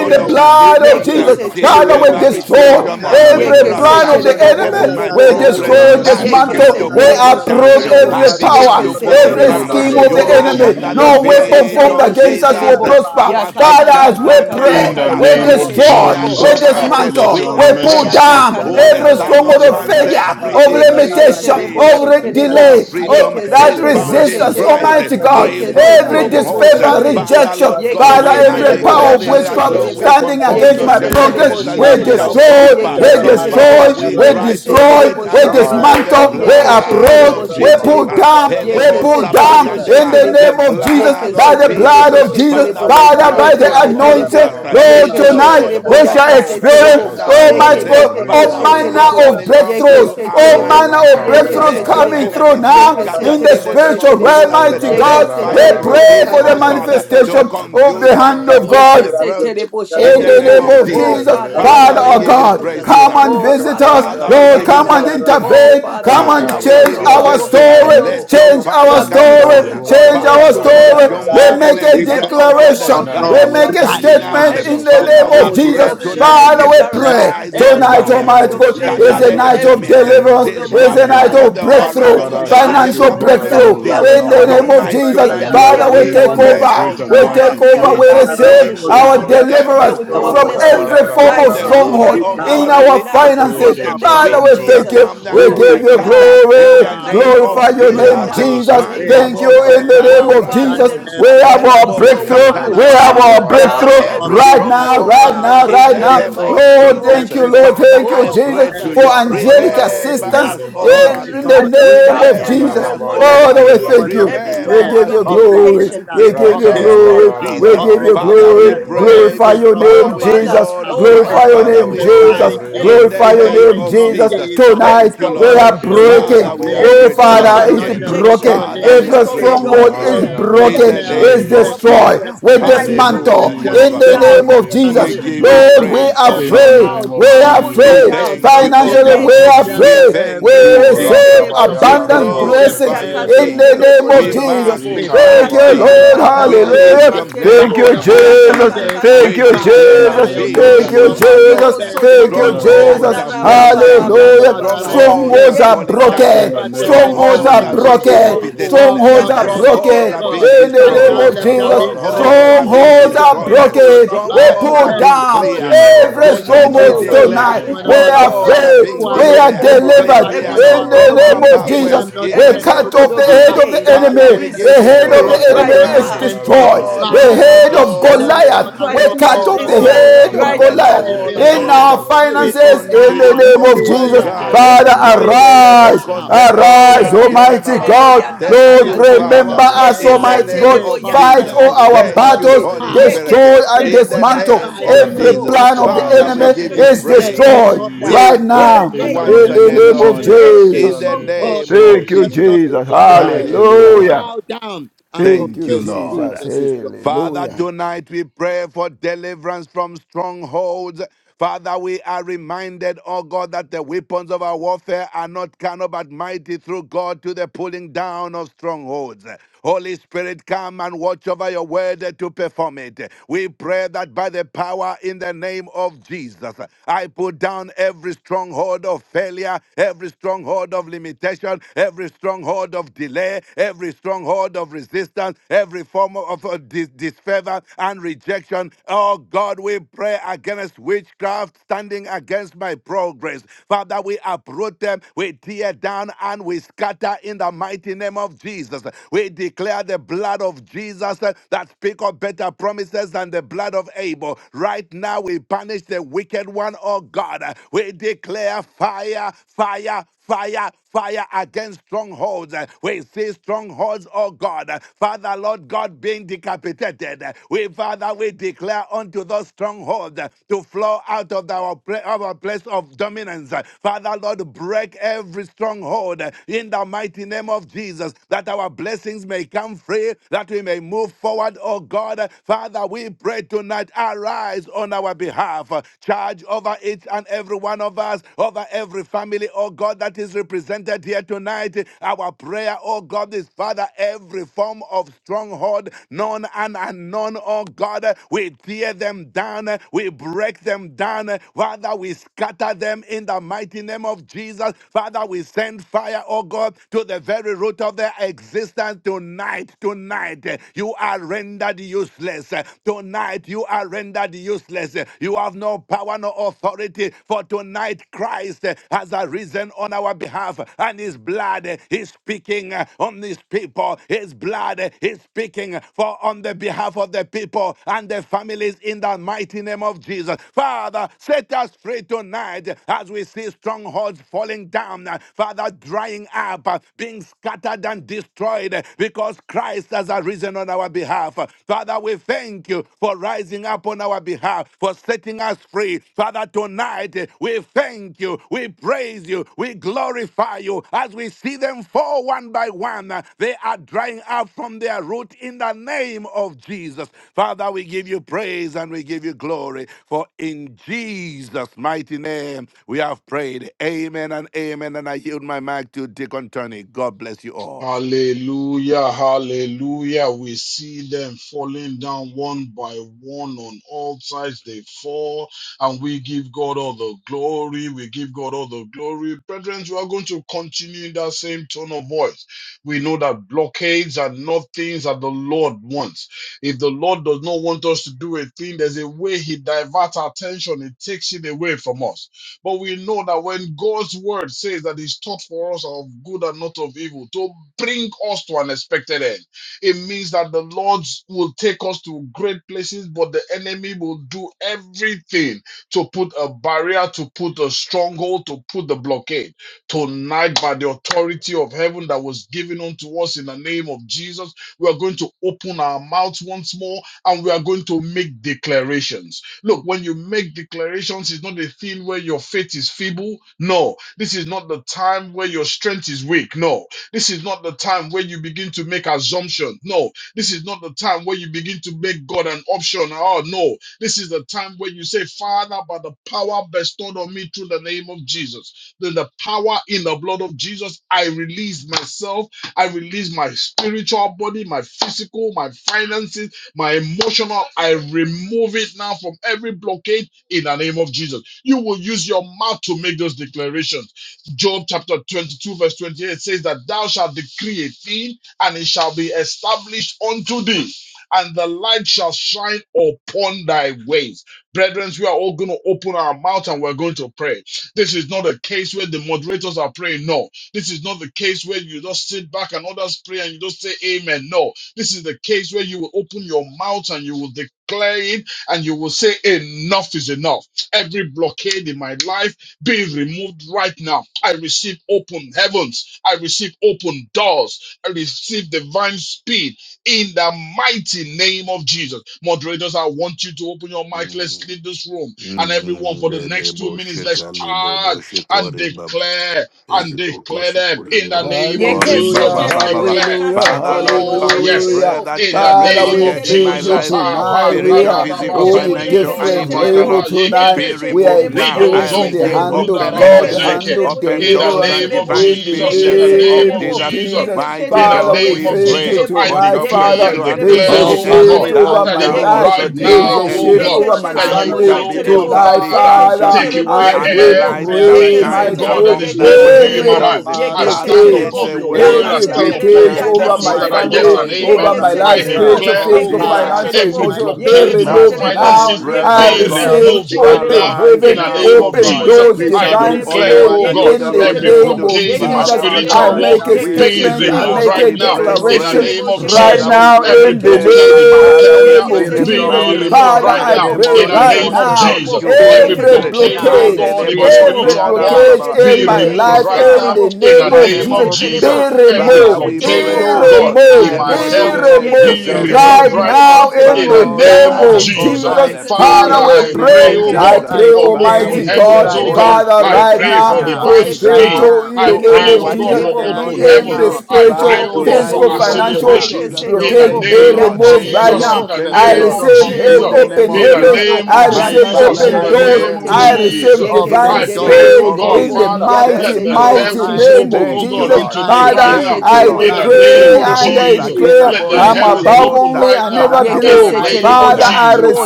Speaker 3: in the
Speaker 5: pray
Speaker 4: of
Speaker 7: against, oh
Speaker 5: in
Speaker 3: blood
Speaker 7: God, my
Speaker 3: of
Speaker 5: the
Speaker 4: resistance,
Speaker 2: Yeke
Speaker 4: eh,
Speaker 5: name
Speaker 3: Jesus.
Speaker 7: life,
Speaker 5: of
Speaker 7: my
Speaker 3: Father,
Speaker 2: seterebo
Speaker 3: we
Speaker 2: bo
Speaker 5: Jesus
Speaker 4: disfavor,
Speaker 7: family.
Speaker 3: destroy
Speaker 5: right
Speaker 7: Ah,
Speaker 2: sheterebo.
Speaker 4: rejection, and
Speaker 7: Father,
Speaker 5: now.
Speaker 7: let your
Speaker 3: every
Speaker 2: Yeke
Speaker 4: witchcraft
Speaker 3: plan
Speaker 7: mercy
Speaker 3: of the
Speaker 4: standing
Speaker 7: speak
Speaker 2: seterebo bo
Speaker 7: for
Speaker 4: against
Speaker 2: bo
Speaker 3: enemy.
Speaker 7: me.
Speaker 2: bo
Speaker 4: my
Speaker 2: bo
Speaker 3: We
Speaker 2: bo
Speaker 7: Let
Speaker 2: bo
Speaker 7: your
Speaker 4: progress.
Speaker 2: bo.
Speaker 5: Rakabarakabarakabaraba,
Speaker 3: destroy,
Speaker 4: I
Speaker 7: mercy
Speaker 2: Yeke
Speaker 7: speak
Speaker 4: begin
Speaker 7: for
Speaker 3: dismantle,
Speaker 4: to
Speaker 3: we
Speaker 7: me.
Speaker 4: pull you
Speaker 2: seterebo
Speaker 4: down
Speaker 7: Let
Speaker 3: uproot
Speaker 4: down.
Speaker 7: your
Speaker 2: sheterebo.
Speaker 4: I
Speaker 3: every
Speaker 7: mercy
Speaker 4: begin
Speaker 3: power,
Speaker 2: Yeke
Speaker 4: to
Speaker 7: speak
Speaker 4: pull
Speaker 7: for
Speaker 4: you
Speaker 3: every
Speaker 7: me
Speaker 2: seterebo
Speaker 7: in
Speaker 4: down.
Speaker 7: the
Speaker 2: bo
Speaker 3: scheme of
Speaker 7: name
Speaker 3: the
Speaker 4: You
Speaker 5: amarakarabarakarabarakarabarakabaraprokoto,
Speaker 7: of
Speaker 4: are
Speaker 2: sheterebo.
Speaker 3: enemy.
Speaker 4: under the
Speaker 3: No
Speaker 2: Yeke
Speaker 7: Jesus.
Speaker 3: weapon
Speaker 4: feet
Speaker 3: formed
Speaker 2: seterebo
Speaker 4: of
Speaker 3: against us
Speaker 4: Jesus,
Speaker 3: will
Speaker 2: sheterebo.
Speaker 5: omarakandarabrekataraba.
Speaker 3: prosper.
Speaker 4: our
Speaker 2: Yaka
Speaker 3: Father,
Speaker 2: ka
Speaker 4: victor,
Speaker 5: Abba,
Speaker 2: ka
Speaker 3: as we
Speaker 2: ka
Speaker 5: Father,
Speaker 2: ka
Speaker 5: we
Speaker 2: ka
Speaker 5: are
Speaker 7: In
Speaker 2: ka
Speaker 7: the
Speaker 3: pray,
Speaker 5: calling
Speaker 4: Mandebosa.
Speaker 3: we
Speaker 2: ka ka
Speaker 7: name
Speaker 4: We
Speaker 5: upon
Speaker 7: of
Speaker 5: you,
Speaker 3: destroy,
Speaker 2: sheterebo.
Speaker 4: declare
Speaker 3: we
Speaker 7: Jesus, ah,
Speaker 4: tonight
Speaker 5: Almighty
Speaker 2: Yiko
Speaker 4: eh,
Speaker 3: dismantle
Speaker 7: let
Speaker 5: God.
Speaker 4: we
Speaker 3: battle.
Speaker 7: your
Speaker 3: We
Speaker 4: are
Speaker 5: Amdara baraka
Speaker 2: sotorobo
Speaker 3: pull
Speaker 4: set
Speaker 7: mercy
Speaker 2: ya ka
Speaker 4: free.
Speaker 7: speak for
Speaker 2: ka
Speaker 3: down
Speaker 4: Who
Speaker 7: me,
Speaker 2: ka
Speaker 7: oh
Speaker 4: the
Speaker 2: ka
Speaker 3: every
Speaker 7: God.
Speaker 2: ka
Speaker 4: Son
Speaker 2: ka
Speaker 4: of
Speaker 3: stronghold
Speaker 7: Let
Speaker 3: of
Speaker 7: your
Speaker 2: ka
Speaker 4: Man
Speaker 2: ka.
Speaker 4: sets
Speaker 7: mercy,
Speaker 3: failure,
Speaker 4: free
Speaker 7: let
Speaker 3: of
Speaker 7: your
Speaker 4: is
Speaker 2: Yeke
Speaker 4: free
Speaker 7: mercy, let
Speaker 3: limitation,
Speaker 7: your
Speaker 2: seterebo
Speaker 4: indeed.
Speaker 3: of
Speaker 7: mercy,
Speaker 3: re-
Speaker 7: let your
Speaker 2: sheterebo.
Speaker 3: delay,
Speaker 4: The
Speaker 7: mercy,
Speaker 4: freedom
Speaker 3: of
Speaker 2: Yeke
Speaker 7: let
Speaker 3: that
Speaker 4: is
Speaker 7: your
Speaker 2: seterebo
Speaker 4: found in
Speaker 7: mercy
Speaker 3: resistance.
Speaker 7: speak
Speaker 4: Christ,
Speaker 2: sheterebo.
Speaker 4: eh,
Speaker 3: Almighty
Speaker 7: for
Speaker 3: God,
Speaker 4: free
Speaker 7: me
Speaker 2: Yeke
Speaker 7: in
Speaker 4: from
Speaker 7: the
Speaker 3: every
Speaker 7: name
Speaker 2: seterebo
Speaker 7: of
Speaker 2: bo
Speaker 4: strongholds. Uh,
Speaker 3: disfavor,
Speaker 7: Jesus.
Speaker 2: sheterebo.
Speaker 4: Father,
Speaker 3: rejection,
Speaker 4: Lord God,
Speaker 2: Yeke
Speaker 7: In
Speaker 3: Father,
Speaker 7: the
Speaker 4: we are
Speaker 3: every
Speaker 7: name
Speaker 2: seterebo
Speaker 7: of
Speaker 3: power of
Speaker 4: declaring
Speaker 2: yaka
Speaker 4: that no
Speaker 3: witchcraft
Speaker 2: seterebo.
Speaker 7: Jesus.
Speaker 4: weapon
Speaker 3: standing
Speaker 7: In
Speaker 4: formed
Speaker 3: against
Speaker 4: or
Speaker 2: Yeke
Speaker 7: the
Speaker 3: my
Speaker 4: shaped
Speaker 7: name of
Speaker 3: progress,
Speaker 2: seterebo
Speaker 4: against us
Speaker 3: we
Speaker 4: shall
Speaker 2: sheterebo.
Speaker 7: Jesus.
Speaker 3: destroy,
Speaker 4: prosper.
Speaker 7: In
Speaker 2: Yeke
Speaker 3: we
Speaker 7: the
Speaker 4: So, Father,
Speaker 7: name
Speaker 2: seterebo.
Speaker 7: of
Speaker 4: Father,
Speaker 3: destroy,
Speaker 4: we
Speaker 3: we
Speaker 4: cry
Speaker 2: Yeke
Speaker 7: Jesus.
Speaker 3: destroy,
Speaker 4: tonight
Speaker 2: seterebo
Speaker 3: we
Speaker 4: and declare
Speaker 7: Ah,
Speaker 2: sheterebo.
Speaker 4: the
Speaker 3: dismantle, we
Speaker 7: randa
Speaker 2: Yeke
Speaker 7: ya zo
Speaker 4: blood
Speaker 2: sheterebo
Speaker 4: of
Speaker 3: uproot, we
Speaker 7: reke
Speaker 4: Jesus.
Speaker 3: pull down
Speaker 4: ah.
Speaker 2: sheterebo.
Speaker 7: baranda da
Speaker 3: down, we
Speaker 7: da
Speaker 2: Yeke
Speaker 4: Elebo
Speaker 7: ba
Speaker 3: pull
Speaker 7: ke de
Speaker 2: seterebo
Speaker 3: down
Speaker 7: de
Speaker 3: in
Speaker 4: sapariandeba,
Speaker 3: the
Speaker 7: zo
Speaker 4: The
Speaker 3: name
Speaker 2: sheterebo.
Speaker 3: of Jesus,
Speaker 2: Yeke
Speaker 4: blood
Speaker 3: by
Speaker 4: of
Speaker 3: the
Speaker 2: seterebo
Speaker 3: blood
Speaker 4: Jesus.
Speaker 2: bo
Speaker 4: eh.
Speaker 3: of Jesus,
Speaker 4: Father,
Speaker 7: La
Speaker 2: sheterebo.
Speaker 4: we
Speaker 3: Father, by
Speaker 4: cry
Speaker 3: the
Speaker 2: Yeke
Speaker 7: baraka
Speaker 4: for
Speaker 7: da
Speaker 2: sheterebo.
Speaker 3: anointing,
Speaker 7: bayana
Speaker 4: Jesus
Speaker 7: da
Speaker 4: eh,
Speaker 7: da ba
Speaker 3: Lord,
Speaker 4: is
Speaker 2: Yeke
Speaker 7: zonte
Speaker 3: tonight
Speaker 4: Lord
Speaker 2: sheterebo
Speaker 3: we
Speaker 5: baraka
Speaker 7: lebo.
Speaker 4: over
Speaker 3: shall
Speaker 2: yaka
Speaker 5: baraka
Speaker 4: all.
Speaker 5: baraka
Speaker 7: E
Speaker 2: seterebo.
Speaker 3: experience,
Speaker 5: baraka
Speaker 3: oh
Speaker 7: kazonde
Speaker 3: my
Speaker 4: Mandalebo
Speaker 7: le
Speaker 2: Yeke
Speaker 4: say,
Speaker 3: God,
Speaker 5: Raka
Speaker 2: keke ke
Speaker 3: all
Speaker 7: bareka
Speaker 4: Father,
Speaker 5: beraka
Speaker 7: da
Speaker 4: we
Speaker 7: da
Speaker 3: manner
Speaker 4: are
Speaker 7: da
Speaker 5: sekata
Speaker 2: sheterebo.
Speaker 7: ba
Speaker 5: ra
Speaker 3: of
Speaker 4: calling
Speaker 7: zo.
Speaker 5: beraka
Speaker 4: up to
Speaker 2: Yeke
Speaker 4: you.
Speaker 5: sekara
Speaker 3: breakthroughs,
Speaker 5: koro
Speaker 3: all
Speaker 7: O
Speaker 2: seterebo.
Speaker 4: Arise
Speaker 3: manner
Speaker 5: berama.
Speaker 3: of
Speaker 7: raka
Speaker 4: now.
Speaker 7: da
Speaker 2: Yeke
Speaker 7: da
Speaker 3: breakthroughs
Speaker 5: Raka
Speaker 7: da
Speaker 4: Let
Speaker 5: ra
Speaker 7: da
Speaker 4: your
Speaker 3: coming
Speaker 7: da
Speaker 2: seterebo.
Speaker 7: da
Speaker 3: through
Speaker 5: beraka
Speaker 4: enemies
Speaker 7: da
Speaker 4: be
Speaker 7: da
Speaker 3: now
Speaker 5: sekara
Speaker 7: da
Speaker 2: Yeke
Speaker 7: da
Speaker 3: in
Speaker 4: scattered
Speaker 7: da
Speaker 3: the
Speaker 5: beraka
Speaker 4: in
Speaker 7: da
Speaker 4: the
Speaker 2: seterebo
Speaker 7: da.
Speaker 5: sekara
Speaker 4: name
Speaker 3: spiritual
Speaker 4: of
Speaker 5: beraka
Speaker 3: realm,
Speaker 5: nama.
Speaker 2: sheterebo.
Speaker 4: Jesus.
Speaker 7: O
Speaker 4: eh.
Speaker 3: mighty
Speaker 5: Erika
Speaker 2: Yeke
Speaker 3: God.
Speaker 4: Let
Speaker 7: raka da
Speaker 3: We
Speaker 7: da
Speaker 5: sekara
Speaker 4: fire
Speaker 7: da
Speaker 2: seterebo
Speaker 7: da
Speaker 5: beraka
Speaker 3: pray
Speaker 7: ba
Speaker 4: proceed,
Speaker 2: yaka
Speaker 3: for
Speaker 5: sekara
Speaker 3: the
Speaker 4: oh
Speaker 7: zonte
Speaker 2: kaka
Speaker 7: le
Speaker 5: beraka
Speaker 4: God,
Speaker 2: kaka
Speaker 4: eh,
Speaker 7: le le
Speaker 5: sekara
Speaker 3: manifestation
Speaker 4: to
Speaker 2: kaka.
Speaker 7: bo
Speaker 5: beraka
Speaker 3: of the
Speaker 4: confuse
Speaker 5: sekata
Speaker 4: and
Speaker 3: hand
Speaker 5: rama.
Speaker 3: of
Speaker 7: da
Speaker 4: disrupt
Speaker 7: da
Speaker 3: God
Speaker 4: the
Speaker 7: da
Speaker 5: Ara
Speaker 4: pro-
Speaker 5: beraka
Speaker 2: Yekeseterebo,
Speaker 5: sekara
Speaker 4: in
Speaker 7: O
Speaker 3: in
Speaker 4: the
Speaker 3: the
Speaker 5: beraka
Speaker 4: name
Speaker 2: sheterebo.
Speaker 3: name
Speaker 4: of
Speaker 7: reke
Speaker 3: of
Speaker 5: sekata
Speaker 2: Oh,
Speaker 5: yana.
Speaker 4: Jesus.
Speaker 7: tende
Speaker 3: Jesus,
Speaker 7: le le
Speaker 2: Father,
Speaker 7: le
Speaker 2: in
Speaker 7: le
Speaker 2: the
Speaker 4: Father,
Speaker 3: Father
Speaker 5: Raka
Speaker 7: le
Speaker 4: we
Speaker 3: oh
Speaker 2: name
Speaker 7: bo
Speaker 4: give
Speaker 2: of
Speaker 4: you
Speaker 3: God,
Speaker 5: beraka
Speaker 7: zonde
Speaker 4: praise
Speaker 7: le
Speaker 2: Jesus.
Speaker 3: come
Speaker 7: ba
Speaker 4: tonight.
Speaker 3: and
Speaker 2: Oh,
Speaker 7: raka
Speaker 3: visit
Speaker 2: Father, we
Speaker 3: us,
Speaker 4: Father,
Speaker 2: pray
Speaker 4: we
Speaker 3: Lord,
Speaker 7: yanda
Speaker 4: give
Speaker 2: right
Speaker 4: you
Speaker 3: come and
Speaker 2: now.
Speaker 4: glory
Speaker 5: Amdara
Speaker 7: rozeke.
Speaker 4: tonight.
Speaker 2: Oh,
Speaker 5: beraka
Speaker 3: intervene,
Speaker 2: Father,
Speaker 3: come
Speaker 2: for
Speaker 5: sekata ra
Speaker 2: the
Speaker 3: and
Speaker 4: Father,
Speaker 7: Lika
Speaker 4: we
Speaker 5: beraka
Speaker 7: ra
Speaker 2: weapons
Speaker 3: change
Speaker 4: give you
Speaker 2: of
Speaker 7: do
Speaker 2: our
Speaker 5: sekata
Speaker 3: our
Speaker 4: praise
Speaker 5: ra
Speaker 2: warfare
Speaker 7: zente
Speaker 2: are
Speaker 4: tonight.
Speaker 3: story,
Speaker 2: not
Speaker 4: Let your
Speaker 3: change
Speaker 2: carnal,
Speaker 4: fire
Speaker 3: our
Speaker 2: but
Speaker 5: Ambraka
Speaker 4: come
Speaker 5: papa
Speaker 3: story,
Speaker 7: Yimando
Speaker 2: mighty
Speaker 4: down,
Speaker 5: papa
Speaker 2: in
Speaker 4: um,
Speaker 5: papa
Speaker 2: God,
Speaker 7: roko
Speaker 3: change
Speaker 2: for
Speaker 7: da
Speaker 2: the
Speaker 4: Father,
Speaker 3: our
Speaker 7: da
Speaker 4: to
Speaker 7: da
Speaker 2: pulling
Speaker 7: da
Speaker 3: story.
Speaker 2: down
Speaker 7: da
Speaker 2: of
Speaker 7: da
Speaker 4: consume
Speaker 3: We
Speaker 7: da
Speaker 4: the
Speaker 5: Father.
Speaker 3: make
Speaker 2: strongholds,
Speaker 3: a
Speaker 5: We
Speaker 4: enemies, uh,
Speaker 2: every
Speaker 4: oh
Speaker 5: call
Speaker 4: God, uh,
Speaker 2: stronghold
Speaker 3: declaration,
Speaker 7: in
Speaker 5: upon
Speaker 2: of
Speaker 7: the
Speaker 4: that
Speaker 5: you
Speaker 3: we
Speaker 4: are
Speaker 7: name
Speaker 2: financial
Speaker 3: make
Speaker 7: of
Speaker 3: a
Speaker 5: right
Speaker 4: withstanding
Speaker 2: affliction,
Speaker 4: us.
Speaker 5: now.
Speaker 3: statement
Speaker 2: every
Speaker 3: in
Speaker 7: Jesus,
Speaker 3: the
Speaker 7: in
Speaker 5: Let
Speaker 4: Father,
Speaker 7: the
Speaker 3: name
Speaker 5: there
Speaker 4: we
Speaker 3: of
Speaker 2: stronghold
Speaker 7: name
Speaker 5: be
Speaker 3: Jesus.
Speaker 4: pray
Speaker 5: a
Speaker 2: of
Speaker 7: of
Speaker 2: shame
Speaker 5: release.
Speaker 2: and
Speaker 4: tonight.
Speaker 3: Father, we
Speaker 7: Jesus,
Speaker 5: Let
Speaker 3: pray
Speaker 2: embarrassment,
Speaker 5: there
Speaker 4: Rise,
Speaker 5: be
Speaker 4: oh
Speaker 5: a
Speaker 2: every
Speaker 7: in the
Speaker 3: tonight,
Speaker 7: name
Speaker 5: release.
Speaker 2: stronghold
Speaker 4: God.
Speaker 3: Almighty
Speaker 7: of
Speaker 2: of
Speaker 3: God,
Speaker 5: Let
Speaker 3: is
Speaker 4: Scatter
Speaker 5: there
Speaker 2: failure,
Speaker 3: a
Speaker 5: be
Speaker 4: the
Speaker 5: a
Speaker 7: Jesus,
Speaker 3: night
Speaker 7: in
Speaker 2: every
Speaker 3: of
Speaker 7: the
Speaker 4: enemies.
Speaker 5: release.
Speaker 4: eh,
Speaker 7: name
Speaker 3: deliverance,
Speaker 2: stronghold,
Speaker 7: of
Speaker 5: We
Speaker 3: is
Speaker 2: Almighty
Speaker 3: a
Speaker 4: Disrupt,
Speaker 5: pray,
Speaker 4: oh
Speaker 3: night
Speaker 7: Jesus.
Speaker 2: Father,
Speaker 4: God,
Speaker 3: of
Speaker 4: the
Speaker 2: that comes
Speaker 4: operations
Speaker 7: Father,
Speaker 3: breakthrough
Speaker 2: to
Speaker 4: of
Speaker 7: I
Speaker 5: Almighty
Speaker 4: the
Speaker 5: God.
Speaker 2: try
Speaker 7: thank
Speaker 4: wicked
Speaker 7: you, oh
Speaker 3: financial
Speaker 4: one, in
Speaker 2: and
Speaker 4: the
Speaker 7: God, that
Speaker 4: name of
Speaker 5: Baraka,
Speaker 3: breakthrough
Speaker 7: even
Speaker 2: interfere
Speaker 7: right
Speaker 4: Jesus.
Speaker 2: with
Speaker 3: in
Speaker 7: now,
Speaker 3: the
Speaker 5: baraka,
Speaker 2: our
Speaker 3: name
Speaker 7: Lord,
Speaker 5: tara,
Speaker 3: of
Speaker 2: business,
Speaker 4: Tonight,
Speaker 3: Jesus.
Speaker 5: baraka,
Speaker 7: that
Speaker 4: tonight,
Speaker 7: you
Speaker 5: tara,
Speaker 7: are
Speaker 4: Lord,
Speaker 3: Father,
Speaker 2: interfere
Speaker 3: we
Speaker 2: with
Speaker 4: we
Speaker 5: bruko,
Speaker 7: doing,
Speaker 3: take
Speaker 2: our
Speaker 7: oh God,
Speaker 4: pray,
Speaker 5: sikara,
Speaker 4: oh
Speaker 7: great
Speaker 2: ministry,
Speaker 3: over,
Speaker 7: and
Speaker 3: we
Speaker 5: baraka,
Speaker 4: God,
Speaker 5: rama.
Speaker 4: eh,
Speaker 3: take
Speaker 7: mighty
Speaker 2: interfere
Speaker 3: over,
Speaker 4: we
Speaker 2: with
Speaker 7: things
Speaker 3: we
Speaker 7: in
Speaker 2: our
Speaker 4: are
Speaker 2: our
Speaker 7: my
Speaker 5: Amdara,
Speaker 3: receive
Speaker 7: life,
Speaker 5: bruko,
Speaker 4: pulling
Speaker 7: oh
Speaker 2: relationships,
Speaker 3: our
Speaker 4: down
Speaker 7: God.
Speaker 5: sikatara,
Speaker 2: interfere
Speaker 4: every
Speaker 3: deliverance
Speaker 5: bruko,
Speaker 2: with our
Speaker 5: toro,
Speaker 3: from
Speaker 7: Oh, ra
Speaker 5: baraka,
Speaker 4: stronghold
Speaker 7: da
Speaker 2: blessings
Speaker 4: eh,
Speaker 7: da
Speaker 3: every
Speaker 5: tara,
Speaker 7: da
Speaker 3: form
Speaker 5: bruko,
Speaker 7: da
Speaker 4: from
Speaker 2: right
Speaker 3: of
Speaker 7: da
Speaker 4: the
Speaker 5: rama.
Speaker 7: da
Speaker 2: now,
Speaker 7: da
Speaker 4: root,
Speaker 7: da
Speaker 3: stronghold
Speaker 2: right
Speaker 4: oh
Speaker 7: da.
Speaker 5: Ika,
Speaker 7: da.
Speaker 2: now,
Speaker 3: in
Speaker 4: God,
Speaker 2: right
Speaker 3: our
Speaker 4: we
Speaker 5: marika,
Speaker 2: now,
Speaker 5: mdoro, baba.
Speaker 2: in
Speaker 3: finances.
Speaker 4: uproot,
Speaker 2: the
Speaker 7: Reke
Speaker 4: him.
Speaker 7: ke
Speaker 2: name
Speaker 5: Abba,
Speaker 4: we
Speaker 3: Father,
Speaker 2: of
Speaker 3: we
Speaker 4: tear
Speaker 5: Father.
Speaker 3: thank
Speaker 7: zontorobo
Speaker 2: Jesus.
Speaker 4: down
Speaker 3: you,
Speaker 4: that,
Speaker 3: we
Speaker 4: and
Speaker 5: This
Speaker 2: Oh,
Speaker 4: we
Speaker 3: give
Speaker 5: is
Speaker 2: right
Speaker 3: you
Speaker 7: zintaraba
Speaker 5: our
Speaker 2: now.
Speaker 4: scatter
Speaker 7: reke
Speaker 2: Oh,
Speaker 4: in
Speaker 2: we
Speaker 4: the
Speaker 3: glory,
Speaker 5: prayer,
Speaker 7: bazuta.
Speaker 2: come
Speaker 4: name
Speaker 3: glorify
Speaker 4: of
Speaker 2: against you
Speaker 3: your
Speaker 5: Almighty
Speaker 2: right
Speaker 3: name,
Speaker 4: Jesus.
Speaker 2: now
Speaker 4: eh.
Speaker 5: God.
Speaker 2: in the
Speaker 3: Jesus.
Speaker 7: Lebradoze
Speaker 2: name
Speaker 7: ke
Speaker 5: We
Speaker 2: of
Speaker 3: Thank
Speaker 4: Mandabo
Speaker 7: lebara
Speaker 3: you
Speaker 2: Jesus.
Speaker 3: in
Speaker 7: da da da
Speaker 3: the
Speaker 5: declare
Speaker 2: Oh,
Speaker 3: name
Speaker 7: da
Speaker 3: of
Speaker 7: da
Speaker 5: that
Speaker 2: Father,
Speaker 3: Jesus.
Speaker 2: there
Speaker 4: sekalabraka.
Speaker 2: is
Speaker 7: da
Speaker 3: We
Speaker 5: every
Speaker 2: nothing
Speaker 3: have
Speaker 4: Ela
Speaker 5: moment
Speaker 3: our
Speaker 4: bobo
Speaker 2: impossible
Speaker 3: breakthrough,
Speaker 7: Lekele
Speaker 2: with
Speaker 5: by
Speaker 7: bo
Speaker 2: you.
Speaker 3: we
Speaker 4: sakala
Speaker 5: the
Speaker 4: ba ba
Speaker 2: I
Speaker 3: have
Speaker 4: ba.
Speaker 7: zundele
Speaker 3: our
Speaker 5: power
Speaker 2: put
Speaker 5: in the
Speaker 4: Father,
Speaker 2: down
Speaker 7: barada
Speaker 5: name
Speaker 3: breakthrough
Speaker 7: da
Speaker 5: of
Speaker 2: every
Speaker 4: every
Speaker 7: ba
Speaker 3: right
Speaker 5: Jesus,
Speaker 3: now,
Speaker 2: stronghold
Speaker 7: zunkele
Speaker 4: stronghold
Speaker 3: right
Speaker 2: right
Speaker 4: eh,
Speaker 3: now,
Speaker 5: Father.
Speaker 7: mandoze
Speaker 2: now
Speaker 4: in
Speaker 3: right
Speaker 4: the
Speaker 2: in
Speaker 7: dere
Speaker 5: We
Speaker 2: the
Speaker 3: now.
Speaker 7: bo
Speaker 4: name
Speaker 5: pull
Speaker 2: mighty
Speaker 3: Lord,
Speaker 4: of
Speaker 5: down
Speaker 7: zundele
Speaker 2: name
Speaker 3: Lord.
Speaker 2: of
Speaker 7: bu
Speaker 4: Jesus.
Speaker 3: Thank
Speaker 4: eh,
Speaker 3: you,
Speaker 5: every
Speaker 2: Jesus.
Speaker 3: Lord.
Speaker 4: Father,
Speaker 7: kabareke
Speaker 3: Thank you,
Speaker 4: I
Speaker 2: Oh,
Speaker 5: stronghold,
Speaker 4: pray
Speaker 3: Jesus,
Speaker 4: to
Speaker 7: le
Speaker 2: Father.
Speaker 3: for
Speaker 4: you.
Speaker 5: every
Speaker 2: By
Speaker 7: barodo
Speaker 5: stronghold
Speaker 2: the
Speaker 5: of
Speaker 3: angelic
Speaker 7: o
Speaker 2: power of the
Speaker 4: Remember
Speaker 2: name
Speaker 5: failure,
Speaker 3: assistance
Speaker 7: zundele
Speaker 4: us,
Speaker 2: of
Speaker 4: oh
Speaker 2: Jesus,
Speaker 5: every
Speaker 4: God.
Speaker 3: in
Speaker 4: now.
Speaker 3: the
Speaker 7: barekete
Speaker 2: I
Speaker 5: stronghold of
Speaker 2: put
Speaker 3: name
Speaker 2: down
Speaker 3: of
Speaker 2: every
Speaker 7: rada
Speaker 4: Remember
Speaker 3: Jesus.
Speaker 7: da
Speaker 5: limitation,
Speaker 4: us,
Speaker 7: ba
Speaker 2: stronghold
Speaker 4: oh
Speaker 2: of
Speaker 3: Father,
Speaker 5: every
Speaker 4: God.
Speaker 3: we
Speaker 4: eh,
Speaker 7: yekende
Speaker 2: failure,
Speaker 5: stronghold
Speaker 3: thank
Speaker 5: of
Speaker 3: you.
Speaker 2: every
Speaker 3: We
Speaker 4: Remember
Speaker 5: delay,
Speaker 2: stronghold
Speaker 3: give
Speaker 4: us,
Speaker 3: you
Speaker 2: of
Speaker 5: of
Speaker 4: oh
Speaker 7: zunde
Speaker 4: God.
Speaker 3: glory.
Speaker 4: now,
Speaker 2: limitation,
Speaker 5: resistance,
Speaker 3: We
Speaker 4: In the
Speaker 3: give
Speaker 2: every
Speaker 5: of
Speaker 3: you
Speaker 7: rakara
Speaker 4: name
Speaker 2: stronghold
Speaker 4: of
Speaker 3: glory.
Speaker 7: da
Speaker 2: of
Speaker 5: disfavor,
Speaker 7: da
Speaker 3: We
Speaker 7: da
Speaker 4: Jesus.
Speaker 2: delay
Speaker 5: of
Speaker 3: give
Speaker 7: da
Speaker 3: you
Speaker 7: ba
Speaker 2: in
Speaker 4: Father,
Speaker 2: the
Speaker 4: we
Speaker 7: yando
Speaker 5: rejection,
Speaker 3: glory.
Speaker 7: do
Speaker 2: name
Speaker 7: do
Speaker 2: of
Speaker 7: do
Speaker 4: praise
Speaker 7: do do
Speaker 3: Glorify
Speaker 5: every
Speaker 4: you.
Speaker 2: Jesus.
Speaker 3: your
Speaker 7: do do
Speaker 5: stronghold
Speaker 2: Oh
Speaker 7: do
Speaker 4: Father,
Speaker 3: name,
Speaker 5: of
Speaker 7: do
Speaker 4: we
Speaker 2: Father,
Speaker 3: Jesus.
Speaker 5: witchcraft.
Speaker 2: oh
Speaker 7: le
Speaker 4: glorify.
Speaker 3: Glorify your
Speaker 2: Father.
Speaker 5: Witchcraft,
Speaker 4: Father,
Speaker 3: name,
Speaker 7: karado
Speaker 5: we
Speaker 4: we
Speaker 2: Oh,
Speaker 4: bless
Speaker 3: Jesus.
Speaker 7: zombo
Speaker 5: bind
Speaker 2: Father,
Speaker 5: you
Speaker 2: every
Speaker 4: in
Speaker 7: rekere
Speaker 4: the
Speaker 3: Glorify
Speaker 5: in
Speaker 3: your
Speaker 2: stronghold
Speaker 5: the
Speaker 4: name
Speaker 7: baro
Speaker 2: of
Speaker 3: name,
Speaker 5: name
Speaker 4: of
Speaker 5: of
Speaker 3: Jesus.
Speaker 7: karaba
Speaker 4: Jesus.
Speaker 2: resistance,
Speaker 5: Jesus.
Speaker 7: zente
Speaker 2: every
Speaker 4: Thank
Speaker 3: Tonight
Speaker 4: you,
Speaker 3: we
Speaker 5: Suffer
Speaker 2: stronghold
Speaker 5: not
Speaker 4: Lord.
Speaker 3: are
Speaker 2: of
Speaker 5: the
Speaker 7: ikele
Speaker 5: witch
Speaker 7: ke
Speaker 5: to
Speaker 3: breaking
Speaker 4: Father,
Speaker 2: disfavor,
Speaker 4: we are
Speaker 5: live.
Speaker 2: every
Speaker 7: zabondo
Speaker 3: Oh
Speaker 4: grateful once
Speaker 5: Suffer
Speaker 2: stronghold
Speaker 7: zvira
Speaker 3: Father,
Speaker 2: of
Speaker 3: it's
Speaker 5: not the
Speaker 4: again.
Speaker 5: witch
Speaker 7: barikete
Speaker 2: rejection,
Speaker 5: to
Speaker 3: broken.
Speaker 4: Father,
Speaker 5: live.
Speaker 4: we
Speaker 2: every
Speaker 7: rebos
Speaker 4: are
Speaker 3: Every
Speaker 5: We
Speaker 2: stronghold
Speaker 4: grateful
Speaker 2: of
Speaker 3: stronghold
Speaker 4: once
Speaker 7: Ah,
Speaker 3: is
Speaker 5: approve
Speaker 7: in
Speaker 4: again
Speaker 2: witchcraft,
Speaker 7: the
Speaker 5: the
Speaker 7: name
Speaker 4: in
Speaker 7: of
Speaker 3: broken,
Speaker 4: the
Speaker 2: standing
Speaker 5: spells,
Speaker 4: name
Speaker 3: is
Speaker 2: against
Speaker 5: the
Speaker 2: our
Speaker 4: of
Speaker 7: Jesus.
Speaker 3: destroyed.
Speaker 4: Jesus.
Speaker 5: curses,
Speaker 2: progress.
Speaker 3: We
Speaker 7: In
Speaker 5: the
Speaker 7: the
Speaker 2: Right
Speaker 7: name
Speaker 2: now,
Speaker 7: of
Speaker 2: we
Speaker 3: dismantle
Speaker 4: Hallelujah,
Speaker 2: pull
Speaker 5: incantation
Speaker 3: in
Speaker 2: you
Speaker 4: Jehovah
Speaker 7: Jesus.
Speaker 3: the
Speaker 5: the
Speaker 7: In
Speaker 4: God.
Speaker 7: the
Speaker 2: down.
Speaker 3: name of
Speaker 2: We
Speaker 7: name of
Speaker 3: Jesus.
Speaker 4: We
Speaker 2: pull
Speaker 5: conspiracy.
Speaker 2: you
Speaker 4: give
Speaker 5: We
Speaker 4: you
Speaker 2: down.
Speaker 3: Lord,
Speaker 7: Jesus.
Speaker 3: we
Speaker 5: bind
Speaker 2: We
Speaker 4: praise,
Speaker 3: are
Speaker 2: pull
Speaker 4: oh
Speaker 7: In
Speaker 5: every
Speaker 2: you
Speaker 7: the
Speaker 4: God.
Speaker 3: free.
Speaker 5: foul
Speaker 7: name
Speaker 2: down.
Speaker 3: We
Speaker 7: of
Speaker 2: We
Speaker 5: power
Speaker 3: are
Speaker 2: pull
Speaker 4: We
Speaker 2: you
Speaker 5: of
Speaker 3: free.
Speaker 7: Jesus.
Speaker 2: down
Speaker 7: In
Speaker 4: thank
Speaker 7: the
Speaker 5: witchcraft,
Speaker 4: you,
Speaker 2: in
Speaker 4: oh
Speaker 2: the
Speaker 7: name
Speaker 3: Financially,
Speaker 7: of
Speaker 3: we
Speaker 2: name
Speaker 4: God.
Speaker 2: of
Speaker 3: are
Speaker 5: divination,
Speaker 7: Jesus.
Speaker 4: We
Speaker 3: free.
Speaker 2: Jesus.
Speaker 4: thank
Speaker 5: every
Speaker 3: We
Speaker 4: you,
Speaker 2: yeke
Speaker 7: Oh,
Speaker 2: se
Speaker 5: every
Speaker 4: Jesus.
Speaker 3: receive
Speaker 5: work
Speaker 7: Rakaba
Speaker 2: terebo
Speaker 5: of
Speaker 2: she
Speaker 4: We
Speaker 3: abundance
Speaker 7: Yadaraba
Speaker 2: terebo.
Speaker 5: occultism,
Speaker 4: glorify
Speaker 3: blessings
Speaker 4: you,
Speaker 2: Yaka
Speaker 5: every
Speaker 2: se
Speaker 3: in
Speaker 5: work
Speaker 3: the
Speaker 5: of
Speaker 4: Jesus.
Speaker 3: name
Speaker 7: Zeterebos.
Speaker 2: terebo,
Speaker 3: of
Speaker 4: We
Speaker 2: she
Speaker 5: warlocks.
Speaker 3: Jesus.
Speaker 2: terebo,
Speaker 5: We
Speaker 2: Yekeseterebo sheterebo.
Speaker 4: magnify
Speaker 3: Thank
Speaker 4: you,
Speaker 5: bind
Speaker 7: Rikaraba
Speaker 3: you,
Speaker 5: in
Speaker 2: Yakaseterebo
Speaker 5: the
Speaker 4: Jesus.
Speaker 3: Lord.
Speaker 2: sheterebo.
Speaker 5: name of
Speaker 4: We
Speaker 7: Dandaraba
Speaker 5: Jesus,
Speaker 4: lift
Speaker 3: Hallelujah.
Speaker 4: your
Speaker 2: Yakakakakakaka
Speaker 4: name
Speaker 3: Thank
Speaker 5: by
Speaker 7: Ronderebos
Speaker 2: terebo.
Speaker 3: you,
Speaker 4: on
Speaker 5: the
Speaker 4: high,
Speaker 5: blood
Speaker 7: Zundere
Speaker 5: of
Speaker 3: Jesus.
Speaker 4: Jesus.
Speaker 7: Mandeke.
Speaker 5: Jesus,
Speaker 3: Thank
Speaker 4: We
Speaker 3: you,
Speaker 5: by the
Speaker 7: In the
Speaker 4: declare,
Speaker 3: Jesus.
Speaker 5: fire of
Speaker 7: name
Speaker 5: the
Speaker 7: of
Speaker 5: Holy
Speaker 3: Thank
Speaker 4: Jesus,
Speaker 3: you,
Speaker 4: you
Speaker 2: Yakakakakakakakakasheterebo.
Speaker 5: Ghost.
Speaker 4: are
Speaker 5: We
Speaker 7: Jesus.
Speaker 3: Jesus.
Speaker 4: Lord.
Speaker 2: Iko
Speaker 5: bend their
Speaker 3: Thank
Speaker 7: In
Speaker 3: you,
Speaker 7: the
Speaker 2: sotorobo
Speaker 7: name
Speaker 4: Strongholds
Speaker 3: Jesus.
Speaker 7: of
Speaker 5: foundation.
Speaker 4: are
Speaker 2: shandara
Speaker 5: We
Speaker 4: falling
Speaker 2: baba
Speaker 7: Jesus.
Speaker 5: bend
Speaker 7: In
Speaker 2: baba
Speaker 7: the
Speaker 4: down.
Speaker 5: their
Speaker 3: Hallelujah.
Speaker 7: name
Speaker 2: baba
Speaker 7: of
Speaker 5: gathering.
Speaker 2: baba.
Speaker 4: Strongholds
Speaker 5: We
Speaker 4: are
Speaker 3: Strongholds
Speaker 7: Jesus.
Speaker 3: are
Speaker 4: falling
Speaker 5: destroy
Speaker 4: down.
Speaker 7: In
Speaker 3: broken.
Speaker 7: the
Speaker 5: what
Speaker 2: Yekeseterebo
Speaker 5: the
Speaker 7: name of
Speaker 5: enemy
Speaker 3: Strongholds
Speaker 4: Strongholds
Speaker 5: meant
Speaker 3: are
Speaker 4: are
Speaker 2: yakarama
Speaker 5: for
Speaker 4: being
Speaker 7: Jesus. In the
Speaker 5: evil.
Speaker 3: broken.
Speaker 7: name
Speaker 2: shenderebo.
Speaker 5: Oh
Speaker 7: of
Speaker 4: decapitated.
Speaker 3: Strongholds
Speaker 5: God,
Speaker 3: are
Speaker 5: turn it
Speaker 7: Jesus.
Speaker 5: for
Speaker 4: Strongholds are
Speaker 3: broken.
Speaker 2: Yakaseterebo
Speaker 5: God.
Speaker 4: being
Speaker 3: In the
Speaker 5: Right now,
Speaker 3: name
Speaker 7: Ora
Speaker 2: sheterebo.
Speaker 4: destroyed.
Speaker 3: of
Speaker 5: let there
Speaker 3: Jesus,
Speaker 5: be
Speaker 2: Oh,
Speaker 5: a
Speaker 7: kararararaba
Speaker 4: Strongholds
Speaker 2: Father,
Speaker 4: are
Speaker 5: reinforcement
Speaker 4: being
Speaker 3: strongholds
Speaker 5: of
Speaker 2: every
Speaker 5: your
Speaker 3: are
Speaker 4: destroyed.
Speaker 2: stronghold
Speaker 5: angels,
Speaker 3: broken.
Speaker 5: oh
Speaker 3: We
Speaker 5: God.
Speaker 2: right
Speaker 4: Strongholds
Speaker 7: yekendedededededebo.
Speaker 4: are
Speaker 3: pull
Speaker 2: now.
Speaker 4: being
Speaker 5: Angels
Speaker 3: down
Speaker 5: on
Speaker 2: Oh,
Speaker 4: cleared.
Speaker 2: Father, that
Speaker 3: every
Speaker 7: Zindaraba
Speaker 5: assignment,
Speaker 2: stands in
Speaker 4: Tonight we
Speaker 3: stronghold
Speaker 2: the
Speaker 7: zondaraba
Speaker 5: angels
Speaker 2: way.
Speaker 4: declare
Speaker 3: tonight.
Speaker 2: We
Speaker 5: fighting
Speaker 7: yeke
Speaker 5: on
Speaker 3: We
Speaker 2: pull
Speaker 5: our
Speaker 3: are
Speaker 2: down
Speaker 4: strongholds
Speaker 5: behalf,
Speaker 2: every
Speaker 7: kalibrosa.
Speaker 4: are
Speaker 3: free.
Speaker 4: being
Speaker 3: We
Speaker 2: stronghold of
Speaker 5: warrior
Speaker 3: are
Speaker 4: declared,
Speaker 2: failure,
Speaker 5: angels
Speaker 4: clear,
Speaker 3: delivered.
Speaker 5: fighting
Speaker 7: Abaroko
Speaker 2: every
Speaker 5: on
Speaker 4: cleared
Speaker 3: In
Speaker 5: our
Speaker 2: stronghold
Speaker 4: off
Speaker 2: of
Speaker 3: the
Speaker 5: behalf.
Speaker 3: name
Speaker 4: our
Speaker 3: of
Speaker 7: tomarororobo
Speaker 5: Can
Speaker 4: pathway
Speaker 5: I
Speaker 2: limitation,
Speaker 3: Jesus,
Speaker 5: not
Speaker 4: in
Speaker 3: we
Speaker 4: the
Speaker 2: every
Speaker 7: zintereba
Speaker 5: pray
Speaker 4: name
Speaker 5: to
Speaker 3: cut
Speaker 5: the
Speaker 2: stronghold
Speaker 3: off
Speaker 4: of
Speaker 3: the
Speaker 2: of
Speaker 3: head
Speaker 5: Father
Speaker 4: Jesus.
Speaker 7: rakataraba
Speaker 3: of the
Speaker 2: delay,
Speaker 5: that
Speaker 7: yende.
Speaker 5: He
Speaker 4: Father,
Speaker 2: we
Speaker 3: enemy.
Speaker 5: may
Speaker 4: we
Speaker 5: send
Speaker 4: give
Speaker 3: The
Speaker 5: more
Speaker 4: you
Speaker 2: resist
Speaker 5: than
Speaker 3: head of
Speaker 2: you
Speaker 3: the
Speaker 7: Ora
Speaker 5: 12
Speaker 4: praise
Speaker 3: enemy
Speaker 2: right
Speaker 5: legions
Speaker 7: karaba
Speaker 5: of
Speaker 3: is
Speaker 4: tonight.
Speaker 2: now.
Speaker 5: angels?
Speaker 3: destroyed.
Speaker 2: Every
Speaker 7: yandararaba
Speaker 4: Oh,
Speaker 2: spirit
Speaker 3: The
Speaker 4: let
Speaker 2: of
Speaker 4: all
Speaker 3: head
Speaker 5: Father,
Speaker 7: zonderebo
Speaker 3: of
Speaker 2: resistance
Speaker 5: send
Speaker 4: glory,
Speaker 5: more
Speaker 2: that
Speaker 3: Goliath.
Speaker 5: than
Speaker 7: shikaramande.
Speaker 3: We
Speaker 2: tries
Speaker 5: 12
Speaker 2: to
Speaker 4: let
Speaker 3: cut
Speaker 4: all
Speaker 3: off
Speaker 5: legions
Speaker 3: the
Speaker 2: resist
Speaker 5: of
Speaker 7: O
Speaker 2: us
Speaker 4: honor,
Speaker 3: head of
Speaker 5: angels.
Speaker 2: right
Speaker 4: let
Speaker 7: randaraba
Speaker 3: Goliath
Speaker 2: now,
Speaker 4: all
Speaker 5: Even
Speaker 7: yeke
Speaker 3: in
Speaker 2: our
Speaker 3: our
Speaker 5: now,
Speaker 4: adoration
Speaker 7: kelebro
Speaker 2: breakthrough,
Speaker 4: be
Speaker 5: even
Speaker 3: finances
Speaker 4: unto
Speaker 2: yes,
Speaker 3: in
Speaker 7: zuntaramande.
Speaker 4: you,
Speaker 5: now,
Speaker 2: our
Speaker 4: the
Speaker 3: the name
Speaker 4: only
Speaker 3: of
Speaker 2: moving
Speaker 4: wise
Speaker 5: even
Speaker 3: Jesus.
Speaker 2: forward
Speaker 4: God.
Speaker 2: in
Speaker 5: now,
Speaker 3: Father,
Speaker 2: the name of
Speaker 5: even
Speaker 7: Rekerererererebo
Speaker 4: Mandelebo
Speaker 3: arise,
Speaker 2: Jesus.
Speaker 5: now.
Speaker 4: kose
Speaker 7: zundereba
Speaker 5: Oh,
Speaker 3: arise,
Speaker 4: kalambra
Speaker 2: Yeke
Speaker 7: rakaba
Speaker 5: Abba,
Speaker 4: kele
Speaker 2: se
Speaker 3: Almighty
Speaker 4: bababa.
Speaker 2: terebo
Speaker 3: God.
Speaker 7: yandarararaba.
Speaker 5: Father,
Speaker 2: yaka
Speaker 4: Thank
Speaker 3: Lord,
Speaker 5: this
Speaker 2: kaka
Speaker 4: you,
Speaker 5: is
Speaker 2: kaka.
Speaker 5: our
Speaker 3: remember
Speaker 4: Father,
Speaker 7: Radaba
Speaker 3: us,
Speaker 2: Yeke
Speaker 4: in
Speaker 5: prayer.
Speaker 4: the
Speaker 2: se
Speaker 3: Almighty
Speaker 4: name
Speaker 7: zondelebo
Speaker 3: God.
Speaker 5: We
Speaker 2: terebo
Speaker 4: of
Speaker 2: yaka
Speaker 3: Fight
Speaker 7: sunteleba
Speaker 4: Jesus.
Speaker 3: all
Speaker 5: contend
Speaker 2: kaka
Speaker 3: our
Speaker 5: with
Speaker 4: Thank
Speaker 2: kaka
Speaker 4: you,
Speaker 5: every
Speaker 3: battles,
Speaker 7: reketelebo
Speaker 2: she.
Speaker 4: Holy
Speaker 5: power
Speaker 2: Yeke
Speaker 4: Spirit.
Speaker 3: destroy
Speaker 5: of
Speaker 2: se
Speaker 3: and
Speaker 7: rukarabadadu.
Speaker 4: In
Speaker 2: terebo
Speaker 4: the
Speaker 5: witchcraft
Speaker 3: dismantle.
Speaker 2: yaka
Speaker 4: name
Speaker 5: by
Speaker 2: se
Speaker 7: In
Speaker 4: of
Speaker 5: the
Speaker 7: the
Speaker 3: Every
Speaker 5: name
Speaker 7: name
Speaker 2: terebo.
Speaker 4: Jesus.
Speaker 7: of
Speaker 5: that
Speaker 3: plan
Speaker 5: is
Speaker 3: of the
Speaker 2: Oh,
Speaker 4: Father,
Speaker 5: above
Speaker 4: we
Speaker 5: all
Speaker 3: enemy
Speaker 2: remove
Speaker 7: Jesus,
Speaker 4: give
Speaker 7: in
Speaker 4: you
Speaker 5: names,
Speaker 2: every
Speaker 7: the
Speaker 3: is
Speaker 5: the
Speaker 7: name
Speaker 4: praise.
Speaker 2: blockage
Speaker 7: of
Speaker 5: name
Speaker 3: destroyed
Speaker 2: right
Speaker 5: of
Speaker 4: We
Speaker 2: now
Speaker 4: are
Speaker 3: right
Speaker 7: Jesus,
Speaker 2: in
Speaker 5: Jesus.
Speaker 2: the
Speaker 3: now
Speaker 4: grateful
Speaker 5: At
Speaker 7: in
Speaker 2: name
Speaker 7: the
Speaker 5: the
Speaker 4: once
Speaker 3: in
Speaker 2: of
Speaker 7: name
Speaker 3: the
Speaker 5: mention
Speaker 4: again,
Speaker 7: of
Speaker 5: of
Speaker 2: Jesus.
Speaker 3: name
Speaker 5: the
Speaker 3: of
Speaker 5: name
Speaker 4: Lord,
Speaker 5: of
Speaker 7: Jesus, in
Speaker 2: Every
Speaker 4: in
Speaker 7: the
Speaker 3: Jesus.
Speaker 5: Jesus,
Speaker 4: the
Speaker 7: name of
Speaker 2: stronghold
Speaker 5: all
Speaker 4: name
Speaker 5: things
Speaker 2: of
Speaker 5: in
Speaker 4: of
Speaker 3: Thank you,
Speaker 5: heaven,
Speaker 7: Jesus.
Speaker 5: all
Speaker 4: Jesus.
Speaker 5: things
Speaker 3: Jesus.
Speaker 5: on
Speaker 2: limitation.
Speaker 5: the earth,
Speaker 7: Thank you,
Speaker 5: they
Speaker 4: Hallelujah.
Speaker 3: Hallelujah.
Speaker 7: Father.
Speaker 5: bow down and
Speaker 3: Thank
Speaker 4: Thank
Speaker 3: you,
Speaker 4: you,
Speaker 5: confess
Speaker 4: Lord.
Speaker 3: Jesus.
Speaker 5: Jesus is Lord.
Speaker 4: Father,
Speaker 3: Hallelujah.
Speaker 7: Thank you.
Speaker 4: tonight we pray for deliverance from strongholds. Father, we are reminded, oh God, that the weapons of our warfare are not carnal but mighty through God to the pulling down of strongholds. Holy Spirit, come and watch over your word to perform it. We pray that by the power in the name of Jesus, I put down every stronghold of failure, every stronghold of limitation, every stronghold stronghold of delay, every stronghold of resistance, every form of uh, dis- disfavor and rejection. Oh God, we pray against witchcraft standing against my progress. Father, we uproot them, we tear down, and we scatter in the mighty name of Jesus. We declare the blood of Jesus uh, that speak of better promises than the blood of Abel. Right now, we punish the wicked one, oh God. We declare fire, fire, fire, fire against strongholds. Uh, We see strongholds, oh God. Uh, Father, Lord God, being decapitated. Uh, We, Father, we declare unto those strongholds uh, to flow out of our, our place of dominance. Uh, Father, Lord, break every stronghold uh, in the mighty name of Jesus that our blessings may come free, that we may move forward, oh God. Uh, Father, we pray tonight, arise on our behalf. Uh, Charge over each and every one of us, over every family, oh God, that is represented here tonight. Our prayer, oh God, is Father, every form of stronghold, known and unknown, oh God, we tear them down, we break them down, Father, we scatter them in the mighty name of Jesus. Father, we send fire, oh God, to the very root of their existence tonight. Tonight, you are rendered useless. Tonight, you you are rendered useless. You have no power, no authority. For tonight, Christ has arisen on our behalf, and his blood is speaking on his people. His blood is speaking for on the behalf of the people and the families in the mighty name of Jesus. Father, set us free tonight as we see strongholds falling down, Father, drying up, being scattered and destroyed because Christ has arisen on our our behalf. Father, we thank you for rising up on our behalf, for setting us free. Father, tonight eh, we thank you, we praise you, we glorify you as we see them fall one by one. uh, They are drying up from their root in the name of Jesus. Father, we give you praise and we give you glory, for in Jesus' mighty name we have prayed. Amen and amen. And I yield my mic to Deacon Tony. God bless you all.
Speaker 7: Hallelujah, hallelujah. We see them falling down one by one on all sides. They fall, and we give God all the glory. We give God all the glory. Brethren, we are going to continue in that same tone of voice. We know that blockades are not things that the Lord wants. If the Lord does not want us to do a thing, there's a way He diverts our attention, It takes it away from us. But we know that when God's word says that it's taught for us of good and not of evil to bring us to an expected end, it means that the Lord will take us to great places, but the enemy will do everything to put a barrier, to put a stronghold, to put the blockade. Tonight, by the authority of heaven that was given unto us in the name of Jesus, we are going to open our mouths once more and we are going to make declarations Look, when you make declarations, it's not a thing where your faith is feeble. No, this is not the time where your strength is weak. No, this is not the time where you begin to make assumptions. No, this is not the time where you begin to make God an option. Oh, no, this is the time where you say, Father, by the power bestowed on me through the name of Jesus, then the power in the blood of Jesus, I release myself I release my spiritual body, my physical, my finances. My emotional, I remove it now from every blockade in the name of Jesus. You will use your mouth to make those declarations. Job chapter 22, verse 28 says that thou shalt decree a thing and it shall be established unto thee. And the light shall shine upon thy ways. Brethren, we are all going to open our mouth and we're going to pray. This is not a case where the moderators are praying. No. This is not the case where you just sit back and others pray and you just say amen. No this is the case where you will open your mouth and you will declare it and you will say, Enough is enough. Every blockade in my life be removed right now. I receive open heavens. I receive open doors. I receive divine speed in the mighty name of Jesus. Moderators, I want you to open your mic.
Speaker 4: Mm.
Speaker 7: Let's leave this room. And everyone,
Speaker 4: Mm,
Speaker 7: for the
Speaker 4: the
Speaker 7: next two
Speaker 4: lebo
Speaker 7: minutes, let's
Speaker 4: sheka lebo
Speaker 7: charge
Speaker 4: bo
Speaker 7: and
Speaker 4: shekori bab
Speaker 7: declare and declare
Speaker 4: esipokoshi
Speaker 7: them in the
Speaker 4: kulembro
Speaker 7: name of
Speaker 4: kukori
Speaker 2: Yeke
Speaker 4: ba
Speaker 7: Jesus.
Speaker 3: Hallelujah,
Speaker 4: ba
Speaker 7: Just
Speaker 4: baba, baba,
Speaker 2: seterebo
Speaker 4: baba.
Speaker 7: declare
Speaker 2: yaka
Speaker 3: hallelujah,
Speaker 4: Father, Lord
Speaker 2: seterebo
Speaker 7: Oh,
Speaker 4: God, we
Speaker 7: yes.
Speaker 4: pray
Speaker 3: hallelujah.
Speaker 2: sheterebo.
Speaker 4: that
Speaker 7: In the
Speaker 4: every
Speaker 2: Yeke
Speaker 3: Father,
Speaker 7: name
Speaker 3: we
Speaker 7: of
Speaker 4: blockade in
Speaker 2: seterebo
Speaker 4: my
Speaker 3: thank you
Speaker 7: Jesus.
Speaker 4: life,
Speaker 7: ah,
Speaker 2: sheterebo.
Speaker 3: tonight. We
Speaker 4: spiritual,
Speaker 3: are
Speaker 2: Yeke
Speaker 7: baradadaba
Speaker 4: physical,
Speaker 3: on a
Speaker 2: sheterebo
Speaker 4: financial,
Speaker 2: yeke
Speaker 7: zondelebo
Speaker 4: and
Speaker 3: different level
Speaker 2: sheterebo.
Speaker 4: emotional
Speaker 7: sataraba
Speaker 3: tonight.
Speaker 2: Yeke
Speaker 4: be
Speaker 7: yekende.
Speaker 3: We are
Speaker 4: removed
Speaker 2: sheterebo
Speaker 4: now.
Speaker 7: Rindo
Speaker 2: yeke
Speaker 4: I
Speaker 3: experiencing the
Speaker 4: receive
Speaker 7: zombo
Speaker 3: hand
Speaker 2: sheterebo.
Speaker 3: of
Speaker 4: open
Speaker 7: rudaraba
Speaker 3: God,
Speaker 2: Yeke
Speaker 3: the
Speaker 4: heavens, eh,
Speaker 7: zeke.
Speaker 3: hand of
Speaker 2: seterebo
Speaker 4: open
Speaker 7: In
Speaker 2: yeke
Speaker 7: the
Speaker 4: doors,
Speaker 3: deliverance
Speaker 4: and
Speaker 7: name of
Speaker 2: seterebo.
Speaker 4: divine
Speaker 3: in the
Speaker 4: speed
Speaker 7: Jesus.
Speaker 4: in the
Speaker 7: In
Speaker 2: Yeke
Speaker 7: the
Speaker 4: name
Speaker 7: name
Speaker 4: of
Speaker 3: name
Speaker 7: of
Speaker 3: of
Speaker 2: seterebo
Speaker 4: Jesus.
Speaker 7: Jesus.
Speaker 3: Jesus.
Speaker 2: yeke
Speaker 4: Mighty
Speaker 7: In the
Speaker 2: sheterebo
Speaker 3: Father,
Speaker 4: God,
Speaker 3: we
Speaker 7: name
Speaker 4: we
Speaker 2: yeke
Speaker 7: of
Speaker 3: thank you
Speaker 4: pray
Speaker 7: Jesus, I
Speaker 2: sheterebo.
Speaker 4: for
Speaker 3: tonight.
Speaker 4: Job
Speaker 2: Yeke
Speaker 7: decree and
Speaker 4: 22
Speaker 3: Father,
Speaker 4: and
Speaker 3: there
Speaker 2: sheterebo
Speaker 4: verse
Speaker 3: is
Speaker 7: declare,
Speaker 3: a
Speaker 5: Oh,
Speaker 2: yeke
Speaker 7: oh
Speaker 4: 28.
Speaker 5: Father,
Speaker 3: shift
Speaker 7: God,
Speaker 5: we
Speaker 2: sheterebo.
Speaker 3: over
Speaker 4: Thou
Speaker 5: thank
Speaker 7: that
Speaker 3: my
Speaker 5: you
Speaker 4: shalt
Speaker 5: right
Speaker 7: even
Speaker 2: Yeke
Speaker 5: now
Speaker 3: life.
Speaker 5: in
Speaker 7: right
Speaker 4: also
Speaker 5: the
Speaker 3: There
Speaker 5: name
Speaker 3: is
Speaker 4: decree
Speaker 5: of
Speaker 7: now,
Speaker 2: sheterebo
Speaker 3: a
Speaker 4: a
Speaker 7: oh
Speaker 3: shift
Speaker 5: Jesus
Speaker 7: God,
Speaker 4: thing,
Speaker 2: yeke
Speaker 3: over
Speaker 5: Christ, the
Speaker 3: my
Speaker 7: that
Speaker 4: and
Speaker 5: Son
Speaker 7: you
Speaker 4: it
Speaker 5: of
Speaker 2: sheterebo
Speaker 3: family
Speaker 5: the
Speaker 4: shall
Speaker 7: will,
Speaker 4: be
Speaker 7: oh
Speaker 5: living
Speaker 7: God,
Speaker 2: sheterebo.
Speaker 5: God.
Speaker 3: tonight,
Speaker 4: established
Speaker 7: Father,
Speaker 5: Our
Speaker 2: Yeke
Speaker 4: unto
Speaker 5: Father,
Speaker 7: take
Speaker 3: Father,
Speaker 5: we
Speaker 4: thee,
Speaker 2: sheterebo
Speaker 7: away
Speaker 3: as
Speaker 5: pray
Speaker 4: and the
Speaker 3: we
Speaker 5: and
Speaker 2: sheterebo.
Speaker 4: light
Speaker 5: declare
Speaker 4: shall
Speaker 5: right
Speaker 3: pray,
Speaker 2: Yeke
Speaker 5: now
Speaker 7: everything,
Speaker 5: in
Speaker 7: oh
Speaker 5: the
Speaker 4: shine
Speaker 3: mighty
Speaker 5: name
Speaker 7: God,
Speaker 2: seterebo
Speaker 5: of
Speaker 3: God,
Speaker 7: that
Speaker 4: upon
Speaker 7: is
Speaker 2: yeke
Speaker 4: thy
Speaker 7: not of
Speaker 5: Jesus,
Speaker 7: you in
Speaker 3: every
Speaker 2: sheterebo
Speaker 7: my
Speaker 5: the
Speaker 7: life.
Speaker 4: ways.
Speaker 3: blo-
Speaker 2: yeke
Speaker 7: I
Speaker 5: Father,
Speaker 4: Father,
Speaker 7: stand
Speaker 4: let
Speaker 5: from
Speaker 3: blockage,
Speaker 7: upon
Speaker 2: yakaseterebo,
Speaker 4: the
Speaker 7: your
Speaker 4: word
Speaker 5: today,
Speaker 4: of
Speaker 7: word. I
Speaker 4: the
Speaker 3: every
Speaker 7: stand
Speaker 5: we
Speaker 4: light
Speaker 7: upon
Speaker 2: yakaseterebo,
Speaker 3: blockage
Speaker 5: pray,
Speaker 7: your
Speaker 4: shine
Speaker 3: over
Speaker 7: promises
Speaker 3: my
Speaker 4: upon
Speaker 7: that are
Speaker 4: my
Speaker 5: Almighty
Speaker 7: yes
Speaker 3: family,
Speaker 5: God,
Speaker 7: and
Speaker 4: ways.
Speaker 5: O
Speaker 7: amen.
Speaker 3: over my
Speaker 4: In the
Speaker 7: I
Speaker 3: life,
Speaker 5: righteous God,
Speaker 2: yekeseterebo,
Speaker 4: name
Speaker 3: spiritual,
Speaker 7: declare,
Speaker 5: the
Speaker 4: of
Speaker 7: oh
Speaker 3: physical,
Speaker 7: God,
Speaker 5: Father,
Speaker 4: Jesus,
Speaker 3: financial,
Speaker 7: every
Speaker 2: yekeseterebo,
Speaker 3: emotional,
Speaker 5: Almighty
Speaker 3: be
Speaker 5: God,
Speaker 7: blockade in my
Speaker 4: God,
Speaker 3: removed
Speaker 5: evil shall
Speaker 2: yekeseterebo,
Speaker 4: I
Speaker 5: no
Speaker 3: now.
Speaker 7: finances
Speaker 4: pray,
Speaker 5: longer
Speaker 3: I
Speaker 4: oh
Speaker 7: be
Speaker 5: prevail
Speaker 4: God,
Speaker 2: yekeseterebo,
Speaker 3: receive
Speaker 7: removed
Speaker 5: because
Speaker 7: right
Speaker 5: we
Speaker 3: open
Speaker 5: have
Speaker 2: şeterebo,
Speaker 7: now.
Speaker 5: come
Speaker 4: arise
Speaker 5: to
Speaker 7: In
Speaker 3: heaven,
Speaker 7: the
Speaker 5: make
Speaker 4: now,
Speaker 5: a
Speaker 7: name
Speaker 4: oh
Speaker 7: of
Speaker 3: open
Speaker 5: decree.
Speaker 2: yekeseterebo,
Speaker 4: God.
Speaker 7: Jesus,
Speaker 3: doors,
Speaker 5: We
Speaker 7: I
Speaker 5: shall
Speaker 4: Do
Speaker 3: divine
Speaker 5: decree
Speaker 2: yekeseterebo,
Speaker 4: only
Speaker 5: a
Speaker 7: declare,
Speaker 3: speed.
Speaker 5: thing
Speaker 4: what
Speaker 7: oh
Speaker 5: and
Speaker 4: you,
Speaker 5: it
Speaker 7: God,
Speaker 3: In
Speaker 4: the
Speaker 5: shall
Speaker 3: the
Speaker 5: be
Speaker 4: Lord,
Speaker 7: every
Speaker 4: can
Speaker 2: yekeşeterebo,
Speaker 3: name
Speaker 4: do.
Speaker 5: established.
Speaker 3: of
Speaker 7: blockade in my
Speaker 5: Our
Speaker 3: Jesus,
Speaker 4: Father, we
Speaker 5: Father,
Speaker 3: I
Speaker 7: spiritual
Speaker 2: yekeşeterebo,
Speaker 5: right
Speaker 4: pray
Speaker 7: walk
Speaker 3: make
Speaker 5: now
Speaker 3: a
Speaker 5: we
Speaker 7: be
Speaker 4: mercy.
Speaker 3: statement,
Speaker 5: decree
Speaker 3: I
Speaker 7: removed
Speaker 2: yekeseterebo,
Speaker 3: make
Speaker 4: Father,
Speaker 7: right
Speaker 3: a
Speaker 4: we
Speaker 5: in the
Speaker 7: now.
Speaker 4: pray
Speaker 5: name of
Speaker 7: In the
Speaker 5: Jesus
Speaker 3: declaration
Speaker 4: grace.
Speaker 7: name
Speaker 2: yekeseterebo,
Speaker 7: of
Speaker 3: right
Speaker 4: Father,
Speaker 7: Jesus,
Speaker 5: every
Speaker 2: şeterebo,
Speaker 4: we
Speaker 3: now
Speaker 4: pray
Speaker 7: every
Speaker 3: in
Speaker 5: blockage
Speaker 3: the
Speaker 5: in
Speaker 4: favor.
Speaker 7: blockade
Speaker 5: my
Speaker 7: in my
Speaker 2: yekeseterebo, yekeseterebo, yekeşeterebo, yeke
Speaker 5: life,
Speaker 4: Father, we
Speaker 7: academia
Speaker 3: name
Speaker 4: pray
Speaker 3: of
Speaker 7: be
Speaker 5: spiritual,
Speaker 2: yekeseterebo
Speaker 3: Jesus.
Speaker 2: yeke
Speaker 4: empowerment
Speaker 7: removed
Speaker 5: physical,
Speaker 3: Father,
Speaker 7: right
Speaker 4: in
Speaker 3: I
Speaker 4: the
Speaker 7: now.
Speaker 4: name
Speaker 3: pray
Speaker 4: of
Speaker 7: In
Speaker 5: financial,
Speaker 7: the
Speaker 3: right
Speaker 4: Jesus.
Speaker 7: name of
Speaker 5: emotional,
Speaker 3: now
Speaker 4: Thank
Speaker 7: Jesus,
Speaker 2: yekeseterebo
Speaker 4: you,
Speaker 5: be
Speaker 4: Holy
Speaker 7: every
Speaker 2: yeke
Speaker 3: every
Speaker 5: removed
Speaker 4: Spirit.
Speaker 7: blockade, oh
Speaker 5: now.
Speaker 3: blockage,
Speaker 7: God,
Speaker 4: Mandele
Speaker 7: in my
Speaker 5: Be
Speaker 2: yekeseterebo
Speaker 3: Every
Speaker 5: removed
Speaker 4: bokosia
Speaker 7: spiritual
Speaker 4: da
Speaker 7: walk
Speaker 4: ba ba ba
Speaker 5: now.
Speaker 3: blockage
Speaker 4: ba.
Speaker 3: in
Speaker 7: be
Speaker 5: Be
Speaker 3: my
Speaker 4: Thank
Speaker 2: yeke
Speaker 7: removed
Speaker 4: you,
Speaker 3: life,
Speaker 5: removed
Speaker 7: right
Speaker 3: in
Speaker 5: now.
Speaker 7: now.
Speaker 4: Father,
Speaker 2: yekeşeterebo,
Speaker 3: the
Speaker 7: In
Speaker 4: in
Speaker 7: the
Speaker 5: You
Speaker 3: name
Speaker 4: the
Speaker 5: are
Speaker 3: of
Speaker 2: Yeke
Speaker 4: name
Speaker 7: name
Speaker 3: Jesus,
Speaker 7: of
Speaker 4: of
Speaker 5: removed
Speaker 3: be
Speaker 4: Jesus.
Speaker 7: Jesus,
Speaker 2: seterebo,
Speaker 5: now. You
Speaker 7: every
Speaker 2: yeke
Speaker 5: are
Speaker 4: Father,
Speaker 3: removed,
Speaker 4: we
Speaker 5: removed
Speaker 7: blockade,
Speaker 4: pray,
Speaker 2: seterebo,
Speaker 3: be
Speaker 7: oh
Speaker 4: oh
Speaker 5: now.
Speaker 7: God,
Speaker 4: God,
Speaker 2: yeke
Speaker 7: in
Speaker 5: I
Speaker 3: removed,
Speaker 7: my
Speaker 5: receive
Speaker 3: be
Speaker 2: seterebo,
Speaker 7: health
Speaker 4: demonstrate
Speaker 2: yeke
Speaker 5: open
Speaker 3: removed.
Speaker 7: be
Speaker 4: yourself
Speaker 5: heavens,
Speaker 2: seterebo,
Speaker 7: removed
Speaker 3: Right
Speaker 4: strong.
Speaker 7: right
Speaker 2: yeke
Speaker 3: now,
Speaker 7: now
Speaker 5: open
Speaker 3: in
Speaker 7: in
Speaker 2: seterebo,
Speaker 3: the
Speaker 7: the
Speaker 4: Father,
Speaker 5: doors,
Speaker 7: name
Speaker 3: name
Speaker 2: yaka
Speaker 7: of
Speaker 4: judge,
Speaker 5: and
Speaker 3: of
Speaker 4: oh
Speaker 7: Jesus.
Speaker 3: Jesus,
Speaker 5: divine
Speaker 4: God,
Speaker 5: speed
Speaker 7: Father,
Speaker 3: Father,
Speaker 4: in
Speaker 3: we
Speaker 4: the
Speaker 7: I
Speaker 5: in
Speaker 4: name
Speaker 3: pray.
Speaker 7: pray,
Speaker 4: of
Speaker 7: oh
Speaker 5: Jesus'
Speaker 3: I
Speaker 7: God,
Speaker 4: Jesus.
Speaker 3: pray,
Speaker 7: for
Speaker 2: Yekeseterebo,
Speaker 5: mighty
Speaker 4: Father,
Speaker 7: open
Speaker 3: Almighty
Speaker 5: name
Speaker 4: we pray,
Speaker 7: heavens,
Speaker 3: God,
Speaker 5: right
Speaker 7: oh God.
Speaker 4: Holy
Speaker 2: yekeseterebo,
Speaker 5: now,
Speaker 3: Father,
Speaker 7: I
Speaker 4: Spirit,
Speaker 2: yeke
Speaker 3: right
Speaker 7: pray
Speaker 5: right
Speaker 7: for
Speaker 3: now,
Speaker 5: now,
Speaker 2: yekeseterebo,
Speaker 3: for
Speaker 7: divine
Speaker 4: arise
Speaker 5: right
Speaker 7: speed.
Speaker 4: now.
Speaker 3: spiritual,
Speaker 5: now.
Speaker 3: in
Speaker 7: I
Speaker 3: the
Speaker 4: Do
Speaker 3: name
Speaker 4: only
Speaker 7: pray,
Speaker 5: I
Speaker 3: of
Speaker 7: oh
Speaker 4: what
Speaker 7: God,
Speaker 3: Jesus,
Speaker 4: you,
Speaker 7: for
Speaker 4: the
Speaker 2: yekeseterebo, yakaseterebo,
Speaker 5: declare
Speaker 2: yekeseterebo, yekeseterebo, yekeseterebo, yekeseterebo, sheterebo, yekekeseterebo,
Speaker 3: in
Speaker 7: open
Speaker 4: Lord,
Speaker 5: it
Speaker 4: can
Speaker 7: heavens.
Speaker 3: every
Speaker 4: do.
Speaker 5: now.
Speaker 7: I
Speaker 2: yekeseterebo,
Speaker 7: pray,
Speaker 4: Father,
Speaker 3: spiritual,
Speaker 2: bo
Speaker 5: I
Speaker 7: oh
Speaker 2: bo bo
Speaker 7: God,
Speaker 2: bo
Speaker 7: for
Speaker 4: tonight,
Speaker 3: physical,
Speaker 5: receive
Speaker 2: bo
Speaker 4: in the
Speaker 2: bo,
Speaker 5: right
Speaker 4: name
Speaker 3: financial
Speaker 4: of
Speaker 5: now.
Speaker 7: acceleration
Speaker 2: yeke
Speaker 4: Jesus,
Speaker 5: The
Speaker 7: in the
Speaker 5: open
Speaker 3: blockage
Speaker 2: seterebo,
Speaker 4: thank you,
Speaker 3: be
Speaker 7: name
Speaker 5: heavens,
Speaker 7: of
Speaker 4: Lord.
Speaker 2: yaka
Speaker 3: removed
Speaker 4: Thank
Speaker 5: open
Speaker 4: you,
Speaker 3: right
Speaker 7: Jesus,
Speaker 5: heavens,
Speaker 7: in
Speaker 3: now.
Speaker 2: seterebo,
Speaker 4: Lord.
Speaker 7: the
Speaker 4: Thank
Speaker 3: I
Speaker 4: you,
Speaker 7: name
Speaker 2: yeke
Speaker 4: Lord.
Speaker 7: of
Speaker 5: perpetual
Speaker 3: receive
Speaker 5: open
Speaker 3: heav-
Speaker 2: seterebo,
Speaker 4: In
Speaker 7: Jesus,
Speaker 4: the
Speaker 5: heavens
Speaker 2: yeke
Speaker 4: name
Speaker 3: open
Speaker 4: of
Speaker 7: in the
Speaker 5: over
Speaker 3: heavens.
Speaker 4: Jesus.
Speaker 5: my
Speaker 2: seterebo,
Speaker 7: name
Speaker 3: I
Speaker 7: of
Speaker 5: life
Speaker 4: My
Speaker 3: receive
Speaker 2: yaka
Speaker 7: Jesus,
Speaker 5: in
Speaker 4: Father,
Speaker 7: in
Speaker 5: the
Speaker 3: open
Speaker 7: the
Speaker 4: I
Speaker 2: yekeseterebo, yakaseterebo,
Speaker 5: name
Speaker 3: doors.
Speaker 5: of
Speaker 7: name
Speaker 4: pray
Speaker 7: of
Speaker 3: I
Speaker 2: yekeseterebo,
Speaker 5: Jesus.
Speaker 4: mercy
Speaker 2: yekeseterebo, yakasenderebo, sheterebo,
Speaker 3: receive
Speaker 7: Jesus.
Speaker 4: in
Speaker 3: divine
Speaker 7: I
Speaker 5: Open
Speaker 4: the
Speaker 2: yekesenderebo,
Speaker 7: pray,
Speaker 5: doors,
Speaker 4: name
Speaker 7: oh
Speaker 3: speed
Speaker 4: of
Speaker 7: God,
Speaker 3: in
Speaker 2: sheterebo,
Speaker 3: the
Speaker 4: Jesus.
Speaker 5: open
Speaker 7: Father,
Speaker 2: she she
Speaker 5: doors,
Speaker 7: let
Speaker 3: mighty,
Speaker 4: Thank you,
Speaker 7: the
Speaker 5: and
Speaker 4: Lord.
Speaker 3: mighty
Speaker 7: heavens
Speaker 5: divine
Speaker 3: name
Speaker 7: open,
Speaker 2: terebo.
Speaker 3: of
Speaker 5: speed,
Speaker 7: oh
Speaker 4: Thank you,
Speaker 7: God,
Speaker 3: Jesus.
Speaker 4: Lord.
Speaker 7: unto me
Speaker 5: divine
Speaker 2: Yeke
Speaker 7: right
Speaker 3: Father,
Speaker 5: speed,
Speaker 7: now
Speaker 4: Thank you,
Speaker 3: I
Speaker 2: Yakasetelebo
Speaker 4: Lord.
Speaker 7: in the
Speaker 5: divine
Speaker 2: yeke she
Speaker 7: name
Speaker 3: decree
Speaker 5: speed
Speaker 7: of
Speaker 2: yekesetelebo.
Speaker 3: and I
Speaker 5: in
Speaker 4: Elabosa,
Speaker 7: Jesus.
Speaker 5: Jesus'
Speaker 7: Let
Speaker 3: declare
Speaker 7: the
Speaker 4: kelabose,
Speaker 3: I'm
Speaker 5: mighty
Speaker 7: heavens
Speaker 3: above
Speaker 5: name.
Speaker 7: open
Speaker 4: kalebosa.
Speaker 3: only
Speaker 7: right
Speaker 3: and
Speaker 5: Ma-
Speaker 7: now
Speaker 3: never
Speaker 5: Right
Speaker 4: Father, we
Speaker 7: in
Speaker 5: now,
Speaker 7: the
Speaker 3: below.
Speaker 5: I
Speaker 4: pray
Speaker 7: name of
Speaker 3: Father,
Speaker 2: Yekesetereboya.
Speaker 5: declare
Speaker 4: tonight.
Speaker 3: I
Speaker 7: Jesus.
Speaker 5: it.
Speaker 2: Oh,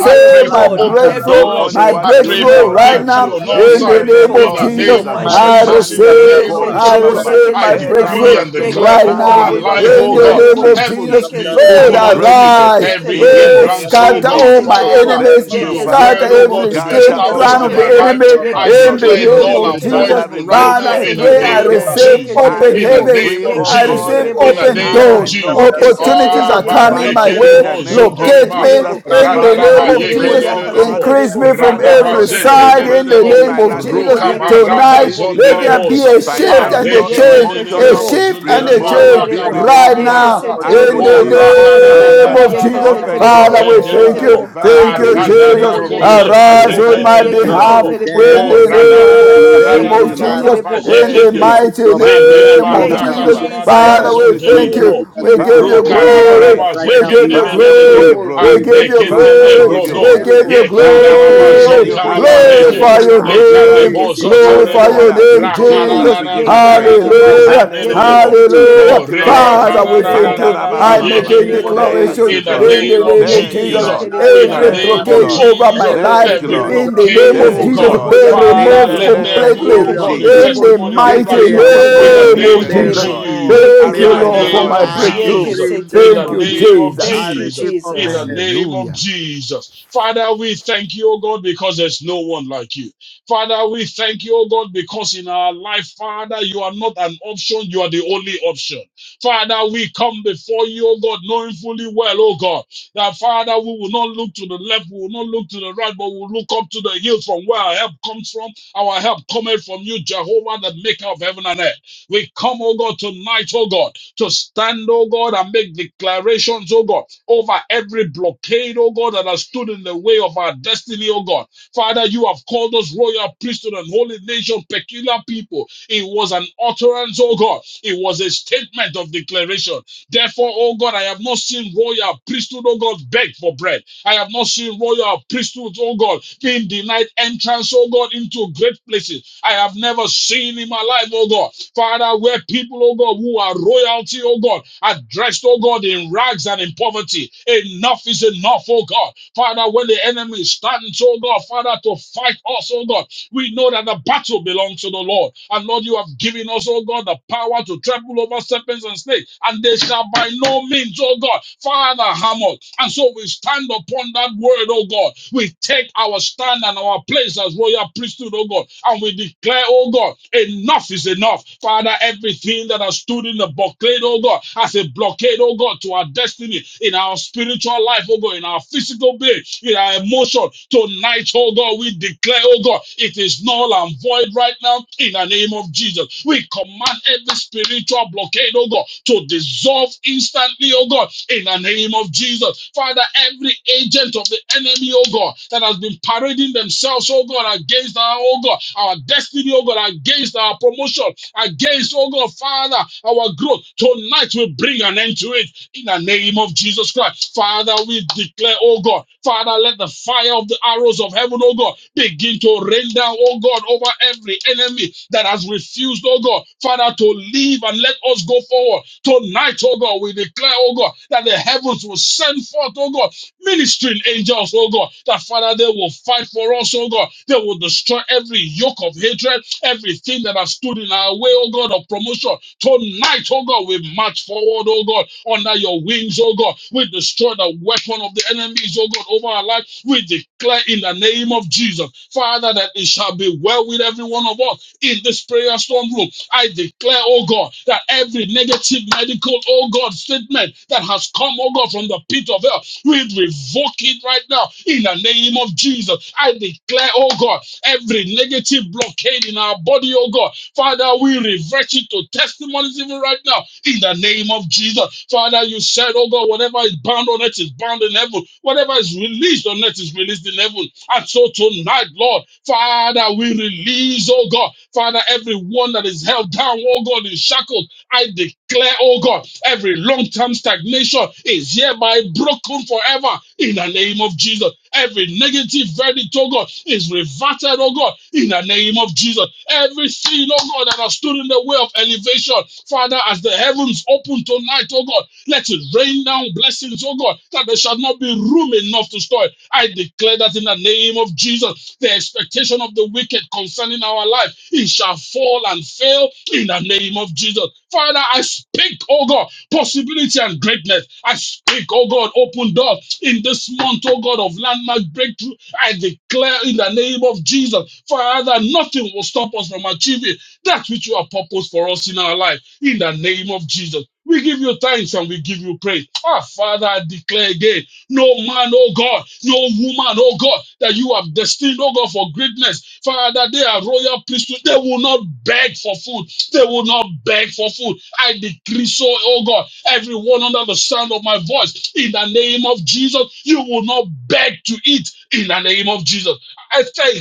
Speaker 7: I
Speaker 2: yes,
Speaker 7: pray
Speaker 3: my
Speaker 7: for
Speaker 2: Lord.
Speaker 4: now.
Speaker 7: open
Speaker 5: Rakandara
Speaker 2: Every
Speaker 3: breakthrough,
Speaker 4: Do
Speaker 7: doors.
Speaker 5: broko
Speaker 4: only
Speaker 3: my
Speaker 7: I
Speaker 2: blockage
Speaker 4: what you,
Speaker 2: in
Speaker 7: pray
Speaker 4: the
Speaker 3: breakthrough
Speaker 5: sakatara
Speaker 7: for
Speaker 2: my
Speaker 4: Lord,
Speaker 3: right
Speaker 2: life,
Speaker 4: can
Speaker 7: victory
Speaker 3: now
Speaker 4: do.
Speaker 7: on
Speaker 5: barakatara
Speaker 7: all
Speaker 2: yes,
Speaker 3: in
Speaker 4: In
Speaker 5: broko
Speaker 3: the
Speaker 4: the
Speaker 7: sides
Speaker 3: name
Speaker 4: name
Speaker 2: spiritual,
Speaker 5: sikana
Speaker 7: in
Speaker 3: of
Speaker 7: the
Speaker 4: of
Speaker 5: mama.
Speaker 3: Jesus.
Speaker 2: physical,
Speaker 7: name of
Speaker 4: Jesus.
Speaker 3: I
Speaker 2: financial.
Speaker 7: Jesus.
Speaker 5: Amarakasi
Speaker 7: In the
Speaker 4: Mandele
Speaker 3: receive
Speaker 5: kaptara
Speaker 7: name
Speaker 5: mama.
Speaker 7: of
Speaker 4: kori
Speaker 3: I
Speaker 4: ba ba
Speaker 2: Yekesheterebo,
Speaker 4: ba
Speaker 7: Jesus.
Speaker 4: ba.
Speaker 3: receive
Speaker 7: I
Speaker 5: Marakati
Speaker 3: my
Speaker 4: Ela
Speaker 2: yekesheterebo,
Speaker 7: decree
Speaker 3: breakthrough
Speaker 5: korapora
Speaker 7: and
Speaker 4: broske ko-
Speaker 7: declare
Speaker 3: right
Speaker 7: over
Speaker 5: kosokotara
Speaker 4: Father,
Speaker 7: my
Speaker 2: yekesheterebo,
Speaker 4: we
Speaker 3: now
Speaker 5: barama.
Speaker 7: life,
Speaker 4: pray
Speaker 3: in
Speaker 5: Om
Speaker 7: oh
Speaker 3: the
Speaker 7: God,
Speaker 3: name
Speaker 2: yekeseterebo,
Speaker 4: mercy
Speaker 3: of
Speaker 7: heavens
Speaker 3: Jesus.
Speaker 7: be
Speaker 3: Lord,
Speaker 7: open
Speaker 4: and
Speaker 2: yekeseterebo,
Speaker 7: unto me.
Speaker 4: grace
Speaker 3: arise.
Speaker 7: Every
Speaker 4: in the
Speaker 3: Lord,
Speaker 2: yekeseterebo,
Speaker 4: name
Speaker 7: hindrance, oh
Speaker 3: scatter
Speaker 4: of
Speaker 7: God,
Speaker 3: all
Speaker 4: Jesus.
Speaker 3: my
Speaker 2: yekeseterebo,
Speaker 7: Father,
Speaker 3: enemies.
Speaker 7: to
Speaker 4: Thank you,
Speaker 7: your
Speaker 3: Scatter
Speaker 4: Father.
Speaker 7: word, oh
Speaker 2: yekeseterebo,
Speaker 7: God,
Speaker 3: every
Speaker 7: to be
Speaker 4: Scatter,
Speaker 3: scheme,
Speaker 4: oh
Speaker 3: plan
Speaker 7: established in
Speaker 3: of
Speaker 4: God,
Speaker 3: the
Speaker 7: my
Speaker 2: yekeseterebo,
Speaker 7: life,
Speaker 3: enemy
Speaker 4: every
Speaker 7: I
Speaker 3: in the
Speaker 7: declare it
Speaker 2: yekeseterebo,
Speaker 3: name
Speaker 4: blockade.
Speaker 7: null
Speaker 3: of
Speaker 7: and void
Speaker 2: sheterebo,
Speaker 3: Jesus.
Speaker 4: Father,
Speaker 7: even right
Speaker 4: remove
Speaker 3: Father,
Speaker 7: now
Speaker 3: I
Speaker 7: in the
Speaker 4: every
Speaker 3: pray I
Speaker 2: yekeseterebo,
Speaker 7: name of
Speaker 4: blockade.
Speaker 3: receive
Speaker 7: Jesus
Speaker 4: I
Speaker 3: open
Speaker 7: in
Speaker 5: dere
Speaker 7: the
Speaker 2: yekesheterebo,
Speaker 5: borro
Speaker 3: heavens.
Speaker 7: name
Speaker 4: decree,
Speaker 7: of
Speaker 5: corre
Speaker 4: oh
Speaker 3: I
Speaker 5: corre
Speaker 7: Jesus,
Speaker 4: God,
Speaker 3: receive
Speaker 4: a
Speaker 5: broco
Speaker 2: yekesheterebo,
Speaker 7: in
Speaker 5: se
Speaker 7: the
Speaker 4: thing,
Speaker 5: cada
Speaker 3: open
Speaker 7: name
Speaker 4: and
Speaker 7: of
Speaker 2: sheterebo,
Speaker 4: I
Speaker 3: doors.
Speaker 5: casi
Speaker 4: know
Speaker 7: Jesus.
Speaker 5: captara
Speaker 4: it has
Speaker 5: broca
Speaker 3: Opportunities
Speaker 2: yekeseterebo,
Speaker 7: Ah,
Speaker 3: are
Speaker 4: come
Speaker 5: sam
Speaker 4: to
Speaker 3: coming
Speaker 4: pass
Speaker 5: darbaba.
Speaker 3: my
Speaker 2: yekeseterebo,
Speaker 4: in the
Speaker 3: way.
Speaker 7: Badrekerebo
Speaker 4: name of
Speaker 3: Locate
Speaker 7: Zuntereba,
Speaker 3: me
Speaker 2: yekeseterebo,
Speaker 4: Jesus.
Speaker 5: Abba,
Speaker 3: in the
Speaker 4: Father,
Speaker 5: Father,
Speaker 7: Radaraba
Speaker 3: name
Speaker 5: we
Speaker 4: I
Speaker 3: of
Speaker 2: yekeseterebo,
Speaker 4: pray,
Speaker 3: Jesus.
Speaker 5: pray
Speaker 4: oh
Speaker 5: and
Speaker 7: Yekenerebo,
Speaker 4: God,
Speaker 3: Increase
Speaker 5: declare
Speaker 2: yakaseterebo,
Speaker 3: me from
Speaker 4: Father,
Speaker 5: right
Speaker 7: Radaba
Speaker 3: every
Speaker 4: Lord,
Speaker 5: now in the
Speaker 4: every
Speaker 3: side
Speaker 2: yekeseterebo,
Speaker 5: name of
Speaker 3: in the
Speaker 4: blockade in
Speaker 7: Zetenerebo,
Speaker 3: name
Speaker 4: my
Speaker 5: Jesus,
Speaker 3: of
Speaker 4: life,
Speaker 2: yekeseterebo, yekeseterebo,
Speaker 3: Jesus.
Speaker 7: Ruka
Speaker 5: by the
Speaker 4: spiritual,
Speaker 5: blood
Speaker 7: Baranda
Speaker 3: Tonight,
Speaker 5: of
Speaker 3: let
Speaker 4: physical,
Speaker 3: there
Speaker 5: Jesus,
Speaker 3: be
Speaker 7: Zonderebosa,
Speaker 3: a
Speaker 5: with the
Speaker 3: shift
Speaker 2: yekeseterebo,
Speaker 5: help
Speaker 3: and a
Speaker 5: of
Speaker 4: financial,
Speaker 5: the
Speaker 3: change.
Speaker 5: Holy
Speaker 3: A
Speaker 5: Spirit.
Speaker 4: emotional,
Speaker 2: yekeseterebo,
Speaker 7: Arekenerebo
Speaker 3: shift and a
Speaker 7: Zundereba,
Speaker 5: Rabara
Speaker 3: change
Speaker 4: remove, be
Speaker 7: Raka
Speaker 2: yekeseterebo,
Speaker 5: breke
Speaker 3: right
Speaker 4: removed
Speaker 7: da da da
Speaker 5: kere
Speaker 7: da
Speaker 4: now.
Speaker 7: da
Speaker 3: now
Speaker 5: bruko
Speaker 4: I
Speaker 5: toro
Speaker 3: in
Speaker 2: yekeseterebo,
Speaker 7: O
Speaker 4: receive
Speaker 5: brababa.
Speaker 7: Raka da
Speaker 4: open
Speaker 2: yakaseterebo,
Speaker 7: da
Speaker 3: the
Speaker 7: da
Speaker 3: name
Speaker 4: heavens,
Speaker 3: of
Speaker 5: Amdara
Speaker 3: Jesus.
Speaker 5: bruko
Speaker 4: open
Speaker 2: yekeseterebo,
Speaker 5: toko
Speaker 3: Father, we
Speaker 4: doors,
Speaker 3: thank
Speaker 4: and
Speaker 3: you.
Speaker 7: Zenterebo,
Speaker 2: yekeseterebo,
Speaker 4: divine
Speaker 3: Thank
Speaker 5: Father,
Speaker 3: you,
Speaker 4: speed
Speaker 5: we
Speaker 4: in the
Speaker 5: pray in
Speaker 3: Jesus.
Speaker 4: name
Speaker 2: yekeseterebo, yekeseterebo,
Speaker 5: the
Speaker 4: of
Speaker 7: Aradarako
Speaker 5: name of
Speaker 4: Jesus.
Speaker 7: Zeba
Speaker 5: Jesus
Speaker 3: Arise on my
Speaker 4: Thank you,
Speaker 5: from
Speaker 4: Lord.
Speaker 3: behalf
Speaker 7: Reketerebo,
Speaker 2: yekeseterebo, yekeseterebo,
Speaker 5: today
Speaker 3: in
Speaker 7: O
Speaker 4: Thank
Speaker 5: that
Speaker 4: you, Lord.
Speaker 7: Radada
Speaker 5: Father,
Speaker 7: da da
Speaker 5: you
Speaker 3: the
Speaker 7: da
Speaker 3: name
Speaker 7: da
Speaker 4: Thank
Speaker 5: visit
Speaker 3: of
Speaker 4: you,
Speaker 7: da da
Speaker 4: Lord.
Speaker 5: us
Speaker 7: da
Speaker 3: Jesus.
Speaker 2: yekeseterebo,
Speaker 5: and
Speaker 3: In
Speaker 5: you
Speaker 3: the
Speaker 4: Thank you,
Speaker 7: Yekene.
Speaker 4: Lord.
Speaker 2: yekese.
Speaker 5: visit
Speaker 3: mighty
Speaker 5: your presence,
Speaker 4: Maria
Speaker 5: you
Speaker 3: name
Speaker 7: Zindereba
Speaker 3: of
Speaker 5: visit
Speaker 2: Thank
Speaker 5: us
Speaker 2: you,
Speaker 5: with
Speaker 3: Jesus.
Speaker 4: Kalabababa.
Speaker 5: your
Speaker 7: rakatararaba
Speaker 3: Father,
Speaker 5: presence,
Speaker 4: Thank
Speaker 2: Jesus.
Speaker 3: we
Speaker 4: you,
Speaker 5: you
Speaker 3: thank
Speaker 2: Thank
Speaker 3: you.
Speaker 4: Jesus.
Speaker 2: you,
Speaker 7: zonterebo.
Speaker 5: visit us
Speaker 3: We
Speaker 5: with
Speaker 2: Jesus.
Speaker 3: give
Speaker 5: your
Speaker 3: you
Speaker 4: Father, we
Speaker 2: Thank
Speaker 4: give
Speaker 2: you,
Speaker 4: you
Speaker 5: power.
Speaker 3: glory.
Speaker 2: Father.
Speaker 7: Rukarararaba
Speaker 4: praise.
Speaker 5: Right
Speaker 3: We
Speaker 5: now,
Speaker 3: give
Speaker 5: we
Speaker 3: you
Speaker 2: Yeke
Speaker 4: Father,
Speaker 2: se
Speaker 4: we
Speaker 7: zekendelelele.
Speaker 4: give
Speaker 5: decree
Speaker 4: you
Speaker 3: glory.
Speaker 2: terebo.
Speaker 3: We
Speaker 4: glory.
Speaker 5: we
Speaker 3: give you
Speaker 2: Yeke
Speaker 5: decree
Speaker 2: se
Speaker 4: Father,
Speaker 7: Areketele
Speaker 4: we
Speaker 3: glory.
Speaker 2: terebo
Speaker 4: give you
Speaker 2: she
Speaker 5: open
Speaker 7: brodo.
Speaker 3: We
Speaker 4: honor.
Speaker 3: give
Speaker 5: heaven.
Speaker 2: terebo.
Speaker 3: you
Speaker 5: We
Speaker 4: Father, we
Speaker 2: Yeke
Speaker 7: Yekandaraba
Speaker 5: decree
Speaker 2: se
Speaker 5: the
Speaker 4: give you
Speaker 3: glory.
Speaker 2: terebo
Speaker 5: decree
Speaker 7: zontaraba
Speaker 5: of
Speaker 2: yaka
Speaker 5: the
Speaker 4: adoration
Speaker 2: se
Speaker 7: reke.
Speaker 4: in
Speaker 3: Glorify
Speaker 4: the
Speaker 5: watcher.
Speaker 3: your
Speaker 4: name
Speaker 2: terebo.
Speaker 4: of
Speaker 3: name.
Speaker 4: Jesus.
Speaker 5: We
Speaker 2: Yeke
Speaker 7: Lekadebo
Speaker 2: se
Speaker 5: decree
Speaker 2: terebo
Speaker 3: Glorify
Speaker 5: right
Speaker 7: zotorebo.
Speaker 5: now
Speaker 3: your
Speaker 5: in
Speaker 4: Hallelujah.
Speaker 2: yaka
Speaker 5: the
Speaker 2: se
Speaker 3: name,
Speaker 5: name of
Speaker 2: terebo.
Speaker 4: Jesus,
Speaker 3: Jesus.
Speaker 5: Jesus.
Speaker 4: we give you
Speaker 2: Yeke
Speaker 5: We
Speaker 2: se
Speaker 4: praise.
Speaker 7: Rakarararararaba
Speaker 5: decree
Speaker 2: terebo.
Speaker 5: right now
Speaker 3: Hallelujah.
Speaker 5: in the
Speaker 2: Yeke
Speaker 5: name of
Speaker 4: Hallelujah.
Speaker 7: zenderebo.
Speaker 2: se
Speaker 5: Jesus.
Speaker 2: terebo
Speaker 3: Hallelujah.
Speaker 7: Oh,
Speaker 4: Thank you,
Speaker 5: We
Speaker 2: yaka
Speaker 4: Lord.
Speaker 3: Father,
Speaker 2: se
Speaker 3: we thank
Speaker 5: decree
Speaker 2: terebo.
Speaker 4: Mandara
Speaker 3: you.
Speaker 4: ba
Speaker 7: rekatararararaba
Speaker 4: ba
Speaker 5: in
Speaker 3: I
Speaker 2: Yeke
Speaker 4: ba ba
Speaker 2: she
Speaker 5: the
Speaker 3: make
Speaker 4: ba.
Speaker 3: a
Speaker 5: name of
Speaker 2: terebo
Speaker 7: yekendelebo.
Speaker 2: yaka
Speaker 4: Thank
Speaker 5: Jesus
Speaker 3: declaration
Speaker 2: se
Speaker 4: you,
Speaker 7: In the
Speaker 4: Lord.
Speaker 5: every
Speaker 3: in
Speaker 2: terebo.
Speaker 3: the
Speaker 7: name of
Speaker 3: name
Speaker 5: blockage
Speaker 3: of
Speaker 2: Yeke
Speaker 4: Thank
Speaker 5: in
Speaker 4: you,
Speaker 3: Jesus.
Speaker 2: se
Speaker 5: my
Speaker 7: Jesus,
Speaker 4: Lord.
Speaker 5: life,
Speaker 2: terebo
Speaker 7: in
Speaker 5: in
Speaker 7: the
Speaker 3: Every
Speaker 5: my
Speaker 2: yaka se
Speaker 4: Thank
Speaker 7: name
Speaker 4: you,
Speaker 7: of
Speaker 3: blockage
Speaker 5: family,
Speaker 2: terebo.
Speaker 4: Lord.
Speaker 3: over my
Speaker 7: Jesus,
Speaker 2: Yeke
Speaker 5: every
Speaker 3: life,
Speaker 2: she
Speaker 4: Thank you,
Speaker 7: every
Speaker 4: Lord.
Speaker 2: terebo.
Speaker 3: in
Speaker 5: spiritual,
Speaker 3: the name
Speaker 7: blockade,
Speaker 2: Yeke
Speaker 3: of
Speaker 7: oh
Speaker 2: se
Speaker 4: Thank you,
Speaker 3: Jesus,
Speaker 7: God,
Speaker 5: physical,
Speaker 2: terebo
Speaker 4: Lord.
Speaker 3: be
Speaker 2: yaka she
Speaker 4: In
Speaker 7: Father,
Speaker 3: removed
Speaker 5: financial
Speaker 4: the
Speaker 7: let
Speaker 2: terebo.
Speaker 7: there
Speaker 4: name
Speaker 7: be, oh
Speaker 3: completely.
Speaker 4: of
Speaker 2: Yeke
Speaker 5: material,
Speaker 2: she
Speaker 7: God, a
Speaker 4: Jesus.
Speaker 3: In
Speaker 2: terebo.
Speaker 3: the
Speaker 7: testimony
Speaker 5: emotional,
Speaker 7: even
Speaker 4: This
Speaker 2: Yeke
Speaker 7: right
Speaker 3: mighty
Speaker 5: be
Speaker 4: is
Speaker 7: now
Speaker 4: our
Speaker 2: sheterebo,
Speaker 7: in
Speaker 4: prayer
Speaker 7: the
Speaker 5: removed,
Speaker 4: to
Speaker 2: yeke
Speaker 4: you,
Speaker 3: name of
Speaker 4: the
Speaker 7: name
Speaker 5: be
Speaker 7: of
Speaker 4: living
Speaker 3: Jesus.
Speaker 2: sheterebo,
Speaker 4: God.
Speaker 5: removed,
Speaker 7: Jesus,
Speaker 2: yeke
Speaker 3: Thank
Speaker 5: be
Speaker 7: in
Speaker 3: you,
Speaker 7: the
Speaker 4: Arise
Speaker 3: Lord,
Speaker 4: on
Speaker 3: for
Speaker 5: removed.
Speaker 4: our
Speaker 7: name
Speaker 2: seterebo,
Speaker 3: my
Speaker 7: of
Speaker 5: I
Speaker 4: behalf.
Speaker 3: breakthrough.
Speaker 2: yeke
Speaker 7: Jesus,
Speaker 5: decree in the
Speaker 7: in
Speaker 5: name
Speaker 7: the
Speaker 3: Thank
Speaker 5: of
Speaker 2: seterebo.
Speaker 3: you,
Speaker 4: Amen.
Speaker 7: name
Speaker 5: Jesus,
Speaker 7: of
Speaker 5: I
Speaker 3: Jesus.
Speaker 2: Thank you,
Speaker 5: receive
Speaker 7: Jesus, in
Speaker 5: open
Speaker 2: Jesus.
Speaker 7: the
Speaker 5: heaven.
Speaker 7: name of
Speaker 3: Hallelujah.
Speaker 7: Jesus. Father, we thank you, oh God, because there's no one like you. Father, we thank you, oh God, because in our life, Father, you are not an option, you are the only option. Father, we come before you, oh God, knowing fully well, oh God, that Father, we will not look to the left, we will not look to the right, but we'll look up to the hill from where our help comes from. Our help cometh from you, Jehovah, the maker of heaven and earth. We come, oh God, tonight, oh God, to stand, oh God, and make declarations, oh God, over every blockade, oh God, that has stood in the way of our destiny, oh God. Father, you have called us royal priesthood and holy nation, peculiar people. It was an utterance, oh God. It was a statement of declaration. Therefore, oh God, I have not seen royal priesthood, oh God, beg for bread. I have not seen royal priesthood, oh God, being denied entrance, oh God, into great places. I have never seen in my life, oh God, Father, where people, oh God, who are royalty, oh God, are dressed, oh God, in rags and in poverty. Enough is enough, oh God. Father, when the enemy stands, oh God, Father, to fight us, oh God, we know that the battle belongs to the Lord. And Lord, you have given us, oh God, the power to trample over serpents and snakes, and they shall by no means, oh God, Father hammer. And so we stand upon that word, oh God. We take our stand and our place as royal priesthood, oh God, and we declare, oh God, enough is enough. Father, everything that has stood in the blockade, oh God, as a blockade, oh God, to our destiny, in our spiritual life, oh God, in our physical being, in our emotion, tonight, oh God, we declare, oh God, it is null and void void right now in the name of Jesus. We command every spiritual blockade, oh God, to dissolve instantly, oh God, in the name of Jesus. Father, every agent of the enemy, oh God, that has been parading themselves, oh God, against our, oh God, our destiny, oh God, against our promotion, against, oh God, Father, our growth. Tonight we bring an end to it in the name of Jesus Christ. Father, we declare, oh God, Father, let the fire of the arrows of of heaven, oh God, begin to rain down, oh God, over every enemy that has refused, oh God, Father, to leave and let us go forward. Tonight, oh God, we declare, oh God, that the heavens will send forth, oh God, ministering angels, oh God, that Father, they will fight for us, oh God. They will destroy every yoke of hatred, everything that has stood in our way, oh God, of promotion. Tonight, oh God, we march forward, oh God, under your wings, oh God. We destroy the weapon of of the enemies, oh God, over our life. We declare in the name of Jesus, Father, that it shall be well with every one of us in this prayer storm room. I declare, oh God, that every negative medical, oh God, statement that has come, oh God, from the pit of hell, we revoke it right now in the name of Jesus. I declare, oh God, every negative blockade in our body, oh God, Father, we revert it to testimonies even right now in the name of Jesus. Father, you said, oh God, whatever is bound on earth is bound in heaven. Whatever is released on earth is released in heaven. And so tonight, Lord, Father, we release, oh God, Father, everyone that is held down, oh God, in shackles. I declare, oh God, every long term stagnation is hereby broken forever in the name of Jesus. Every negative verdict, oh God, is reverted, oh God, in the name of Jesus. Every sin, oh God, that has stood in the way of elevation, Father, as the heavens open tonight, oh God, let it rain down blessings, oh God, that there shall not be room enough to store it. I declare that in the name of Jesus, the expectation of the wicked concerning our life, it shall fall and fail in the name of Jesus. Father, I speak, oh God, possibility and greatness. I speak, oh God, open doors in this month, oh God, of landmark breakthrough. I declare in the name of Jesus, Father, nothing will stop us from achieving that which you have purposed for us in our life in the name of Jesus. We give you thanks and we give you praise. Ah, Father, I declare again, no man, oh God, no woman, oh God, that you have destined, oh God, for greatness. Father, they are royal priesthood. They will not beg for food. They will not beg for food. I decree so, oh God, everyone under the sound of my voice, in the name of Jesus, you will not beg to eat in the name of Jesus. I thank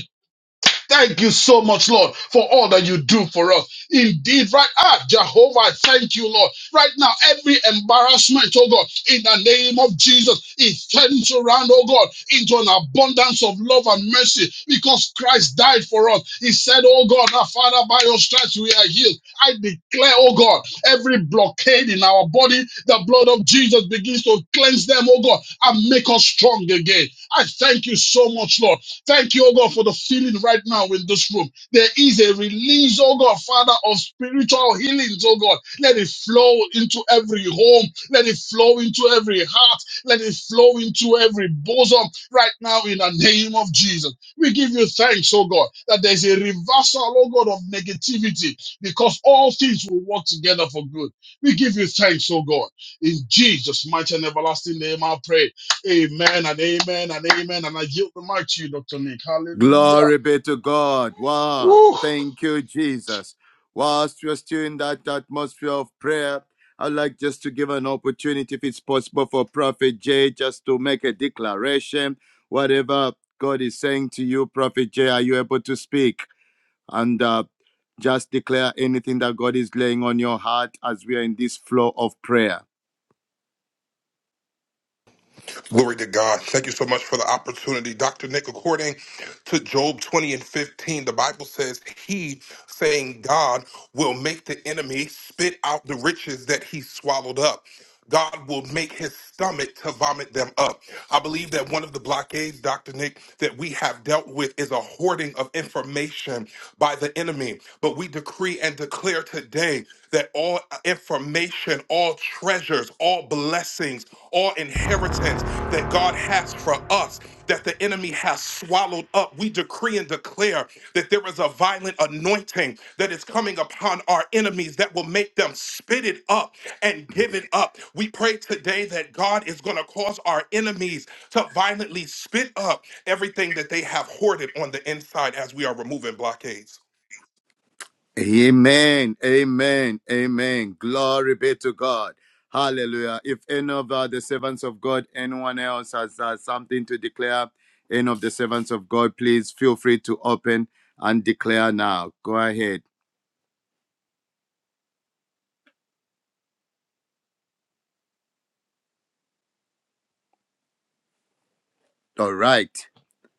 Speaker 7: Thank you so much, Lord, for all that you do for us. Indeed, right ah, Jehovah, I thank you, Lord. Right now, every embarrassment, oh God, in the name of Jesus, is turned around, oh God, into an abundance of love and mercy because Christ died for us. He said, Oh God, our Father, by your stripes we are healed. I declare, oh oh God. Every blockade in our body, the blood of Jesus begins to cleanse them, oh God, and make us strong again. I thank you so much, Lord. Thank you, oh God, for the feeling right now in this room. There is a release, oh God, Father, of spiritual healings, oh God. Let it flow into every home. Let it flow into every heart. Let it flow into every bosom right now in the name of Jesus. We give you thanks, oh God, that there's a reversal, oh God, of negativity because all things will work together for good. We give you thanks, oh God. In Jesus' mighty and everlasting name, I pray. Amen and amen and amen. And I yield the mic to you, Dr. Nick. Hallelujah.
Speaker 5: Glory be to God. Wow.
Speaker 7: Woo.
Speaker 5: Thank you, Jesus. Whilst we're still in that atmosphere of prayer, I'd like just to give an opportunity, if it's possible, for Prophet Jay just to make a declaration. Whatever God is saying to you, Prophet Jay, are you able to speak? and uh, just declare anything that God is laying on your heart as we are in this flow of prayer.
Speaker 8: Glory to God. Thank you so much for the opportunity. Dr. Nick, according to Job 20 and 15, the Bible says, He, saying God, will make the enemy spit out the riches that he swallowed up. God will make his stomach to vomit them up. I believe that one of the blockades, Dr. Nick, that we have dealt with is a hoarding of information by the enemy. But we decree and declare today that all information, all treasures, all blessings, or inheritance that God has for us that the enemy has swallowed up. We decree and declare that there is a violent anointing that is coming upon our enemies that will make them spit it up and give it up. We pray today that God is going to cause our enemies to violently spit up everything that they have hoarded on the inside as we are removing blockades.
Speaker 5: Amen. Amen. Amen. Glory be to God. Hallelujah. If any of uh, the servants of God, anyone else has uh, something to declare, any of the servants of God, please feel free to open and declare now. Go ahead. All right.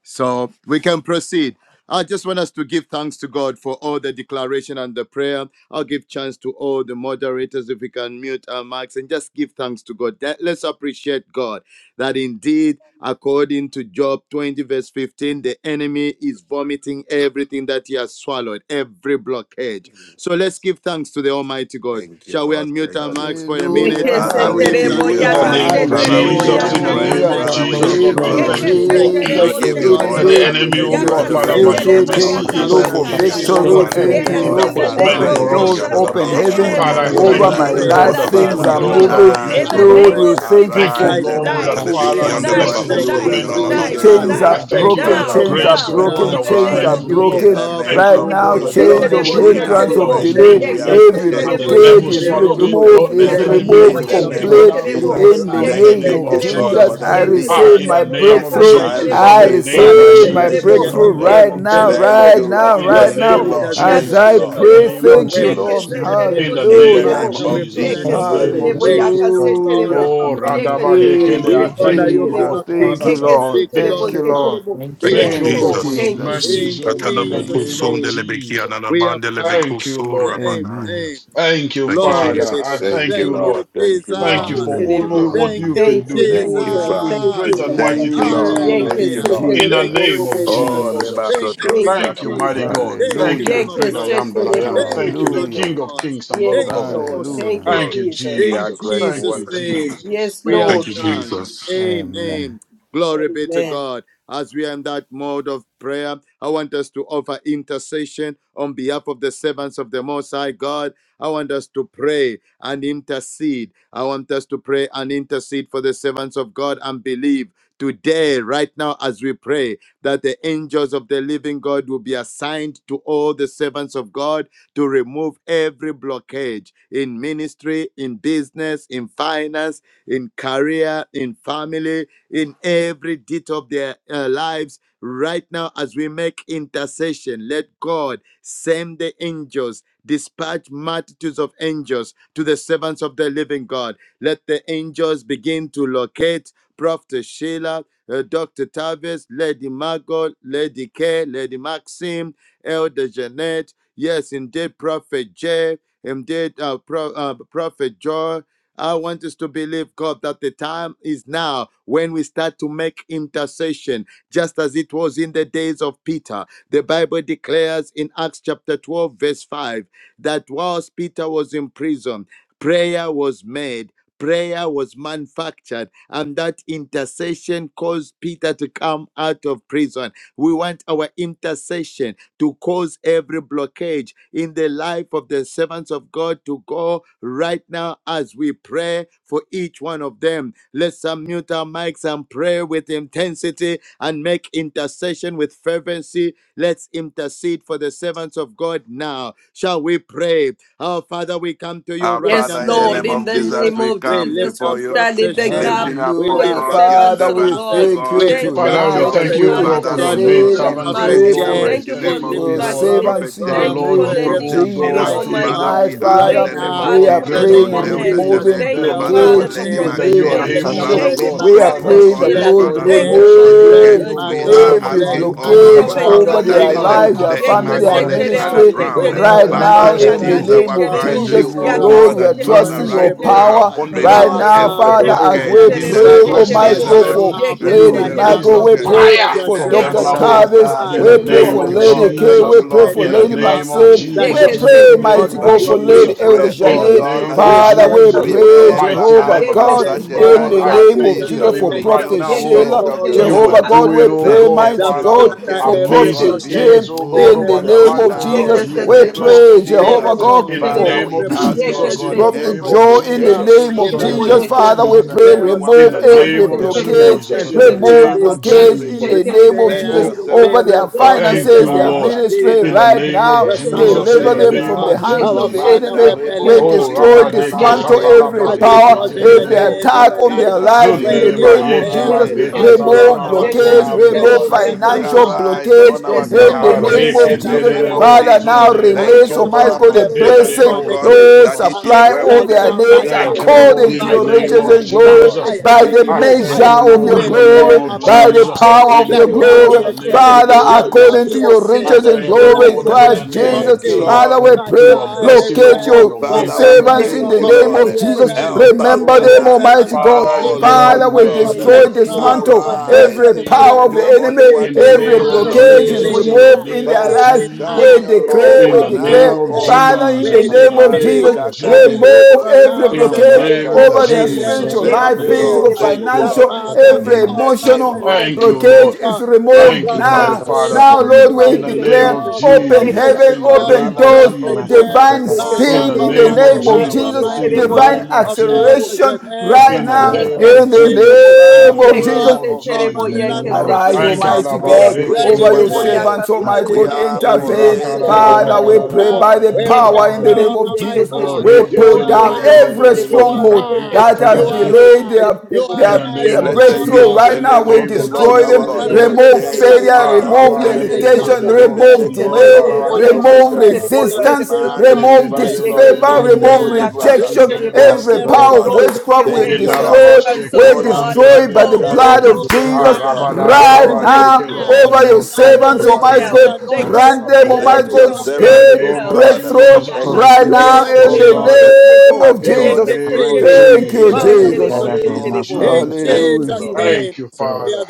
Speaker 5: So we can proceed. I just want us to give thanks to God for all the declaration and the prayer. I'll give chance to all the moderators if we can mute our mics and just give thanks to God. That- let's appreciate God that indeed, according to Job 20, verse 15, the enemy is vomiting everything that he has swallowed, every blockage. So let's give thanks to the Almighty God.
Speaker 4: Thank you,
Speaker 5: Shall we
Speaker 4: Lord.
Speaker 5: unmute
Speaker 4: Thank
Speaker 5: our
Speaker 4: you.
Speaker 5: mics
Speaker 4: Lord.
Speaker 5: for a minute
Speaker 3: Hallelujah,
Speaker 2: Yeke se
Speaker 4: Father,
Speaker 5: and
Speaker 4: we
Speaker 5: give
Speaker 2: terebo
Speaker 4: give
Speaker 5: thanks to
Speaker 3: hallelujah,
Speaker 4: you
Speaker 7: In the
Speaker 5: God?
Speaker 2: yaka
Speaker 7: name
Speaker 4: thanks.
Speaker 2: se
Speaker 7: of
Speaker 5: Thank
Speaker 4: Father,
Speaker 5: you,
Speaker 4: we
Speaker 2: terebo
Speaker 5: King
Speaker 4: give
Speaker 5: of
Speaker 7: Jesus,
Speaker 9: Hallelujah.
Speaker 4: you
Speaker 7: in the
Speaker 9: We
Speaker 2: yaka
Speaker 5: Kings.
Speaker 2: ka
Speaker 4: praise.
Speaker 9: give
Speaker 7: name
Speaker 3: hallelujah.
Speaker 7: of
Speaker 2: ka
Speaker 5: Thank you,
Speaker 4: Father,
Speaker 2: ka
Speaker 9: God
Speaker 4: we
Speaker 9: all
Speaker 5: King
Speaker 9: the
Speaker 2: ka.
Speaker 5: of
Speaker 7: Jesus,
Speaker 4: give you
Speaker 7: Lord,
Speaker 3: Thank
Speaker 7: we
Speaker 3: you,
Speaker 9: glory.
Speaker 5: Glory.
Speaker 9: We
Speaker 7: thank
Speaker 4: glory.
Speaker 2: Yeke
Speaker 7: you, oh
Speaker 2: se
Speaker 7: God,
Speaker 5: Thank you,
Speaker 4: We
Speaker 5: Lord
Speaker 3: Jesus.
Speaker 2: terebo
Speaker 5: of
Speaker 3: The
Speaker 8: Thank
Speaker 4: give
Speaker 8: you,
Speaker 2: she
Speaker 4: you
Speaker 9: glory.
Speaker 5: Lords.
Speaker 8: Jesus.
Speaker 7: that
Speaker 9: Thank
Speaker 4: honor
Speaker 7: the
Speaker 3: enemy
Speaker 5: Thank
Speaker 2: terebo.
Speaker 4: and
Speaker 5: you,
Speaker 4: we
Speaker 7: enemy,
Speaker 9: you,
Speaker 4: give
Speaker 7: oh
Speaker 9: Jesus.
Speaker 4: you
Speaker 5: Ancient
Speaker 3: is
Speaker 9: Thank
Speaker 2: Yaka
Speaker 7: God,
Speaker 5: of
Speaker 9: you,
Speaker 7: Father,
Speaker 5: Days.
Speaker 7: by
Speaker 9: Lord.
Speaker 4: adoration in
Speaker 7: your
Speaker 4: the
Speaker 3: defeated.
Speaker 2: senderebo
Speaker 4: name
Speaker 5: Thank
Speaker 7: mercy
Speaker 4: of
Speaker 5: you,
Speaker 3: Thank
Speaker 9: Our
Speaker 3: you,
Speaker 2: yaka
Speaker 3: Lord,
Speaker 2: ka
Speaker 7: is
Speaker 9: soul
Speaker 4: Jesus.
Speaker 3: for
Speaker 5: Covenant
Speaker 9: is
Speaker 2: ka ka
Speaker 7: pitting,
Speaker 5: Keeping
Speaker 7: oh
Speaker 2: ka.
Speaker 3: victory.
Speaker 7: God,
Speaker 5: God.
Speaker 9: ascended.
Speaker 3: Thank
Speaker 9: It
Speaker 3: you,
Speaker 5: Thank
Speaker 7: everything
Speaker 2: Yes,
Speaker 9: was
Speaker 4: God
Speaker 5: you,
Speaker 7: that
Speaker 3: Lord,
Speaker 2: in
Speaker 9: fitted
Speaker 2: the
Speaker 3: for
Speaker 5: O
Speaker 7: was
Speaker 9: to
Speaker 2: name
Speaker 7: meant
Speaker 9: the
Speaker 3: open
Speaker 8: Medela
Speaker 2: of
Speaker 5: powerful
Speaker 7: for
Speaker 4: arise
Speaker 9: end
Speaker 8: modi
Speaker 7: us,
Speaker 9: of
Speaker 3: doors,
Speaker 5: God.
Speaker 7: oh
Speaker 2: Jesus,
Speaker 7: God.
Speaker 8: yadala
Speaker 9: the
Speaker 3: open
Speaker 2: the
Speaker 5: Our
Speaker 4: in the
Speaker 3: heavens
Speaker 8: bahasori
Speaker 4: name
Speaker 2: enemy
Speaker 7: Father,
Speaker 5: Father,
Speaker 9: Father,
Speaker 2: is
Speaker 7: I
Speaker 5: we
Speaker 4: of
Speaker 8: yadala
Speaker 9: we
Speaker 5: give
Speaker 3: over
Speaker 5: you
Speaker 7: thank
Speaker 8: mandi
Speaker 9: thank
Speaker 7: you,
Speaker 3: my
Speaker 4: Jesus.
Speaker 2: vomiting
Speaker 7: oh
Speaker 9: you,
Speaker 8: yadala
Speaker 2: all
Speaker 5: praise.
Speaker 7: God,
Speaker 3: life.
Speaker 9: Lord.
Speaker 5: We
Speaker 7: that
Speaker 2: that he
Speaker 9: God.
Speaker 5: give you
Speaker 3: Things
Speaker 4: Father,
Speaker 8: bahasori
Speaker 2: has
Speaker 7: open
Speaker 3: are
Speaker 9: Thank
Speaker 4: we
Speaker 7: doors
Speaker 5: glory.
Speaker 8: yadala
Speaker 9: you,
Speaker 7: that
Speaker 2: swallowed.
Speaker 5: We
Speaker 3: moving.
Speaker 7: were
Speaker 5: give
Speaker 8: mandi
Speaker 5: you
Speaker 4: ask,
Speaker 2: In
Speaker 9: Lord.
Speaker 7: meant
Speaker 9: The
Speaker 8: yadala
Speaker 2: the
Speaker 7: for
Speaker 4: oh
Speaker 9: Lord is
Speaker 7: me.
Speaker 3: Lord,
Speaker 8: baho.
Speaker 2: name
Speaker 3: we
Speaker 4: God,
Speaker 2: of
Speaker 9: good.
Speaker 5: adoration.
Speaker 3: thank you
Speaker 2: Jesus,
Speaker 7: Thank
Speaker 2: it's
Speaker 7: you,
Speaker 9: Our
Speaker 3: for
Speaker 5: Right
Speaker 4: arise.
Speaker 9: soul
Speaker 7: Lord,
Speaker 9: is
Speaker 5: now,
Speaker 7: that
Speaker 2: tonight,
Speaker 8: Letele
Speaker 3: for
Speaker 4: Do
Speaker 5: we
Speaker 8: beki
Speaker 7: Father,
Speaker 5: are
Speaker 7: the
Speaker 4: only
Speaker 8: yadala
Speaker 9: ascended.
Speaker 5: saying
Speaker 2: tonight,
Speaker 9: It
Speaker 7: blessings
Speaker 4: what
Speaker 9: was
Speaker 7: that
Speaker 5: thank
Speaker 4: you,
Speaker 7: were
Speaker 4: the
Speaker 8: bahosori
Speaker 5: you,
Speaker 2: tonight,
Speaker 7: meant for
Speaker 8: yadala
Speaker 4: Lord,
Speaker 9: fitted to
Speaker 3: for
Speaker 5: Jesus.
Speaker 7: me.
Speaker 2: tonight,
Speaker 8: mandi
Speaker 9: the
Speaker 4: can
Speaker 9: end
Speaker 3: chains
Speaker 9: of
Speaker 4: do.
Speaker 3: are
Speaker 7: I
Speaker 2: tonight,
Speaker 8: yadora.
Speaker 9: the
Speaker 7: thank
Speaker 9: world.
Speaker 5: Thank
Speaker 7: you that
Speaker 3: broken,
Speaker 5: you,
Speaker 7: your
Speaker 4: Father,
Speaker 2: now,
Speaker 9: My
Speaker 3: chains
Speaker 4: we
Speaker 3: are
Speaker 7: grace,
Speaker 5: Almighty
Speaker 7: oh
Speaker 2: now,
Speaker 4: pray,
Speaker 9: soul
Speaker 7: God,
Speaker 4: oh
Speaker 3: broken,
Speaker 5: God.
Speaker 9: is
Speaker 2: in
Speaker 7: that
Speaker 2: the
Speaker 7: was
Speaker 3: chains
Speaker 4: God,
Speaker 2: name
Speaker 3: are
Speaker 7: meant
Speaker 5: Thank
Speaker 2: of
Speaker 7: for
Speaker 9: ascended.
Speaker 5: you,
Speaker 9: It
Speaker 5: O
Speaker 7: me.
Speaker 9: was
Speaker 4: in
Speaker 3: broken.
Speaker 2: Jesus.
Speaker 4: the
Speaker 5: powerful
Speaker 4: name
Speaker 9: fitted
Speaker 7: Thank
Speaker 9: to the end
Speaker 3: Right
Speaker 7: you, oh
Speaker 5: God.
Speaker 4: of
Speaker 9: of
Speaker 3: now,
Speaker 7: God,
Speaker 9: the
Speaker 7: that your
Speaker 4: Jesus.
Speaker 5: Lord,
Speaker 3: chains
Speaker 9: world.
Speaker 3: of
Speaker 5: we
Speaker 2: Yekeseterebo,
Speaker 7: promotion,
Speaker 4: We
Speaker 7: oh
Speaker 5: bless
Speaker 4: are
Speaker 3: hindrance,
Speaker 7: God,
Speaker 5: you.
Speaker 7: that
Speaker 3: of
Speaker 2: sheterebo.
Speaker 7: was
Speaker 5: Thank
Speaker 9: My
Speaker 3: delay,
Speaker 7: meant
Speaker 4: grateful.
Speaker 7: for
Speaker 4: We
Speaker 5: you that
Speaker 9: soul
Speaker 7: me.
Speaker 5: the
Speaker 3: every
Speaker 7: And
Speaker 4: appreciate
Speaker 2: Yekeseterebo,
Speaker 7: the
Speaker 4: you.
Speaker 5: blockade
Speaker 9: is
Speaker 4: We
Speaker 5: has
Speaker 3: blockade
Speaker 7: devil
Speaker 3: is
Speaker 5: been
Speaker 9: ascended.
Speaker 4: appreciate
Speaker 2: sheterebo.
Speaker 7: swallowed
Speaker 4: your
Speaker 7: it.
Speaker 5: removed.
Speaker 7: Lord,
Speaker 3: removed,
Speaker 7: the
Speaker 4: faithfulness
Speaker 3: is
Speaker 9: Father,
Speaker 5: Thank
Speaker 9: we
Speaker 7: enemy
Speaker 5: you
Speaker 2: Yekeseterebo,
Speaker 5: that
Speaker 4: in
Speaker 3: removed
Speaker 9: thank
Speaker 7: will
Speaker 4: the
Speaker 5: you
Speaker 9: you,
Speaker 5: have
Speaker 7: spit
Speaker 4: name
Speaker 9: Lord,
Speaker 7: it
Speaker 4: of
Speaker 3: complete.
Speaker 5: broken
Speaker 7: out
Speaker 9: for your
Speaker 2: yekeseterebo.
Speaker 5: through
Speaker 7: even
Speaker 4: Jesus.
Speaker 7: right
Speaker 5: for
Speaker 9: mercy,
Speaker 3: In
Speaker 7: now
Speaker 3: the
Speaker 5: us.
Speaker 7: in the
Speaker 9: mercy,
Speaker 4: Thank
Speaker 3: name
Speaker 4: you,
Speaker 7: name
Speaker 5: Thank
Speaker 3: of
Speaker 9: to
Speaker 7: of
Speaker 4: oh
Speaker 5: you
Speaker 9: the
Speaker 5: that
Speaker 9: end of
Speaker 2: Yekeseterebo,
Speaker 5: you
Speaker 4: God,
Speaker 3: Jesus,
Speaker 4: for
Speaker 5: have
Speaker 7: Jesus.
Speaker 4: the
Speaker 3: I
Speaker 5: come
Speaker 9: the
Speaker 5: through for
Speaker 7: Ah,
Speaker 9: world.
Speaker 3: receive
Speaker 4: release.
Speaker 7: in
Speaker 5: us
Speaker 7: the
Speaker 3: my
Speaker 2: yekeseterebo,
Speaker 5: now,
Speaker 7: name of
Speaker 3: breakthrough.
Speaker 4: I
Speaker 5: Almighty
Speaker 7: Jesus,
Speaker 9: seeking
Speaker 2: yakaseterebo.
Speaker 5: God.
Speaker 7: in
Speaker 3: I
Speaker 7: the
Speaker 4: receive
Speaker 9: faithful
Speaker 4: all
Speaker 7: name
Speaker 9: in
Speaker 7: of
Speaker 5: Father,
Speaker 4: my
Speaker 3: receive
Speaker 9: the
Speaker 5: thank
Speaker 3: my
Speaker 5: you for
Speaker 7: Jesus,
Speaker 4: blessings,
Speaker 2: Yekeseterebo,
Speaker 5: your
Speaker 7: in the
Speaker 4: oh
Speaker 3: breakthrough
Speaker 9: name
Speaker 4: God.
Speaker 5: angels
Speaker 7: name
Speaker 3: right
Speaker 5: have
Speaker 7: of
Speaker 9: of
Speaker 3: now,
Speaker 9: Jesus.
Speaker 2: yekeseterebo,
Speaker 7: Jesus,
Speaker 4: Thank
Speaker 3: right
Speaker 4: you,
Speaker 5: penetrated.
Speaker 3: now,
Speaker 4: Lord.
Speaker 7: in the
Speaker 5: Your
Speaker 3: right
Speaker 4: Thank you,
Speaker 3: now.
Speaker 7: name
Speaker 2: yakaseterebo.
Speaker 5: spirit
Speaker 7: of
Speaker 5: has
Speaker 4: Lord.
Speaker 3: As
Speaker 4: Thank you,
Speaker 3: I
Speaker 7: Jesus, in
Speaker 4: Lord.
Speaker 7: the
Speaker 5: penetrated.
Speaker 9: In
Speaker 3: pray,
Speaker 2: Yakaseterebo,
Speaker 7: name
Speaker 5: Your
Speaker 7: of
Speaker 9: God
Speaker 3: thank you,
Speaker 9: of
Speaker 5: word has
Speaker 3: Lord.
Speaker 7: Jesus,
Speaker 9: action,
Speaker 2: yekeseterebo,
Speaker 7: in the
Speaker 5: penetrated.
Speaker 4: In the
Speaker 7: name of
Speaker 2: sheterebo.
Speaker 3: Hallelujah.
Speaker 4: name
Speaker 5: Father, we
Speaker 4: of
Speaker 9: thank you the
Speaker 7: Jesus, in the
Speaker 5: bless
Speaker 9: thank
Speaker 5: you.
Speaker 4: Jesus.
Speaker 9: you,
Speaker 7: name of
Speaker 9: Lord,
Speaker 2: Yekeseterebo,
Speaker 5: We
Speaker 7: Jesus.
Speaker 5: give
Speaker 9: because
Speaker 5: you glory,
Speaker 2: yakaseterebo.
Speaker 3: Hallelujah.
Speaker 9: in
Speaker 7: Oh,
Speaker 9: the
Speaker 5: Abba
Speaker 9: name of
Speaker 7: Radaba
Speaker 9: Jesus,
Speaker 5: Father.
Speaker 2: Yekeseterebo,
Speaker 3: Thank
Speaker 7: Yekende,
Speaker 3: you,
Speaker 5: We
Speaker 7: I
Speaker 5: honor
Speaker 7: thank
Speaker 9: you
Speaker 7: you,
Speaker 5: you, King
Speaker 3: Jesus.
Speaker 7: Lord,
Speaker 2: yekeseterebo.
Speaker 5: of
Speaker 9: are
Speaker 3: Thank
Speaker 5: Kings.
Speaker 7: Father,
Speaker 3: you,
Speaker 7: that there's
Speaker 5: Be
Speaker 3: Lord.
Speaker 2: Yekeseterebo,
Speaker 3: Thank
Speaker 7: victory,
Speaker 3: you,
Speaker 7: oh God.
Speaker 3: Lord.
Speaker 5: glorified.
Speaker 2: sheterebo.
Speaker 9: thank
Speaker 5: Be
Speaker 9: you,
Speaker 8: Thank you,
Speaker 2: Yes,
Speaker 7: Thank you,
Speaker 9: Lord.
Speaker 7: oh
Speaker 3: Thank you,
Speaker 7: God,
Speaker 2: Lord.
Speaker 7: for
Speaker 5: exalted.
Speaker 7: your
Speaker 8: Jesus.
Speaker 2: Thank you,
Speaker 3: Jesus.
Speaker 9: Amen.
Speaker 7: mercies,
Speaker 5: In
Speaker 7: oh
Speaker 2: Jesus.
Speaker 7: God,
Speaker 8: Atala
Speaker 7: in the
Speaker 3: Thank
Speaker 8: boko
Speaker 5: Jesus'
Speaker 3: you,
Speaker 7: name of
Speaker 3: Jesus.
Speaker 5: name.
Speaker 8: sondele beki
Speaker 7: Jesus.
Speaker 8: yadala
Speaker 5: We have
Speaker 8: mandele beko
Speaker 5: thanked,
Speaker 7: Thank you, Lord.
Speaker 8: sora manaya.
Speaker 3: Amen.
Speaker 5: Amen.
Speaker 7: Thank you,
Speaker 8: Thank you,
Speaker 5: Glory
Speaker 7: Father.
Speaker 5: be to
Speaker 7: I
Speaker 8: Jesus.
Speaker 5: God.
Speaker 4: Thank
Speaker 7: thank
Speaker 4: you,
Speaker 7: you,
Speaker 5: Thank you,
Speaker 7: Lord.
Speaker 4: Lord. Thank you,
Speaker 7: Thank
Speaker 4: Lord.
Speaker 7: you
Speaker 5: Jesus.
Speaker 7: for
Speaker 4: Thank you,
Speaker 3: Amen.
Speaker 7: only
Speaker 2: Chiterebo.
Speaker 4: Lord.
Speaker 7: what
Speaker 5: Thank
Speaker 7: you
Speaker 3: Amen.
Speaker 5: you,
Speaker 7: can
Speaker 2: Thank
Speaker 7: do.
Speaker 2: you,
Speaker 7: You
Speaker 4: Thank
Speaker 7: were
Speaker 4: you,
Speaker 2: Jesus.
Speaker 4: Father.
Speaker 7: doing
Speaker 2: Thank
Speaker 5: Jesus.
Speaker 2: you,
Speaker 7: great and
Speaker 2: Father.
Speaker 7: mighty
Speaker 4: Thank you,
Speaker 7: things in
Speaker 4: Lord.
Speaker 7: our life.
Speaker 3: Thank
Speaker 2: Yeke
Speaker 4: Thank
Speaker 3: you,
Speaker 5: Hallelujah.
Speaker 4: you, Lord.
Speaker 7: In the
Speaker 2: seterebo
Speaker 5: Thank
Speaker 2: bo
Speaker 5: you,
Speaker 7: name
Speaker 2: bo
Speaker 7: of
Speaker 2: bo bo bo
Speaker 5: Jesus.
Speaker 4: Oh,
Speaker 2: bo.
Speaker 4: Reba
Speaker 3: Jesus.
Speaker 7: Jesus.
Speaker 6: Thank
Speaker 5: Thank you,
Speaker 6: you.
Speaker 4: Soto
Speaker 5: King
Speaker 2: Thank
Speaker 5: of
Speaker 4: Riba
Speaker 2: you,
Speaker 7: Thank you,
Speaker 4: Baba.
Speaker 5: Kings.
Speaker 7: mighty
Speaker 2: Jesus.
Speaker 7: God.
Speaker 5: Thank you,
Speaker 7: Thank
Speaker 4: Thank
Speaker 7: you,
Speaker 4: you,
Speaker 7: the
Speaker 5: King
Speaker 3: Hallelujah.
Speaker 5: of
Speaker 2: Yeke
Speaker 7: great I
Speaker 4: Jesus.
Speaker 7: am
Speaker 5: Glory.
Speaker 7: that I
Speaker 6: Amandara,
Speaker 4: Thank you,
Speaker 2: seterebo
Speaker 7: am.
Speaker 4: Lord.
Speaker 5: Thank
Speaker 7: Thank
Speaker 5: you,
Speaker 7: you, the
Speaker 5: Lord
Speaker 2: sheterebo.
Speaker 5: of
Speaker 3: Hallelujah.
Speaker 6: Indra,
Speaker 7: King of
Speaker 5: Lords.
Speaker 7: kings and Lord
Speaker 2: Yes,
Speaker 7: of
Speaker 5: Thank
Speaker 7: lords.
Speaker 4: Father,
Speaker 5: you,
Speaker 4: we
Speaker 2: Lord.
Speaker 4: give
Speaker 6: Yara,
Speaker 5: awesome
Speaker 4: you
Speaker 2: Thank
Speaker 3: Hallelujah.
Speaker 2: you,
Speaker 7: Thank
Speaker 5: God.
Speaker 4: praise.
Speaker 7: you,
Speaker 6: Masandra,
Speaker 2: Jesus.
Speaker 4: We
Speaker 5: In
Speaker 4: are
Speaker 7: Jesus.
Speaker 4: grateful.
Speaker 7: Thank
Speaker 5: Jesus'
Speaker 7: you,
Speaker 4: once again.
Speaker 5: name,
Speaker 7: Jesus.
Speaker 2: Yes,
Speaker 5: we
Speaker 7: Thank
Speaker 5: have
Speaker 7: you,
Speaker 8: Thank
Speaker 2: Lord.
Speaker 8: you,
Speaker 5: thanked.
Speaker 8: Jesus.
Speaker 7: Jesus.
Speaker 3: Amen.
Speaker 5: Amen. Glory be to
Speaker 2: Amen.
Speaker 5: God. As we are in that mode of prayer, I want us to offer intercession on behalf of the servants of the Most High God. I want us to pray and intercede. I want us to pray and intercede for the servants of God and believe today, right now, as we pray, that the angels of the living God will be assigned to all the servants of God to remove every blockage in ministry, in business, in finance, in career, in family, in every detail of their uh, lives. Right now, as we make intercession, let God send the angels, dispatch multitudes of angels to the servants of the living God. Let the angels begin to locate Prophet Sheila, uh, Dr. Tavis, Lady Margot, Lady K, Lady Maxim, Elder Jeanette. Yes, indeed, Prophet J, indeed, uh, Pro- uh, Prophet Joy. I want us to believe, God, that the time is now when we start to make intercession, just as it was in the days of Peter. The Bible declares in Acts chapter 12, verse 5, that whilst Peter was in prison, prayer was made. Prayer was manufactured, and that intercession caused Peter to come out of prison. We want our intercession to cause every blockage in the life of the servants of God to go right now as we pray for each one of them. Let's unmute our mics and pray with intensity and make intercession with fervency. Let's intercede for the servants of God now. Shall we pray? Our Father, we come to you
Speaker 4: Our
Speaker 5: right now
Speaker 2: Yes,
Speaker 5: in
Speaker 4: Father, in
Speaker 5: the
Speaker 4: the
Speaker 2: Lord,
Speaker 5: name
Speaker 4: name
Speaker 2: in
Speaker 4: of
Speaker 5: of
Speaker 2: the
Speaker 4: Jesus,
Speaker 5: Jesus.
Speaker 2: name
Speaker 4: we
Speaker 2: of
Speaker 5: We
Speaker 4: come
Speaker 5: lift
Speaker 2: Jesus, we
Speaker 4: before
Speaker 5: up
Speaker 4: you,
Speaker 2: stand in
Speaker 5: Prophet
Speaker 2: the
Speaker 5: Sheila.
Speaker 2: gap
Speaker 4: lifting up,
Speaker 5: We
Speaker 2: for
Speaker 4: oh
Speaker 3: Hallelujah.
Speaker 5: lift
Speaker 2: your
Speaker 5: up
Speaker 4: God, your
Speaker 3: Father,
Speaker 2: servants,
Speaker 5: Dr.
Speaker 2: oh
Speaker 3: we
Speaker 4: servants, oh
Speaker 2: God.
Speaker 5: Tavis.
Speaker 3: thank you
Speaker 4: God,
Speaker 5: We
Speaker 4: and
Speaker 2: Thank
Speaker 5: lift
Speaker 2: you
Speaker 4: Prophet
Speaker 5: up
Speaker 2: for
Speaker 7: Father, we
Speaker 3: tonight
Speaker 4: Job.
Speaker 2: Dr.
Speaker 3: as
Speaker 7: thank
Speaker 5: Prophet
Speaker 3: we
Speaker 7: you, O
Speaker 2: Tavis.
Speaker 7: God,
Speaker 5: Almighty
Speaker 4: Father,
Speaker 7: for your
Speaker 2: Thank
Speaker 5: God.
Speaker 4: Lord
Speaker 2: you
Speaker 7: maid
Speaker 2: for
Speaker 4: God,
Speaker 5: We
Speaker 3: intercede
Speaker 4: we
Speaker 2: Miss
Speaker 3: and
Speaker 7: servants,
Speaker 4: pray
Speaker 7: O
Speaker 5: Prophet
Speaker 2: Margot.
Speaker 3: pray
Speaker 4: in
Speaker 3: for
Speaker 4: the
Speaker 7: God.
Speaker 5: Jay.
Speaker 3: your
Speaker 7: We
Speaker 2: Thank
Speaker 4: mighty
Speaker 2: you
Speaker 5: We
Speaker 2: for
Speaker 7: thank
Speaker 4: name
Speaker 7: you,
Speaker 2: Miss
Speaker 4: of
Speaker 7: O
Speaker 3: for
Speaker 5: lift
Speaker 3: your
Speaker 5: up
Speaker 4: Jesus
Speaker 7: God,
Speaker 4: for
Speaker 2: Maxine.
Speaker 5: Prophet
Speaker 4: Prophet
Speaker 3: servants in
Speaker 7: that
Speaker 4: Jay,
Speaker 3: the
Speaker 2: Thank
Speaker 5: Joel.
Speaker 2: you for
Speaker 7: Lord,
Speaker 5: We
Speaker 4: for
Speaker 3: name
Speaker 7: you,
Speaker 3: of
Speaker 5: lift
Speaker 2: Lady
Speaker 4: Prophet
Speaker 7: O
Speaker 5: up
Speaker 2: K,
Speaker 7: God,
Speaker 3: Jesus
Speaker 4: Sheila.
Speaker 2: oh
Speaker 7: are
Speaker 5: Almighty
Speaker 2: my
Speaker 4: Father,
Speaker 5: God
Speaker 7: able
Speaker 3: tonight,
Speaker 2: God.
Speaker 4: we
Speaker 7: to
Speaker 4: ask
Speaker 5: right
Speaker 4: in
Speaker 7: do,
Speaker 3: Father.
Speaker 4: the
Speaker 2: Thank you,
Speaker 7: O
Speaker 4: name
Speaker 5: now
Speaker 4: of
Speaker 3: We
Speaker 2: Father,
Speaker 7: God,
Speaker 3: are
Speaker 5: in
Speaker 2: for
Speaker 5: the
Speaker 7: great
Speaker 4: Jesus
Speaker 2: Elder
Speaker 7: and
Speaker 5: name
Speaker 3: praying,
Speaker 4: for
Speaker 5: of
Speaker 7: mighty
Speaker 4: Elder
Speaker 2: Jeanette.
Speaker 7: things
Speaker 5: Jesus.
Speaker 7: for
Speaker 4: Jeanette,
Speaker 3: removing
Speaker 2: Thank you,
Speaker 7: them, O
Speaker 4: Father,
Speaker 5: Elder
Speaker 4: for
Speaker 7: God.
Speaker 2: Father,
Speaker 3: blockage
Speaker 2: for
Speaker 3: in
Speaker 4: Lady
Speaker 3: the
Speaker 5: Jeanette.
Speaker 9: Thank
Speaker 7: That
Speaker 2: Prophet
Speaker 7: you
Speaker 3: name
Speaker 9: you,
Speaker 5: We
Speaker 7: are
Speaker 4: Maxine.
Speaker 3: of
Speaker 9: Lord,
Speaker 2: Jay.
Speaker 9: for
Speaker 5: lift up
Speaker 7: able,
Speaker 3: Jesus.
Speaker 4: Father,
Speaker 7: O
Speaker 9: God.
Speaker 2: Thank
Speaker 5: Lady
Speaker 4: we
Speaker 2: you
Speaker 7: God,
Speaker 2: for
Speaker 3: We are
Speaker 4: pray, oh
Speaker 5: Maxine,
Speaker 2: Prophet
Speaker 7: Father,
Speaker 3: praying
Speaker 7: to
Speaker 3: that,
Speaker 4: God, and
Speaker 2: Sheila.
Speaker 5: Lady
Speaker 3: Lord,
Speaker 7: destroy
Speaker 4: Father,
Speaker 9: I
Speaker 7: the
Speaker 4: Lord,
Speaker 2: Thank
Speaker 9: thank
Speaker 5: Kate,
Speaker 2: you
Speaker 4: dear
Speaker 7: works of the
Speaker 2: for
Speaker 4: Lady
Speaker 9: you.
Speaker 4: K.
Speaker 5: Lady
Speaker 7: enemy,
Speaker 3: remove
Speaker 2: uh,
Speaker 7: O
Speaker 4: We
Speaker 9: I'm
Speaker 7: God,
Speaker 5: Margot,
Speaker 9: so
Speaker 4: are
Speaker 7: over their
Speaker 3: every
Speaker 9: confused
Speaker 4: asking,
Speaker 7: life.
Speaker 5: Lady
Speaker 4: oh
Speaker 9: about
Speaker 2: for
Speaker 5: Anna
Speaker 9: my
Speaker 4: God,
Speaker 7: That
Speaker 3: blockage
Speaker 4: for
Speaker 2: Prophet
Speaker 5: Brown.
Speaker 9: life.
Speaker 4: Dr.
Speaker 2: Joe,
Speaker 7: Father,
Speaker 3: over
Speaker 2: my
Speaker 5: We
Speaker 3: their
Speaker 7: even
Speaker 4: Tavis,
Speaker 7: as
Speaker 4: eh,
Speaker 2: God.
Speaker 7: they
Speaker 5: call
Speaker 3: lives,
Speaker 9: I'm
Speaker 3: their
Speaker 4: Lady
Speaker 5: upon
Speaker 7: continue,
Speaker 3: family,
Speaker 7: O
Speaker 2: Neke
Speaker 5: the
Speaker 3: their
Speaker 4: Margot,
Speaker 7: God, to
Speaker 5: living
Speaker 9: violent.
Speaker 4: Lady
Speaker 7: serve
Speaker 4: Anna
Speaker 2: seterebo,
Speaker 5: God.
Speaker 9: It's
Speaker 3: ministry
Speaker 7: you,
Speaker 9: good
Speaker 7: O
Speaker 5: We
Speaker 4: Brown.
Speaker 9: and
Speaker 7: God,
Speaker 4: eh.
Speaker 9: right.
Speaker 7: Father,
Speaker 2: sheterebo,
Speaker 5: call
Speaker 3: right
Speaker 9: I
Speaker 7: in this
Speaker 9: need to
Speaker 4: Father,
Speaker 2: yaka
Speaker 3: now
Speaker 5: upon
Speaker 7: prayer
Speaker 9: try
Speaker 5: the
Speaker 4: it
Speaker 3: in
Speaker 7: storm
Speaker 3: the
Speaker 9: to
Speaker 2: kaka
Speaker 4: is
Speaker 7: room,
Speaker 9: get
Speaker 5: righteous
Speaker 3: name
Speaker 4: our
Speaker 3: of
Speaker 5: God.
Speaker 9: for
Speaker 4: cry
Speaker 7: that
Speaker 9: it.
Speaker 2: sheterebo,
Speaker 4: to
Speaker 5: We
Speaker 7: you
Speaker 3: Jesus.
Speaker 4: you,
Speaker 7: will,
Speaker 4: oh
Speaker 5: call
Speaker 7: O
Speaker 2: yaka
Speaker 3: Lord,
Speaker 4: God,
Speaker 7: God,
Speaker 5: upon
Speaker 3: we
Speaker 5: the
Speaker 3: are
Speaker 4: that
Speaker 2: seterebo,
Speaker 4: Father,
Speaker 3: trusting
Speaker 5: covenant
Speaker 7: release, O
Speaker 4: right
Speaker 3: your
Speaker 5: keeping
Speaker 7: God, the
Speaker 4: now,
Speaker 2: sheterebo,
Speaker 5: God.
Speaker 3: power
Speaker 9: Oh,
Speaker 7: abundance
Speaker 9: my.
Speaker 3: right
Speaker 7: of
Speaker 5: Our
Speaker 2: yeke
Speaker 4: remove
Speaker 9: I'm
Speaker 3: now,
Speaker 7: heaven.
Speaker 5: God,
Speaker 4: every
Speaker 9: not
Speaker 3: Father,
Speaker 5: we
Speaker 9: going
Speaker 7: You
Speaker 2: seterebo,
Speaker 7: will
Speaker 3: as
Speaker 9: to
Speaker 3: we
Speaker 4: blockage
Speaker 5: pray
Speaker 9: be
Speaker 4: in
Speaker 7: release
Speaker 4: the
Speaker 2: sheterebo,
Speaker 7: the
Speaker 9: so
Speaker 3: pray,
Speaker 5: that,
Speaker 4: name
Speaker 5: oh
Speaker 4: of
Speaker 7: blessings
Speaker 5: God,
Speaker 3: Almighty
Speaker 7: of
Speaker 2: sheterebo,
Speaker 4: Jesus.
Speaker 3: God,
Speaker 4: eh.
Speaker 5: show
Speaker 7: heaven
Speaker 9: confused.
Speaker 3: for
Speaker 9: I'm
Speaker 5: up
Speaker 2: yeke
Speaker 7: you
Speaker 3: Lady
Speaker 4: Remove
Speaker 5: right
Speaker 9: going
Speaker 4: every
Speaker 5: now
Speaker 7: release
Speaker 2: seterebo,
Speaker 3: Margot.
Speaker 7: the
Speaker 5: on
Speaker 3: We
Speaker 9: to
Speaker 4: blockage.
Speaker 9: be
Speaker 5: behalf
Speaker 3: pray
Speaker 5: of
Speaker 2: sheterebo,
Speaker 7: fire
Speaker 5: your
Speaker 4: In
Speaker 3: for
Speaker 4: the
Speaker 7: from
Speaker 4: name
Speaker 3: Dr.
Speaker 5: servants,
Speaker 7: heaven
Speaker 2: yeke
Speaker 5: oh
Speaker 4: of
Speaker 9: Massa
Speaker 5: God.
Speaker 7: above
Speaker 2: seterebo,
Speaker 3: Tavis.
Speaker 4: Jesus.
Speaker 7: in the
Speaker 3: We
Speaker 9: Potilian
Speaker 5: Father
Speaker 3: pray
Speaker 5: Jesus
Speaker 7: name
Speaker 3: for
Speaker 2: sheterebo,
Speaker 4: Thank
Speaker 9: Dara
Speaker 7: of
Speaker 4: you,
Speaker 5: said,
Speaker 3: Lady
Speaker 4: Lord.
Speaker 5: Can I
Speaker 3: K.
Speaker 4: Thank
Speaker 5: not
Speaker 3: We
Speaker 4: you,
Speaker 7: Jesus.
Speaker 3: pray
Speaker 5: pray
Speaker 4: Lord.
Speaker 3: for
Speaker 7: In
Speaker 5: to
Speaker 7: the
Speaker 4: Thank
Speaker 5: the
Speaker 3: Lady
Speaker 4: you, Lord.
Speaker 7: name
Speaker 5: Father
Speaker 7: of
Speaker 3: Maxine.
Speaker 4: Mm.
Speaker 5: that
Speaker 3: We
Speaker 5: he
Speaker 2: yeke
Speaker 7: Jesus.
Speaker 5: may
Speaker 7: In the
Speaker 3: pray,
Speaker 5: send more
Speaker 7: name
Speaker 3: mighty
Speaker 2: seterebo,
Speaker 5: than
Speaker 7: of
Speaker 4: But
Speaker 3: God, for
Speaker 5: 12
Speaker 4: we
Speaker 2: sheterebo,
Speaker 3: Lady
Speaker 7: Jesus.
Speaker 5: legions
Speaker 3: Elder
Speaker 5: of
Speaker 4: pray,
Speaker 7: In
Speaker 4: oh
Speaker 7: the
Speaker 2: yeke
Speaker 3: Janet.
Speaker 5: angels?
Speaker 4: God,
Speaker 7: name
Speaker 4: that
Speaker 7: of
Speaker 5: We
Speaker 2: seterebo,
Speaker 3: Father,
Speaker 4: Father,
Speaker 5: pray
Speaker 3: we
Speaker 5: to
Speaker 2: yaka
Speaker 7: Jesus.
Speaker 5: you,
Speaker 3: pray,
Speaker 2: seterebo,
Speaker 5: our
Speaker 4: remember
Speaker 7: Mighty and
Speaker 3: Jehovah
Speaker 5: Father,
Speaker 4: us at
Speaker 2: yeke
Speaker 3: God,
Speaker 5: send
Speaker 4: such
Speaker 7: everlasting
Speaker 4: a
Speaker 5: more
Speaker 3: in
Speaker 7: God,
Speaker 5: than
Speaker 4: time
Speaker 2: seterebo,
Speaker 3: the
Speaker 7: I
Speaker 5: 12
Speaker 4: as
Speaker 2: yaka
Speaker 3: name of
Speaker 7: thank
Speaker 5: legions
Speaker 4: this.
Speaker 7: you
Speaker 5: of
Speaker 7: that
Speaker 3: Jesus, for
Speaker 7: even
Speaker 2: seterebo,
Speaker 7: right
Speaker 5: angels
Speaker 4: Renew
Speaker 3: Prophet
Speaker 7: now,
Speaker 4: the
Speaker 7: oh
Speaker 2: yeke
Speaker 5: for
Speaker 7: God,
Speaker 4: strength
Speaker 3: Sheila.
Speaker 4: of
Speaker 5: all
Speaker 4: your
Speaker 5: your
Speaker 7: you are
Speaker 2: seterebo,
Speaker 3: Jehovah
Speaker 4: servants.
Speaker 3: God,
Speaker 5: servants,
Speaker 2: yaka
Speaker 7: doing,
Speaker 3: we
Speaker 5: O
Speaker 7: oh
Speaker 5: God.
Speaker 3: pray,
Speaker 4: Let
Speaker 2: seterebo,
Speaker 7: God,
Speaker 3: mighty
Speaker 5: The
Speaker 4: every
Speaker 7: Father,
Speaker 3: God,
Speaker 2: yeke
Speaker 5: Father,
Speaker 4: blockade,
Speaker 3: for
Speaker 4: oh
Speaker 5: every
Speaker 4: God,
Speaker 7: amazing
Speaker 3: Prophet
Speaker 2: seterebo,
Speaker 4: be
Speaker 5: blockage
Speaker 3: James,
Speaker 7: things, oh
Speaker 5: be
Speaker 7: God,
Speaker 3: in
Speaker 4: removed
Speaker 7: over
Speaker 3: the
Speaker 7: their
Speaker 5: removed.
Speaker 3: name
Speaker 7: life,
Speaker 3: of
Speaker 7: oh
Speaker 4: now
Speaker 2: Yeke
Speaker 7: God,
Speaker 5: Blockage
Speaker 3: Jesus.
Speaker 7: that
Speaker 4: in
Speaker 7: you
Speaker 4: the
Speaker 7: will
Speaker 3: We
Speaker 5: right
Speaker 4: name
Speaker 2: seterebo.
Speaker 7: bless
Speaker 5: now
Speaker 4: of
Speaker 3: pray,
Speaker 7: them, oh
Speaker 5: be
Speaker 7: God.
Speaker 2: Yeke
Speaker 3: Jehovah
Speaker 4: Jesus.
Speaker 5: removed.
Speaker 3: God,
Speaker 7: In the
Speaker 2: seterebo.
Speaker 3: for
Speaker 4: Father,
Speaker 7: name
Speaker 4: we
Speaker 5: Every
Speaker 7: of
Speaker 4: ask, oh
Speaker 2: Yeke
Speaker 5: blockage
Speaker 7: Jesus, in
Speaker 5: in
Speaker 4: God,
Speaker 7: the
Speaker 5: the form
Speaker 3: Prophet
Speaker 7: name
Speaker 2: seterebo.
Speaker 5: of
Speaker 4: every
Speaker 7: of
Speaker 3: Joe, in the
Speaker 2: Yeke
Speaker 5: witchcraft,
Speaker 4: blockade
Speaker 7: Jesus, in
Speaker 3: name
Speaker 7: the
Speaker 3: of
Speaker 2: seterebo.
Speaker 4: that
Speaker 7: name
Speaker 3: Jesus,
Speaker 4: we,
Speaker 7: of
Speaker 2: Yeke
Speaker 4: oh
Speaker 5: divination,
Speaker 3: Father, we
Speaker 7: Jesus
Speaker 4: God,
Speaker 3: pray,
Speaker 2: seterebo.
Speaker 4: we
Speaker 5: spells,
Speaker 4: want
Speaker 7: in
Speaker 3: remove
Speaker 4: to
Speaker 7: the
Speaker 5: curses,
Speaker 2: Yeke
Speaker 4: ask
Speaker 3: every
Speaker 7: name
Speaker 4: for
Speaker 7: of
Speaker 4: every
Speaker 2: seterebo
Speaker 3: blockage,
Speaker 5: incantation,
Speaker 7: Jesus,
Speaker 4: blockade,
Speaker 7: in the
Speaker 2: seterebo.
Speaker 3: remove
Speaker 7: name
Speaker 4: Father,
Speaker 7: of
Speaker 4: to be
Speaker 5: resistance,
Speaker 2: Yeke
Speaker 3: blockage in
Speaker 7: Jesus.
Speaker 3: the
Speaker 4: removed.
Speaker 3: name
Speaker 2: seterebo
Speaker 3: of
Speaker 4: Let
Speaker 5: snares,
Speaker 3: Jesus
Speaker 4: your
Speaker 7: Oh,
Speaker 2: seterebo.
Speaker 5: be
Speaker 3: over
Speaker 4: servants,
Speaker 3: their
Speaker 4: oh
Speaker 2: Yeke
Speaker 5: removed
Speaker 4: God,
Speaker 5: in
Speaker 7: thank
Speaker 5: the
Speaker 3: finances,
Speaker 7: you,
Speaker 3: their
Speaker 5: name
Speaker 2: seterebo
Speaker 5: of
Speaker 7: Lord.
Speaker 4: Father, in
Speaker 3: ministry
Speaker 7: In
Speaker 5: Jesus
Speaker 4: the
Speaker 2: seterebo.
Speaker 7: the
Speaker 3: right
Speaker 5: Christ,
Speaker 7: name of
Speaker 5: the
Speaker 3: now.
Speaker 2: Yeke
Speaker 4: name
Speaker 5: Son of
Speaker 4: of
Speaker 7: Jesus,
Speaker 5: the
Speaker 7: in
Speaker 3: Deliver
Speaker 7: the
Speaker 2: seterebo.
Speaker 3: them
Speaker 5: living
Speaker 7: name
Speaker 3: from
Speaker 5: God.
Speaker 3: the
Speaker 7: of
Speaker 4: Jesus,
Speaker 3: hand
Speaker 2: Yeke
Speaker 5: Our
Speaker 3: of the
Speaker 7: Jesus.
Speaker 5: Father,
Speaker 4: Manda
Speaker 5: we
Speaker 3: enemy.
Speaker 2: seterebo
Speaker 4: rebo
Speaker 3: We
Speaker 5: believe you
Speaker 7: Oh,
Speaker 2: seterebo.
Speaker 3: destroy,
Speaker 4: kosika
Speaker 5: by
Speaker 7: Rabadeke
Speaker 2: Yeke
Speaker 3: dismantle
Speaker 4: kalabreke
Speaker 5: fire,
Speaker 3: every
Speaker 7: Satalaba
Speaker 5: as
Speaker 4: sotori
Speaker 2: seterebo.
Speaker 5: it
Speaker 7: Reke
Speaker 3: power,
Speaker 4: bababa.
Speaker 5: was
Speaker 2: Yeke
Speaker 5: in the
Speaker 3: every
Speaker 7: Terelebo.
Speaker 5: days
Speaker 4: Thank
Speaker 2: seterebo.
Speaker 5: of
Speaker 4: you,
Speaker 3: attack on their
Speaker 5: Elijah
Speaker 3: lives
Speaker 4: Jesus.
Speaker 3: in
Speaker 5: when
Speaker 3: the
Speaker 2: Yekesetelebo,
Speaker 5: he
Speaker 7: Zundereba
Speaker 3: name of
Speaker 7: Yeke
Speaker 5: declared,
Speaker 3: Jesus.
Speaker 4: Arise
Speaker 5: If I
Speaker 7: Mareke
Speaker 5: be
Speaker 2: yekesetelebo,
Speaker 3: Remove
Speaker 5: a
Speaker 4: on
Speaker 5: man of
Speaker 7: Tararaba
Speaker 4: our
Speaker 5: God,
Speaker 3: blockage,
Speaker 4: behalf,
Speaker 7: Zunderebo
Speaker 5: let
Speaker 2: yekesetelebo,
Speaker 3: remove
Speaker 4: Lord.
Speaker 5: fire come
Speaker 2: shetelebo,
Speaker 3: financial
Speaker 7: Shukenebos.
Speaker 5: down and
Speaker 4: Arise
Speaker 3: blockage
Speaker 4: on our
Speaker 5: consume
Speaker 7: La
Speaker 5: you.
Speaker 3: in the
Speaker 4: behalf
Speaker 2: yekesetelebo,
Speaker 5: We
Speaker 3: name
Speaker 5: pray
Speaker 3: of
Speaker 7: Bareke
Speaker 4: in the
Speaker 5: that
Speaker 3: Jesus.
Speaker 4: name
Speaker 5: fire
Speaker 2: yekesetelebo,
Speaker 4: of
Speaker 5: comes
Speaker 7: Terelebo.
Speaker 3: Father,
Speaker 5: down
Speaker 3: now
Speaker 4: Jesus.
Speaker 3: remove
Speaker 7: Zundereba
Speaker 5: and
Speaker 4: Thank
Speaker 3: release,
Speaker 4: you,
Speaker 2: yekesetelebo,
Speaker 3: Almighty
Speaker 5: consume
Speaker 4: Father,
Speaker 7: Zonta
Speaker 3: God,
Speaker 4: for
Speaker 3: the
Speaker 4: your
Speaker 2: shetelebo,
Speaker 5: every
Speaker 7: Mande
Speaker 4: servants,
Speaker 3: blessing.
Speaker 4: oh
Speaker 7: Debo
Speaker 5: demonic
Speaker 4: God,
Speaker 2: yekesetelebo,
Speaker 7: Ruke
Speaker 3: Lord,
Speaker 4: that it
Speaker 5: resistance
Speaker 4: is
Speaker 7: Basheta.
Speaker 3: supply
Speaker 4: well
Speaker 3: all
Speaker 4: with
Speaker 5: right
Speaker 3: their
Speaker 4: them
Speaker 5: now
Speaker 2: yekesetelebo,
Speaker 5: by
Speaker 3: needs
Speaker 4: in the
Speaker 7: Thank you,
Speaker 4: name
Speaker 5: fire,
Speaker 4: of
Speaker 2: yekesetelebo,
Speaker 7: Lord,
Speaker 3: according to
Speaker 7: in the
Speaker 5: by
Speaker 3: your
Speaker 4: Jesus.
Speaker 7: name
Speaker 3: riches
Speaker 2: yekesetelebo,
Speaker 5: fire,
Speaker 7: of
Speaker 3: and
Speaker 4: Thank you,
Speaker 5: by
Speaker 3: glory
Speaker 4: Lord.
Speaker 7: Jesus.
Speaker 5: fire
Speaker 3: by
Speaker 4: We
Speaker 3: the
Speaker 2: yekesetelebo,
Speaker 4: give
Speaker 7: I
Speaker 4: you
Speaker 5: by
Speaker 3: measure
Speaker 7: thank
Speaker 5: fire.
Speaker 7: you,
Speaker 4: praise.
Speaker 3: of
Speaker 2: yekesetelebo,
Speaker 3: your
Speaker 7: Lord,
Speaker 5: We
Speaker 7: in the
Speaker 4: We give
Speaker 3: glory,
Speaker 5: pray,
Speaker 7: name
Speaker 4: you
Speaker 7: of
Speaker 2: yekesetelebo.
Speaker 5: above
Speaker 3: by
Speaker 4: glory.
Speaker 3: the
Speaker 7: Jesus.
Speaker 9: Thank
Speaker 7: I
Speaker 5: Father,
Speaker 3: power
Speaker 4: We
Speaker 3: of
Speaker 7: thank
Speaker 4: give
Speaker 3: your
Speaker 5: let
Speaker 7: you,
Speaker 4: you
Speaker 5: there
Speaker 7: Lord, in
Speaker 5: be
Speaker 3: glory.
Speaker 5: a
Speaker 7: the
Speaker 4: honor.
Speaker 7: name
Speaker 4: We
Speaker 7: of
Speaker 5: change,
Speaker 3: Father,
Speaker 4: give
Speaker 9: you.
Speaker 4: you
Speaker 5: let there
Speaker 7: Jesus.
Speaker 3: according to
Speaker 5: be
Speaker 4: adoration
Speaker 5: a
Speaker 3: your
Speaker 4: in
Speaker 7: I
Speaker 3: riches
Speaker 5: shift.
Speaker 4: the
Speaker 3: and
Speaker 4: name
Speaker 7: thank you,
Speaker 4: of
Speaker 3: glory
Speaker 5: Right
Speaker 3: in
Speaker 7: Lord,
Speaker 5: now, in
Speaker 4: Jesus.
Speaker 9: You
Speaker 7: and in the
Speaker 3: Christ
Speaker 5: the name
Speaker 9: are
Speaker 7: name
Speaker 5: of
Speaker 3: Jesus.
Speaker 7: of
Speaker 4: Thank you,
Speaker 9: Lord
Speaker 5: Jesus,
Speaker 7: Jesus.
Speaker 3: Father,
Speaker 4: Lord.
Speaker 3: we
Speaker 9: Thank
Speaker 5: my
Speaker 3: pray,
Speaker 7: You are
Speaker 5: God, we
Speaker 7: blessing, oh
Speaker 3: locate
Speaker 7: God,
Speaker 5: pray
Speaker 3: your
Speaker 7: your
Speaker 5: for
Speaker 7: maid
Speaker 4: Father, we
Speaker 9: you.
Speaker 7: servants,
Speaker 3: Servants
Speaker 7: oh
Speaker 3: in
Speaker 5: perpetual
Speaker 4: thank
Speaker 3: the
Speaker 4: you,
Speaker 7: God.
Speaker 3: name
Speaker 7: You
Speaker 5: open
Speaker 4: Lord.
Speaker 7: are
Speaker 3: of Jesus,
Speaker 5: heavens
Speaker 7: increasing in
Speaker 4: Help
Speaker 7: them,
Speaker 4: us
Speaker 3: remember
Speaker 7: oh
Speaker 5: over the
Speaker 7: God.
Speaker 3: them,
Speaker 4: tonight.
Speaker 5: servants
Speaker 3: Almighty
Speaker 5: of
Speaker 3: God.
Speaker 7: Father,
Speaker 5: God,
Speaker 4: Oh,
Speaker 7: in every
Speaker 5: for
Speaker 4: Lord
Speaker 3: Father, we
Speaker 7: way
Speaker 5: total
Speaker 4: God,
Speaker 7: you
Speaker 3: destroy,
Speaker 7: are doing,
Speaker 5: breakthrough,
Speaker 7: oh
Speaker 3: dismantle
Speaker 5: for
Speaker 7: God,
Speaker 5: total
Speaker 7: mighty
Speaker 4: arise.
Speaker 3: every
Speaker 7: things,
Speaker 3: power
Speaker 7: oh
Speaker 3: of the
Speaker 7: God.
Speaker 4: Do
Speaker 5: turnaround,
Speaker 4: only
Speaker 3: enemy,
Speaker 7: In
Speaker 4: what
Speaker 7: the
Speaker 5: even
Speaker 3: every
Speaker 7: name
Speaker 4: you,
Speaker 7: of
Speaker 4: the
Speaker 5: now,
Speaker 4: Lord,
Speaker 3: blockage is
Speaker 5: even
Speaker 4: can
Speaker 7: Jesus, in the
Speaker 4: do.
Speaker 5: now,
Speaker 3: removed in
Speaker 7: name
Speaker 3: their
Speaker 7: of
Speaker 4: Father,
Speaker 3: lives.
Speaker 5: even
Speaker 2: Yes,
Speaker 4: shine
Speaker 3: We
Speaker 5: now.
Speaker 7: Jesus,
Speaker 4: your
Speaker 5: Oh
Speaker 4: light
Speaker 3: declare,
Speaker 2: Yekeşeterebo,
Speaker 7: in
Speaker 3: we
Speaker 7: the
Speaker 5: Lord, we
Speaker 7: name
Speaker 4: now,
Speaker 7: of
Speaker 3: declare,
Speaker 4: oh
Speaker 2: yekeşeterebo.
Speaker 5: declare,
Speaker 3: Father,
Speaker 4: God.
Speaker 3: in the
Speaker 5: we
Speaker 7: Jesus, in
Speaker 3: name
Speaker 7: the
Speaker 3: of
Speaker 7: name
Speaker 2: Yekeşeterebo,
Speaker 5: decree,
Speaker 3: Jesus,
Speaker 7: of
Speaker 4: Maleka
Speaker 5: Father,
Speaker 2: şeterebo,
Speaker 5: we
Speaker 4: karepo
Speaker 7: Jesus.
Speaker 3: remove
Speaker 4: pose
Speaker 3: every
Speaker 2: yekeşeterebo.
Speaker 5: pronounce
Speaker 7: In the
Speaker 3: blockage
Speaker 4: kalambra
Speaker 5: it
Speaker 7: name of
Speaker 3: over their
Speaker 5: in
Speaker 4: katabe.
Speaker 2: Yekeşeterebo,
Speaker 5: the
Speaker 7: Jesus,
Speaker 3: spiritual
Speaker 7: in
Speaker 5: name
Speaker 7: the
Speaker 5: of
Speaker 4: Thank
Speaker 3: life,
Speaker 4: you,
Speaker 7: name of
Speaker 3: physical,
Speaker 4: Lord.
Speaker 5: Jesus
Speaker 2: yekeşeterebo, bo
Speaker 4: Thank you,
Speaker 2: bo
Speaker 5: the
Speaker 2: bo
Speaker 7: Jesus.
Speaker 3: financial,
Speaker 4: Lord.
Speaker 5: Father,
Speaker 2: şeterebo.
Speaker 9: In
Speaker 3: every
Speaker 9: my
Speaker 4: In the
Speaker 5: over
Speaker 9: king's
Speaker 4: name
Speaker 5: the
Speaker 3: emotional.
Speaker 4: of
Speaker 5: life,
Speaker 7: Thank
Speaker 9: name.
Speaker 7: you,
Speaker 2: Yekeşeterebo,
Speaker 5: Almighty
Speaker 4: Jesus.
Speaker 3: Blockage
Speaker 7: Lord.
Speaker 3: is
Speaker 5: God,
Speaker 2: yekeşeterebo.
Speaker 5: of
Speaker 4: Thank
Speaker 7: Thank
Speaker 3: removed
Speaker 4: you,
Speaker 7: you,
Speaker 9: Father
Speaker 5: Prophet
Speaker 7: Mighty
Speaker 9: of
Speaker 3: now.
Speaker 4: Father.
Speaker 9: us,
Speaker 7: Father.
Speaker 9: the
Speaker 3: Now,
Speaker 5: Sheila,
Speaker 2: Yekeşeterebo,
Speaker 9: Lord
Speaker 3: Lord,
Speaker 9: of
Speaker 3: we
Speaker 7: In the
Speaker 5: Prophet
Speaker 7: name of
Speaker 2: yekeşeterebo.
Speaker 3: declare
Speaker 4: Mm.
Speaker 5: Job,
Speaker 9: the Lord,
Speaker 3: open
Speaker 9: that
Speaker 7: Jesus,
Speaker 5: Almighty
Speaker 3: heaven,
Speaker 7: in the
Speaker 2: Yekeşeterebo,
Speaker 5: God,
Speaker 3: open
Speaker 7: name
Speaker 4: Father,
Speaker 7: of
Speaker 4: let
Speaker 3: doors,
Speaker 5: Prophet
Speaker 2: yekeşeterebo.
Speaker 7: Jesus.
Speaker 4: open
Speaker 9: matter
Speaker 5: Jeb,
Speaker 3: divine
Speaker 9: of
Speaker 4: heavens, oh
Speaker 9: us,
Speaker 7: In
Speaker 5: Father,
Speaker 9: the
Speaker 4: God,
Speaker 3: speed
Speaker 7: the
Speaker 3: in the
Speaker 2: Yekeşeterebo,
Speaker 5: over
Speaker 9: Lord of
Speaker 7: name
Speaker 4: remain
Speaker 7: of
Speaker 5: the
Speaker 3: name
Speaker 4: over
Speaker 3: of
Speaker 5: life,
Speaker 4: our
Speaker 9: the
Speaker 3: Jesus,
Speaker 9: Lord,
Speaker 7: Jesus, in
Speaker 5: Almighty
Speaker 9: the
Speaker 4: lives
Speaker 7: the
Speaker 4: in
Speaker 2: yekeşeterebo,
Speaker 9: Lord
Speaker 4: the
Speaker 5: God,
Speaker 3: divine
Speaker 7: name
Speaker 4: name of
Speaker 7: of
Speaker 9: of
Speaker 5: of
Speaker 9: the Lord,
Speaker 4: Jesus.
Speaker 2: yekeşeterebo.
Speaker 5: Elders
Speaker 7: Jesus.
Speaker 5: and
Speaker 3: acceleration
Speaker 5: Edge,
Speaker 9: my
Speaker 3: right
Speaker 4: Father,
Speaker 7: In the
Speaker 3: now
Speaker 5: Brett
Speaker 9: Father,
Speaker 7: name of
Speaker 3: in
Speaker 4: acceleration.
Speaker 5: Maxim,
Speaker 2: Yekeseterebo.
Speaker 7: Jesus,
Speaker 3: the
Speaker 7: in
Speaker 4: Father,
Speaker 7: the
Speaker 5: Mighty
Speaker 3: name of
Speaker 7: name
Speaker 5: God,
Speaker 4: favor,
Speaker 3: Jesus.
Speaker 7: of
Speaker 4: oh God,
Speaker 9: in
Speaker 2: Yekeseterebo.
Speaker 4: in
Speaker 5: over
Speaker 4: the
Speaker 5: the
Speaker 7: Jesus.
Speaker 9: the
Speaker 5: life
Speaker 4: name
Speaker 9: name
Speaker 5: of
Speaker 4: of
Speaker 9: of
Speaker 3: Arise,
Speaker 5: Dr.
Speaker 2: Yekeseterebo.
Speaker 4: Jesus.
Speaker 9: Jesus,
Speaker 3: Almighty
Speaker 4: We
Speaker 5: Tavis,
Speaker 4: are
Speaker 3: God,
Speaker 9: yes, it
Speaker 4: grateful
Speaker 5: Lady
Speaker 3: over your
Speaker 9: is.
Speaker 4: once
Speaker 2: Yekeseterebo.
Speaker 5: Care,
Speaker 4: again.
Speaker 3: servants,
Speaker 9: Of
Speaker 3: Almighty
Speaker 5: Lady
Speaker 4: We
Speaker 3: God,
Speaker 9: course,
Speaker 2: Yakaseterebo.
Speaker 5: Margaret,
Speaker 7: O raka
Speaker 3: intervene.
Speaker 4: appreciate
Speaker 9: I've
Speaker 4: you
Speaker 7: rara
Speaker 5: Lady
Speaker 2: Yekeseterebo.
Speaker 9: created
Speaker 4: once
Speaker 9: a
Speaker 3: Father,
Speaker 7: rara
Speaker 2: Bo,
Speaker 5: Anna
Speaker 3: we
Speaker 2: bo,
Speaker 9: boy.
Speaker 4: again,
Speaker 7: rara
Speaker 2: bo,
Speaker 4: oh
Speaker 3: pray
Speaker 5: Brown,
Speaker 2: bo.
Speaker 3: by
Speaker 4: God,
Speaker 7: rara
Speaker 3: the
Speaker 4: in
Speaker 7: rara
Speaker 5: we
Speaker 4: the name
Speaker 7: rara
Speaker 3: power
Speaker 5: pray,
Speaker 4: of
Speaker 3: in the
Speaker 7: rara.
Speaker 4: Jesus.
Speaker 3: name
Speaker 2: Yekeseterebo.
Speaker 3: of
Speaker 5: Jehovah, my
Speaker 3: Jesus.
Speaker 9: I'm
Speaker 4: Thank
Speaker 7: O
Speaker 5: God,
Speaker 3: We
Speaker 2: Yekeseterebo.
Speaker 4: you,
Speaker 9: seeing
Speaker 3: pull
Speaker 5: you
Speaker 4: Father, for
Speaker 3: down
Speaker 4: your
Speaker 9: you.
Speaker 5: arise,
Speaker 3: every
Speaker 4: faithfulness and
Speaker 5: you
Speaker 2: Yekeseterebo.
Speaker 4: your
Speaker 7: riketelelelelelelelelelelebo.
Speaker 3: stronghold
Speaker 4: kindness
Speaker 9: if
Speaker 5: arise,
Speaker 4: and
Speaker 3: that
Speaker 4: your
Speaker 9: they
Speaker 3: has
Speaker 5: you
Speaker 9: don't
Speaker 2: Yekeseterebo.
Speaker 9: ever
Speaker 4: mercy.
Speaker 7: Rukatabayekeni.
Speaker 3: delayed
Speaker 5: arise
Speaker 3: their,
Speaker 5: you
Speaker 9: get to
Speaker 2: Yekeseterebo.
Speaker 7: In
Speaker 9: be
Speaker 7: the
Speaker 3: their,
Speaker 4: Bless-
Speaker 9: nice
Speaker 5: arise
Speaker 3: their
Speaker 9: to
Speaker 7: name of
Speaker 4: Blessed
Speaker 5: now,
Speaker 9: me,
Speaker 3: breakthrough.
Speaker 4: be
Speaker 5: oh
Speaker 7: Jesus,
Speaker 3: Right
Speaker 4: the
Speaker 7: in the
Speaker 3: now,
Speaker 4: name
Speaker 5: God,
Speaker 3: we
Speaker 4: of
Speaker 7: name
Speaker 4: the
Speaker 2: Yekeseterebo
Speaker 7: of
Speaker 9: it's
Speaker 5: and
Speaker 4: Lord
Speaker 3: destroy
Speaker 9: easy to
Speaker 3: them.
Speaker 4: our
Speaker 2: terebo,
Speaker 4: God,
Speaker 5: Father,
Speaker 4: who
Speaker 7: Jesus.
Speaker 5: remove
Speaker 2: yekese
Speaker 3: Remove
Speaker 9: be
Speaker 5: the
Speaker 2: terebo,
Speaker 4: daily,
Speaker 3: failure,
Speaker 4: Lord,
Speaker 7: Ah,
Speaker 5: blockhead,
Speaker 4: us
Speaker 3: remove
Speaker 4: with
Speaker 2: yekese
Speaker 7: rabareke
Speaker 9: like,
Speaker 5: financial
Speaker 3: limitation,
Speaker 4: benefits,
Speaker 2: terebo,
Speaker 7: telebo
Speaker 4: even
Speaker 5: blockhead,
Speaker 4: the
Speaker 3: remove
Speaker 7: zundele
Speaker 4: God
Speaker 2: yekese
Speaker 4: of
Speaker 9: I'm
Speaker 3: delay,
Speaker 4: our
Speaker 2: terebo,
Speaker 5: material
Speaker 7: baraka
Speaker 2: yekese
Speaker 3: remove
Speaker 4: salvation.
Speaker 5: blockhead,
Speaker 2: terebo,
Speaker 7: tararararara.
Speaker 3: resistance
Speaker 4: We
Speaker 9: just
Speaker 2: yekese
Speaker 5: ministerial
Speaker 9: like,
Speaker 2: terebo.
Speaker 3: remove
Speaker 4: magnify
Speaker 5: blockhead.
Speaker 4: you, Lord.
Speaker 2: Yekese
Speaker 3: disfavor,
Speaker 5: Right
Speaker 3: remove
Speaker 2: terebo,
Speaker 9: mm,
Speaker 4: Thank you,
Speaker 5: now,
Speaker 7: Yekelelelelelelelelebo
Speaker 2: yakase
Speaker 4: Father.
Speaker 5: let
Speaker 3: rejection.
Speaker 5: them
Speaker 7: zundele
Speaker 9: my
Speaker 2: terebo.
Speaker 5: all
Speaker 4: Thank
Speaker 3: Every
Speaker 4: you,
Speaker 5: be
Speaker 4: O
Speaker 7: bareke
Speaker 2: Yes,
Speaker 9: soul
Speaker 3: power of
Speaker 4: God.
Speaker 7: tele.
Speaker 2: Lord,
Speaker 9: kept
Speaker 5: removed.
Speaker 9: it
Speaker 2: make
Speaker 3: witchcraft
Speaker 2: a
Speaker 3: will
Speaker 5: Let
Speaker 2: way
Speaker 4: Thank you,
Speaker 2: for
Speaker 9: together,
Speaker 2: your
Speaker 4: Lord.
Speaker 5: every
Speaker 3: destroy,
Speaker 2: servants, oh
Speaker 7: Indarabasheke
Speaker 3: we
Speaker 5: witchcraft
Speaker 4: Oh,
Speaker 9: and
Speaker 2: God.
Speaker 9: from
Speaker 4: Lambra
Speaker 5: blockhead
Speaker 3: destroy by the
Speaker 2: Oh,
Speaker 5: be
Speaker 9: not
Speaker 4: Kakala
Speaker 7: telelelelelelebo.
Speaker 9: of
Speaker 3: blood
Speaker 2: Father,
Speaker 3: of
Speaker 9: the
Speaker 5: removed
Speaker 4: Brosco
Speaker 2: push
Speaker 9: wrong,
Speaker 7: Ah,
Speaker 3: Jesus
Speaker 9: but
Speaker 2: back,
Speaker 9: I
Speaker 4: Korba.
Speaker 5: now.
Speaker 2: push
Speaker 9: feel my
Speaker 5: Be
Speaker 2: back.
Speaker 3: right
Speaker 7: rabadararaba
Speaker 4: Oh,
Speaker 2: The
Speaker 9: different,
Speaker 5: removed
Speaker 4: thank you,
Speaker 2: gates
Speaker 3: now
Speaker 2: of the
Speaker 5: now.
Speaker 4: Lord.
Speaker 3: over your
Speaker 7: yekelelelebo
Speaker 9: mm,
Speaker 2: enemy
Speaker 5: By
Speaker 2: shall
Speaker 5: the
Speaker 2: not
Speaker 7: zundele
Speaker 3: servants,
Speaker 9: of
Speaker 7: ba
Speaker 5: reason
Speaker 3: Almighty
Speaker 9: this,
Speaker 5: of
Speaker 9: uh,
Speaker 2: prevail.
Speaker 7: yeke
Speaker 5: the
Speaker 3: God.
Speaker 2: The
Speaker 9: my
Speaker 5: anointing,
Speaker 2: gates
Speaker 3: Grant
Speaker 2: of the
Speaker 7: kesontalaba
Speaker 3: them,
Speaker 9: secret,
Speaker 5: let
Speaker 7: yeke.
Speaker 3: Almighty
Speaker 2: enemy
Speaker 4: Let
Speaker 5: the
Speaker 4: your
Speaker 3: God,
Speaker 2: shall
Speaker 5: yokes
Speaker 7: In
Speaker 5: be
Speaker 2: not
Speaker 9: uh,
Speaker 7: the
Speaker 4: servants,
Speaker 3: speed,
Speaker 4: O
Speaker 7: name
Speaker 2: prevail.
Speaker 7: of
Speaker 5: destroyed
Speaker 4: God,
Speaker 3: breakthrough
Speaker 2: Oh,
Speaker 9: my
Speaker 5: now.
Speaker 7: Jesus, in
Speaker 9: poor,
Speaker 2: yakase
Speaker 7: the
Speaker 3: right
Speaker 9: my
Speaker 5: We
Speaker 3: now
Speaker 7: name
Speaker 2: terebo,
Speaker 4: experience,
Speaker 7: of
Speaker 9: sin,
Speaker 3: in
Speaker 4: O
Speaker 3: the
Speaker 5: agree,
Speaker 9: my
Speaker 5: oh
Speaker 4: God,
Speaker 2: yekese
Speaker 9: poor,
Speaker 7: Jesus,
Speaker 5: God.
Speaker 2: terebo,
Speaker 3: name of
Speaker 4: and
Speaker 7: in the
Speaker 5: We
Speaker 4: God
Speaker 3: Jesus.
Speaker 9: my
Speaker 7: name
Speaker 2: yekese
Speaker 7: of
Speaker 2: terebo,
Speaker 5: decree.
Speaker 4: breakthrough
Speaker 3: Thank
Speaker 4: in
Speaker 3: you,
Speaker 4: the
Speaker 7: Jesus,
Speaker 2: yekese
Speaker 5: Father,
Speaker 7: in
Speaker 4: name
Speaker 9: poor,
Speaker 5: we
Speaker 7: the
Speaker 3: Jesus.
Speaker 9: my
Speaker 5: thank
Speaker 4: of
Speaker 2: terebo, she
Speaker 7: name
Speaker 9: poor,
Speaker 5: you.
Speaker 7: of
Speaker 9: my
Speaker 4: Jesus.
Speaker 2: terebo.
Speaker 9: poor, my poor, my poor, my poor, my
Speaker 5: In
Speaker 9: poor,
Speaker 7: Jesus.
Speaker 2: Thank
Speaker 4: Thank
Speaker 2: you,
Speaker 4: you,
Speaker 3: Hallelujah.
Speaker 5: Jesus'
Speaker 9: my poor,
Speaker 4: Lord.
Speaker 2: Jesus.
Speaker 9: my
Speaker 5: name,
Speaker 7: Thank you,
Speaker 9: poor.
Speaker 5: we
Speaker 7: Father.
Speaker 5: have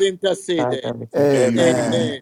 Speaker 9: Sorry for
Speaker 5: interceded.
Speaker 9: everything.
Speaker 7: Amen.
Speaker 5: Amen.
Speaker 3: Amen.
Speaker 4: Amen.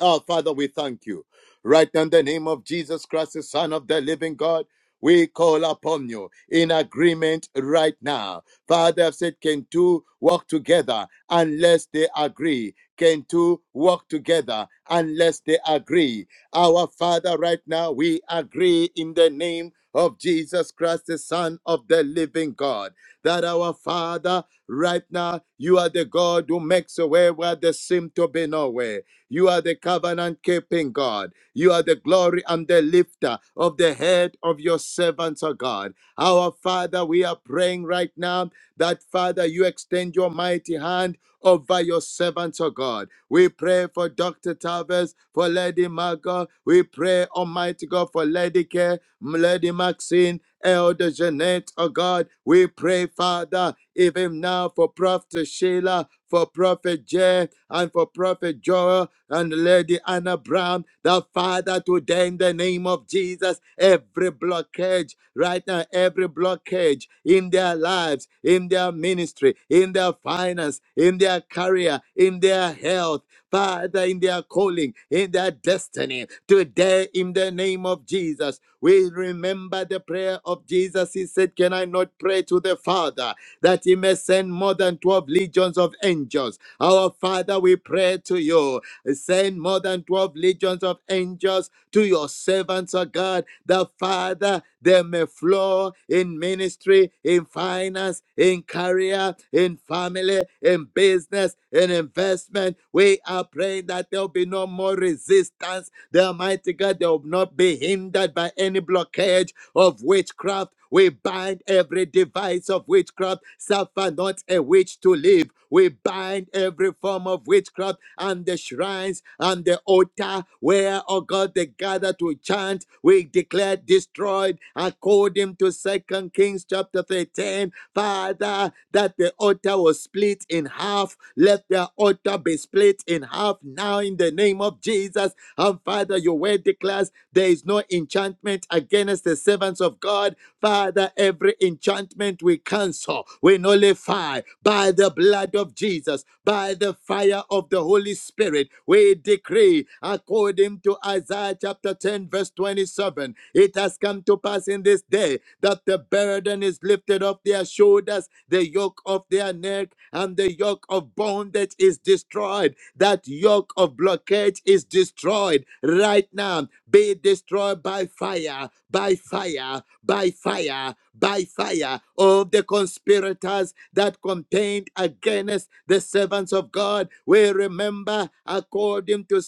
Speaker 5: Oh, Father, we thank you. Right now, in the name of Jesus Christ, the Son of the living God, we call upon you in agreement right now. Father, I've said, can two walk together unless they agree? Can two walk together unless they agree? Our Father, right now, we agree in the name of Jesus Christ, the Son of the living God, that our Father, right now, you are the God who makes a way where there seems to be no way. You are the covenant keeping God. You are the glory and the lifter of the head of your servants, O God. Our Father, we are praying right now that, Father, you extend your mighty hand over your servants, O God. We pray for Dr. Tavis, for Lady Margot. We pray, Almighty God, for Lady Care, Lady Maxine, Elder Jeanette, O God. We pray, Father, even now for Prophet Sheila, for Prophet Jay, and for Prophet Joel and Lady Anna Brown, the Father, today in the name of Jesus, every blockage right now, every blockage in their lives, in their ministry, in their finance, in their career, in their health. Father, in their calling, in their destiny. Today, in the name of Jesus, we remember the prayer of Jesus. He said, Can I not pray to the Father that he may send more than 12 legions of angels? Our Father, we pray to you Send more than 12 legions of angels to your servants, O God, the Father, they may flow in ministry, in finance, in career, in family, in business, in investment. We are praying that there will be no more resistance. The Almighty God, they will not be hindered by any blockage of witchcraft. We bind every device of witchcraft. Suffer not a witch to live. We bind every form of witchcraft and the shrines and the altar where, oh God, they gather to chant. We declare destroyed according to Second Kings chapter 13. Father, that the altar was split in half. Let the altar be split in half now in the name of Jesus. And Father, your word declares there is no enchantment against the servants of God. Father, every enchantment we cancel, we nullify by the blood of Jesus, by the fire of the Holy Spirit. We decree, according to Isaiah chapter 10, verse 27, it has come to pass in this day that the burden is lifted off their shoulders, the yoke of their neck, and the yoke of bondage is destroyed that yoke of blockage is destroyed right now. Be destroyed by fire, by fire, by fire, by fire. All the conspirators that contend against the servants of God, we remember according to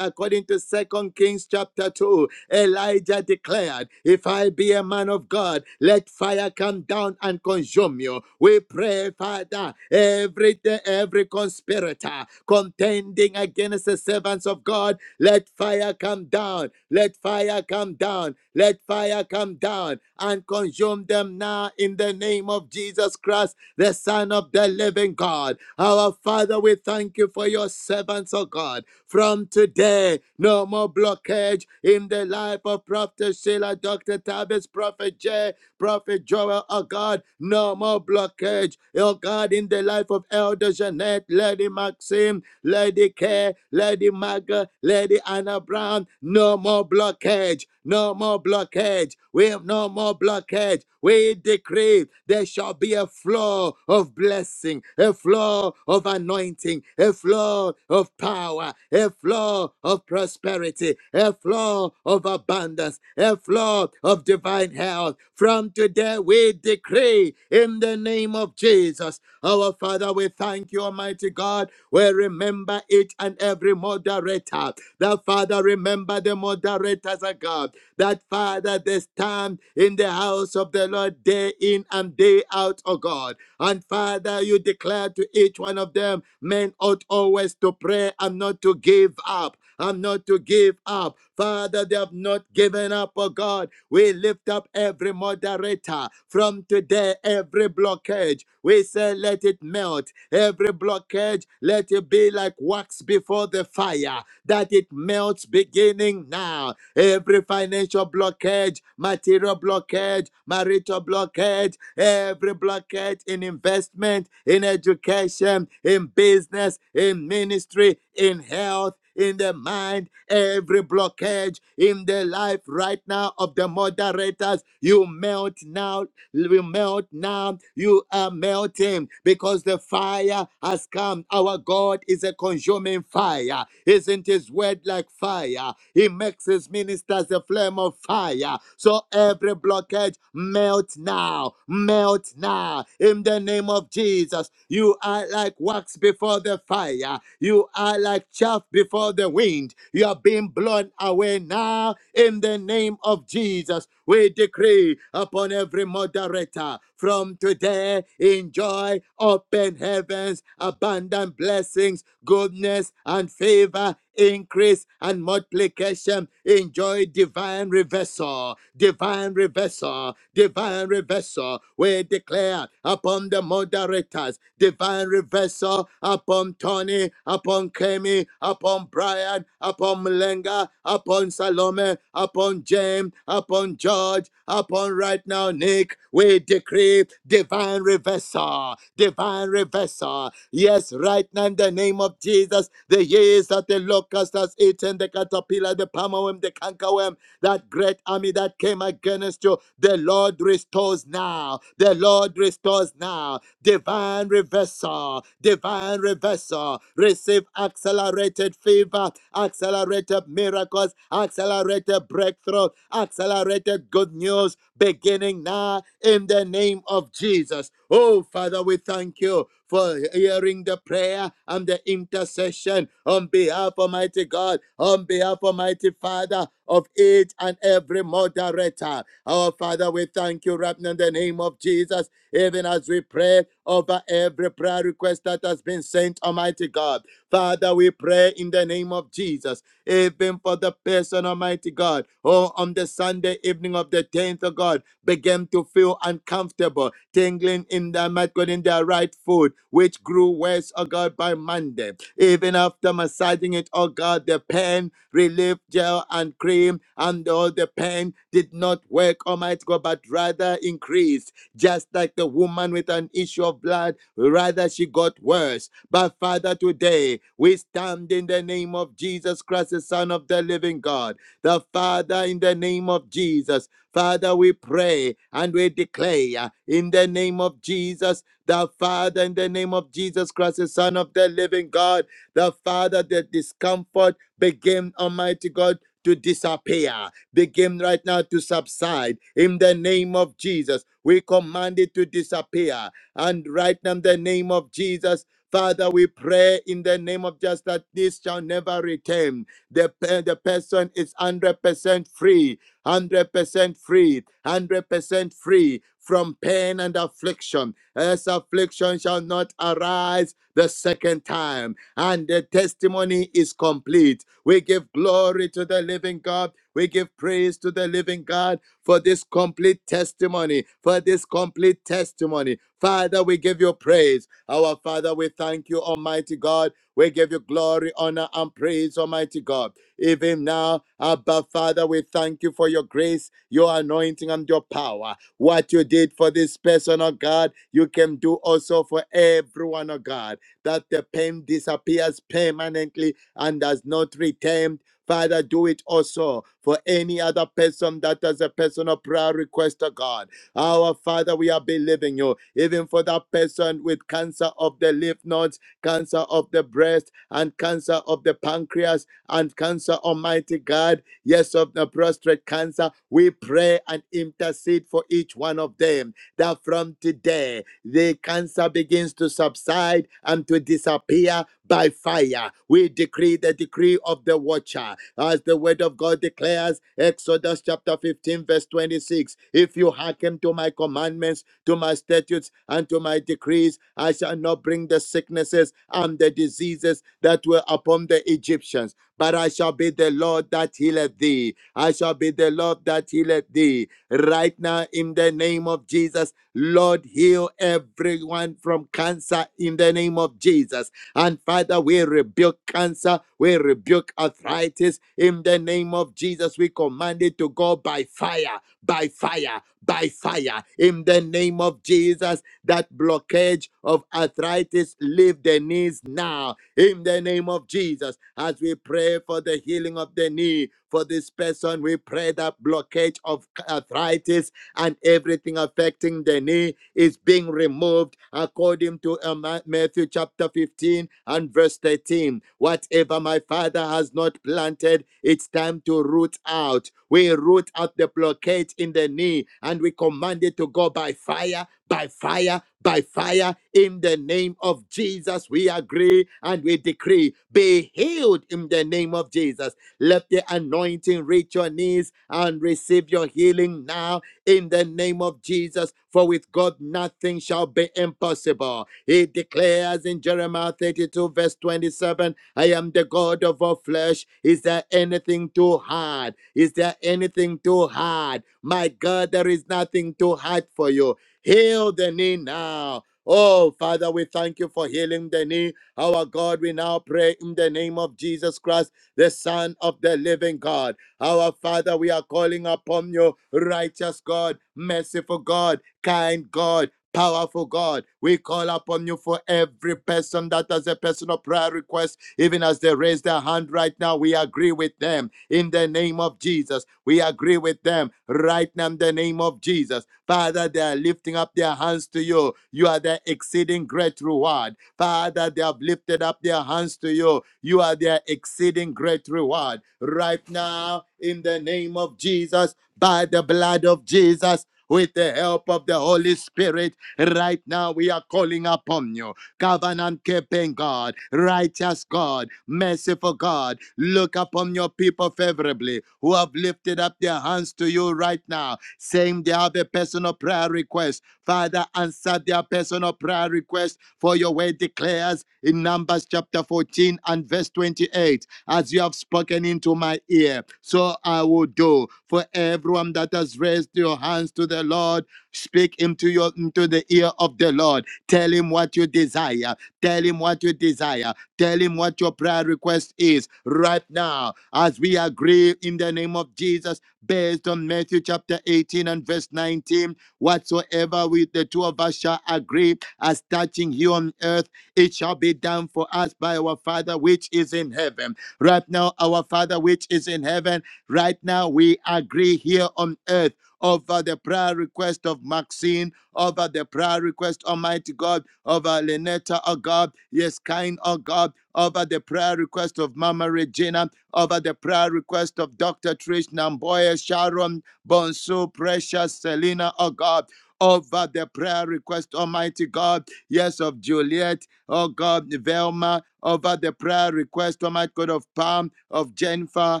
Speaker 5: according to Second Kings chapter 2 Elijah declared, If I be a man of God, let fire come down and consume you. We pray, Father, every day, every conspirator contending against the servants of God, let fire come down, let fire come down, let fire come down and consume them now in the name of Jesus Christ, the Son of the living God. Our Father, we thank you for your servants, O God. From today, no more blockage in the life of Prophet Sheila, Dr. Tavis, Prophet Jay, Prophet Joel, oh God, no more blockage. Oh God, in the life of Elder Jeanette, Lady Maxim, Lady Kay, Lady Maga, Lady Anna Brown, no more blockage, no more blockage. We have no more blockage. We decree there shall be a flow of blessing, a flow of anointing, a flow of power, a flow of prosperity, a flow of abundance, a flow of divine health. From today, we decree in the name of Jesus. Our Father, we thank you, Almighty God. We remember each and every moderator. That Father, remember the moderators of God. That Father, they stand in the house of the Lord day in and day out, O God. And Father, you declare to each one of them, men ought always to pray and not to give up. And not to give up. Father, they have not given up, O God we lift up every moderator from today, every blockage. We say, let it melt. Every blockage, let it be like wax before the fire, that it melts beginning now every financial blockage, material blockage, marital blockage, every blockage in investment, in education, in business, in ministry, in health. In the mind, every blockage in the life right now of the moderators, you melt now will melt now. You are melting because the fire has come. Our God is a consuming fire. Isn't his word like fire? He makes his ministers a flame of fire. So every blockage melt now, melt now. In the name of Jesus, you are like wax before the fire. You are like chaff before the wind. You are being blown away now in the name of Jesus. We decree upon every moderator from today enjoy open heavens, abundant blessings, goodness and favor, increase and multiplication. Enjoy divine reversal divine reversal, divine reversal. We declare upon the moderators, divine reversal upon Tony, upon Kemi, upon Brian, upon Malenga, upon Salome, upon James, upon George, upon right now Nick. We decree divine reversal, divine reversal. Yes, right now in the name of Jesus, the years that the locust has eaten, the caterpillar, the palm worm, the cankerworm, that great army that came against you, the Lord restores now. The Lord restores now. Divine reversal, divine reversal. Receive accelerated favor, accelerated miracles, accelerated breakthrough, accelerated good news beginning now in the name of Jesus. Oh, Father, we thank you for hearing the prayer and the intercession on behalf of mighty God, on behalf of mighty Father of each and every moderator. Our Father, we thank you right now in the name of Jesus, even as we pray over every prayer request that has been sent, Almighty God. Father, we pray in the name of Jesus, even for the person, Almighty God, who on the Sunday evening of the 10th of God began to feel uncomfortable, tingling in their might God in their right foot, which grew worse, oh God, by Monday. Even after massaging it, oh God, the pain relief gel and cream and all the pain did not work, Almighty God, but rather increased. Just like the woman with an issue of blood, rather she got worse. But Father, today we stand in the name of Jesus Christ, the Son of the living God. The Father, in the name of Jesus. Father, we pray and we declare in the name of Jesus, the Father, in the name of Jesus Christ, the Son of the living God, the Father, the discomfort begin, Almighty God, to disappear, begin right now to subside in the name of Jesus. We command it to disappear. And right now, in the name of Jesus, Father, we pray in the name of just that this shall never return. The, pe- the person is 100% free, 100% free, 100% free from pain and affliction. This affliction shall not arise the second time. And the testimony is complete we give glory to the living God. We give praise to the living God for this complete testimony, for this complete testimony. Father, we give you praise. Our Father, we thank you, Almighty God. We give you glory, honor, and praise, Almighty God. Even now, Abba Father, we thank you for your grace, your anointing, and your power. What you did for this person, oh God, you can do also for everyone, oh God, that the pain disappears permanently and has not redeemed. Father, do it also for any other person that has a personal prayer request to God. Our Father, we are believing you, even for that person with cancer of the lymph nodes, cancer of the breast, and cancer of the pancreas, and cancer, Almighty God, yes, of the prostate cancer. We pray and intercede for each one of them that from today the cancer begins to subside and to disappear by fire. We decree the decree of the watcher. As the word of God declares, Exodus chapter 15, verse 26 If you hearken to my commandments, to my statutes, and to my decrees, I shall not bring the sicknesses and the diseases that were upon the Egyptians. But I shall be the Lord that healeth thee. I shall be the Lord that healeth thee. Right now, in the name of Jesus, Lord, heal everyone from cancer in the name of Jesus. And Father, we rebuke cancer, we rebuke arthritis. In the name of Jesus, we command it to go by fire, by fire, by fire. In the name of Jesus, that blockage of arthritis, leave the knees now. In the name of Jesus, as we pray for the healing of the knee, for this person, we pray that blockage of arthritis and everything affecting the knee is being removed according to uh, Ma- Matthew chapter 15 and verse 13. Whatever my father has not planted, it's time to root out. We root out the blockade in the knee and we command it to go by fire, by fire, by fire. In the name of Jesus, we agree and we decree be healed in the name of Jesus. Let the anointing reach your knees and receive your healing now in the name of Jesus, for with God nothing shall be impossible. He declares in Jeremiah 32, verse 27, I am the God of all flesh. Is there anything too hard? Is there anything too hard? My God, there is nothing too hard for you. Heal the knee now. Oh, Father, we thank you for healing the knee. Our God, we now pray in the name of Jesus Christ, the Son of the living God. Our Father, we are calling upon you, righteous God, merciful God, kind God. Powerful God, we call upon you for every person that has a personal prayer request, even as they raise their hand right now. We agree with them in the name of Jesus. We agree with them right now in the name of Jesus. Father, they are lifting up their hands to you. You are the exceeding great reward. Father, they have lifted up their hands to you. You are their exceeding great reward. Right now, in the name of Jesus, by the blood of Jesus, with the help of the Holy Spirit, right now we are calling upon you. Covenant keeping God, righteous God, merciful God, look upon your people favorably who have lifted up their hands to you right now, saying they have a personal prayer request. Father, answer their personal prayer request for your word declares in Numbers chapter 14 and verse 28 as you have spoken into my ear, so I will do. For everyone that has raised your hands to the Lord, speak into your into the ear of the Lord. Tell him what you desire. Tell him what you desire. Tell him what your prayer request is right now. As we agree in the name of Jesus, based on Matthew chapter 18 and verse 19, whatsoever we the two of us shall agree as touching here on earth, it shall be done for us by our Father which is in heaven. Right now, our Father which is in heaven, right now we agree here on earth over the prayer request of Maxine, over the prayer request, Almighty God, over Lenetta, oh God, yes, kind, oh God, over the prayer request of Mama Regina, over the prayer request of Dr. Trish Namboya, Sharon, Bonsu, Precious, Selena, oh God, over the prayer request, Almighty God. Yes, of Juliet, oh God, Velma, over the prayer request, Almighty God of Pam, of Jennifer,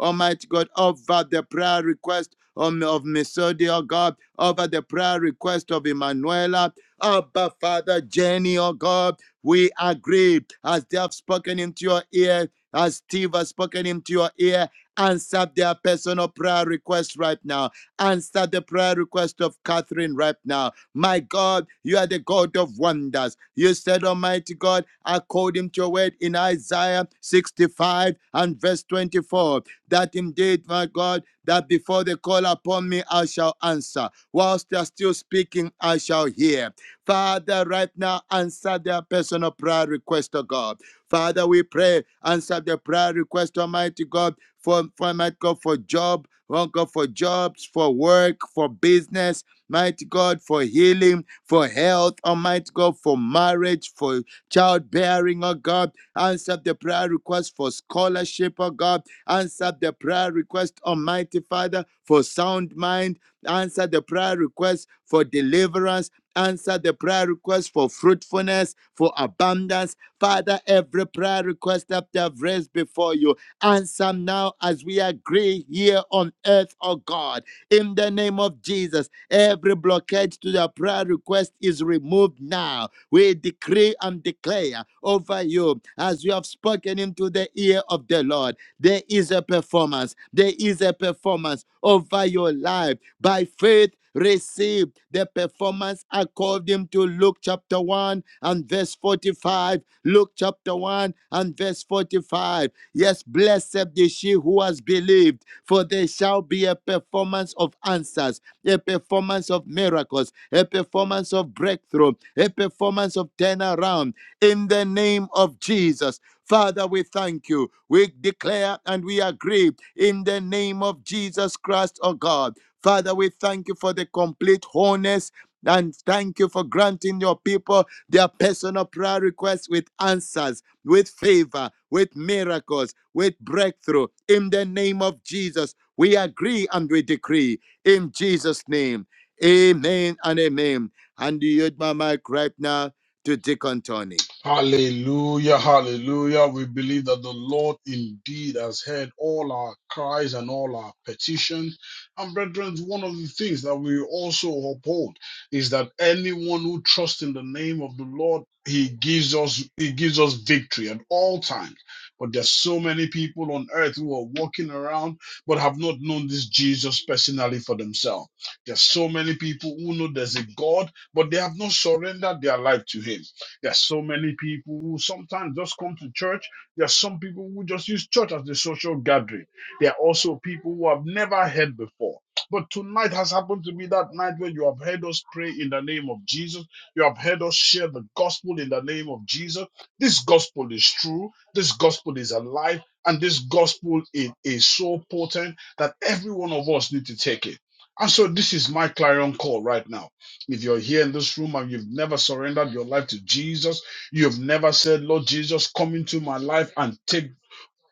Speaker 5: Almighty God, over the prayer request um, of Misodi, oh God, over the prayer request of Emanuela, Abba Father Jenny, oh God, we agree as they have spoken into your ear, as Steve has spoken into your ear, answer their personal prayer request right now Answer the prayer request of Catherine right now. My God, you are the God of wonders. You said, Almighty God, according to your word in Isaiah 65 and verse 24, that indeed, my God, that before they call upon me, I shall answer. Whilst they are still speaking, I shall hear. Father, right now, answer their personal prayer request, O God. Father, we pray, answer the prayer request, Almighty God, for, for my God, for Job. Lord God, for jobs, for work, for business, mighty God, for healing, for health, Almighty God, for marriage, for childbearing, oh God. Answer the prayer request for scholarship, oh God. Answer the prayer request, Almighty Father, for sound mind. Answer the prayer request for deliverance. Answer the prayer request for fruitfulness, for abundance. Father, every prayer request that they have raised before you, Answer now as we agree here on earth, oh God. In the name of Jesus, every blockage to the prayer request is removed now. We decree and declare over you as you have spoken into the ear of the Lord. There is a performance. There is a performance over your life. By faith, receive the performance according to Luke chapter 1 and verse 45. Luke chapter 1 and verse 45 Yes, blessed is she who has believed, for there shall be a performance of answers, a performance of miracles, a performance of breakthrough, a performance of turnaround in the name of Jesus. Father, we thank you. We declare and we agree in the name of Jesus Christ, oh God. Father, we thank you for the complete wholeness and thank you for granting your people their personal prayer requests with answers with favor, with miracles, with breakthrough. In the name of Jesus, we agree and we decree in Jesus' name. Amen and amen. And you use my mic right now to Deacon Tony.
Speaker 7: Hallelujah, hallelujah. We believe that the Lord indeed has heard all our cries and all our petitions. And brethren, one of the things that we also uphold is that anyone who trusts in the name of the Lord, he gives us he gives us victory at all times. But there's so many people on earth who are walking around but have not known this Jesus personally for themselves. There's so many people who know there's a God, but they have not surrendered their life to him. There's so many people who sometimes just come to church. There are some people who just use church as the social gathering. There are also people who have never heard before. But tonight has happened to be that night where you have heard us pray in the name of Jesus. You have heard us share the gospel in the name of Jesus. This gospel is true. This gospel is alive. And this gospel is is so potent that every one of us need to take it. And so this is my clarion call right now if you're here in this room and you've never surrendered your life to Jesus, you've never said, Lord Jesus, come into my life and take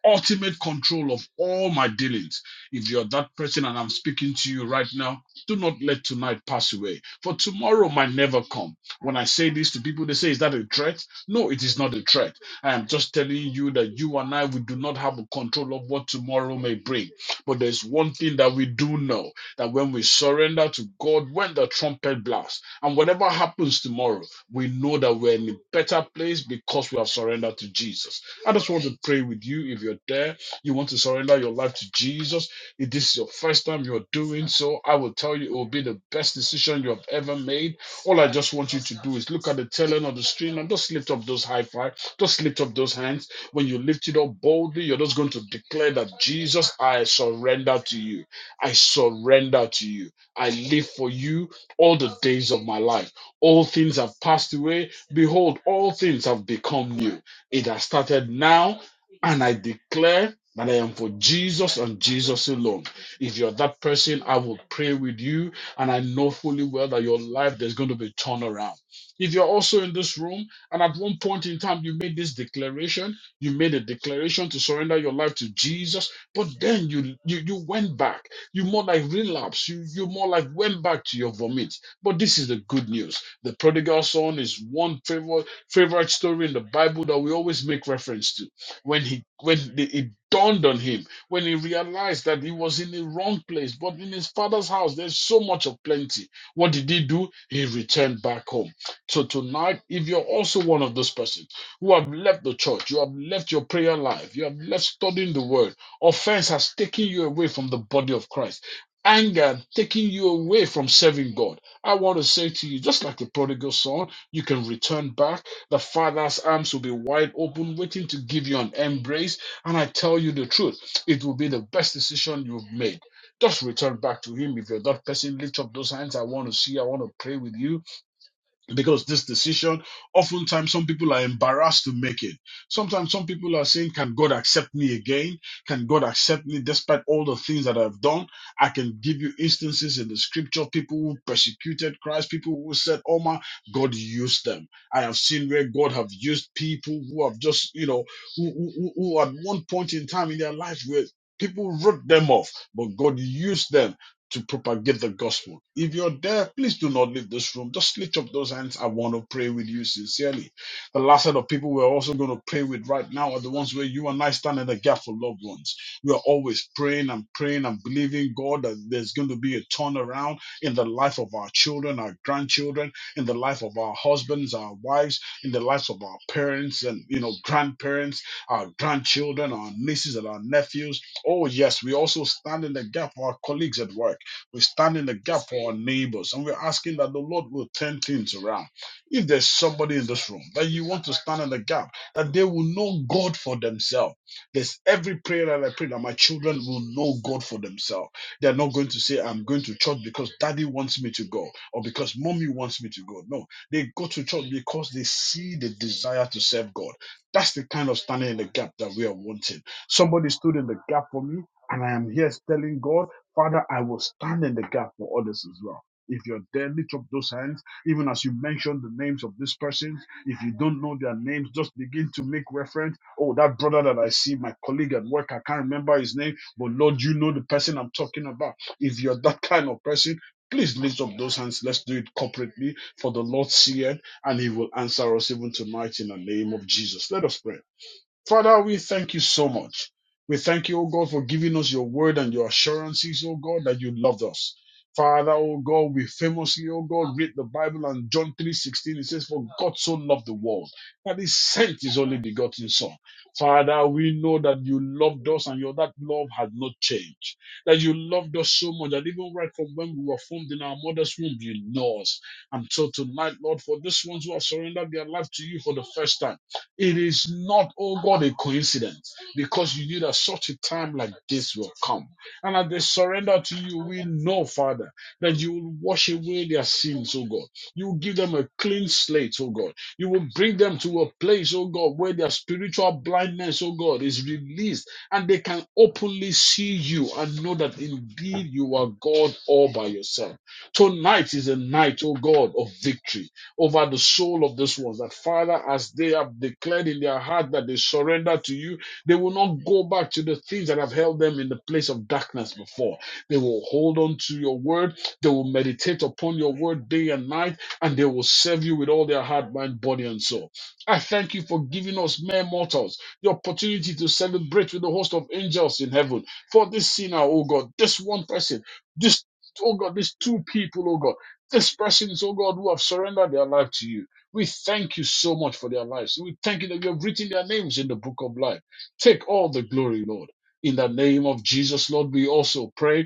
Speaker 7: ultimate control of all my dealings. If you're that person and I'm speaking to you right now, do not let tonight pass away, for tomorrow might never come. When I say this to people, they say, Is that a threat? No, it is not a threat. I am just telling you that you and I, we do not have a control of what tomorrow may bring. But there's one thing that we do know that when we surrender to God, when the trumpet blasts, and whatever happens tomorrow, we know that we're in a better place because we have surrendered to Jesus. I just want to pray with you if you're there. You want to surrender your life to Jesus. If this is your first time you're doing so, I will tell you it will be the best decision you have ever made. All I just want you to do is look at the tail end of the stream and just lift up those high five. Just lift up those hands. When you lift it up boldly, you're just going to declare that Jesus, I surrender to you. I surrender to you. I live for you all the days of my life. All things have passed away. Behold, all things have become new. It has started now, and I declare that I am for Jesus and Jesus alone. If you're that person, I will pray with you, and I know fully well that your life there's going to be a turnaround. If you're also in this room, and at one point in time you made this declaration, you made a declaration to surrender your life to Jesus, but then you you, you went back. You more like relapsed, You you more like went back to your vomit. But this is the good news. The prodigal son is one favor favorite story in the Bible that we always make reference to. When he when the- it dawned on him, when he realized that he was in the wrong place, but in his father's house there's so much of plenty. What did he do? He returned back home. So tonight, if you're also one of those persons who have left the church, you have left your prayer life, you have left studying the word, offense has taken you away from the body of Christ. Anger taking you away from serving God. I want to say to you, just like the prodigal son, you can return back the Father's arms will be wide open, waiting to give you an embrace. And I tell you the truth, it will be the best decision you've made. Just return back to Him. If you're that person, lift up those hands. I want to see, I want to pray with you because this decision oftentimes some people are embarrassed to make it sometimes some people are saying can god accept me again can god accept me despite all the things that i've done i can give you instances in the scripture people who persecuted christ people who said oh my god used them i have seen where god have used people who have just you know who, who, who who at one point in time in their life where people wrote them off but god used them to propagate the gospel. If you're there, please do not leave this room. Just lift up those hands. I want to pray with you sincerely. The last set of people we're also going to pray with right now are the ones where you and I stand in the gap for loved ones. We are always praying and praying and believing God that there's going to be a turnaround in the life of our children, our grandchildren, in the life of our husbands, our wives, in the lives of our parents and you know grandparents, our grandchildren, our nieces and our nephews. Oh yes, we also stand in the gap for our colleagues at work we stand in the gap for our neighbors and we're asking that the Lord will turn things around. If there's somebody in this room that you want to stand in the gap, that they will know God for themselves. There's every prayer that I pray that my children will know God for themselves. They're not going to say, I'm going to church because daddy wants me to go or because mommy wants me to go. No, they go to church because they see the desire to serve God. That's the kind of standing in the gap that we are wanting. Somebody stood in the gap for me, and I am here telling God. Father, I will stand in the gap for others as well. If you're there, lift up those hands. Even as you mention the names of these persons, if you don't know their names, just begin to make reference. Oh, that brother that I see, my colleague at work, I can't remember his name, but Lord, you know the person I'm talking about. If you're that kind of person, please lift up those hands. Let's do it corporately, for the Lord seeth, and He will answer us even tonight in the name of Jesus. Let us pray. Father, we thank you so much. We thank you, O God, for giving us your word and your assurances, O God, that you loved us. Father, O God, we famously, O God, read the Bible and John 3.16, it says, For God so loved the world, that he sent his only begotten son. Father, we know that you loved us and your that love had not changed. That you loved us so much that even right from when we were formed in our mother's womb, you know us. And so tonight, Lord, for these ones who have surrendered their life to you for the first time. It is not, oh God, a coincidence because you knew that such a time like this will come. And as they surrender to you, we know, Father, that you will wash away their sins, oh God. You will give them a clean slate, oh God. You will bring them to a place, oh God, where their spiritual blindness, oh God, is released and they can openly see you and know that indeed you are God all by yourself. Tonight is a night, oh God, of victory over the soul of this ones. That Father, as they have declared in their heart that they surrender to you, they will not go back to the things that have held them in the place of darkness before. They will hold on to your word. They will meditate upon your word day and night, and they will serve you with all their heart, mind, body, and soul. I thank you for giving us mere mortals the opportunity to celebrate with the host of angels in heaven for this sinner, oh God, this one person, this. Oh God, these two people, oh God. These persons, oh God, who have surrendered their life to you, we thank you so much for their lives. We thank you that you have written their names in the book of life. Take all the glory, Lord. In the name of Jesus, Lord, we also pray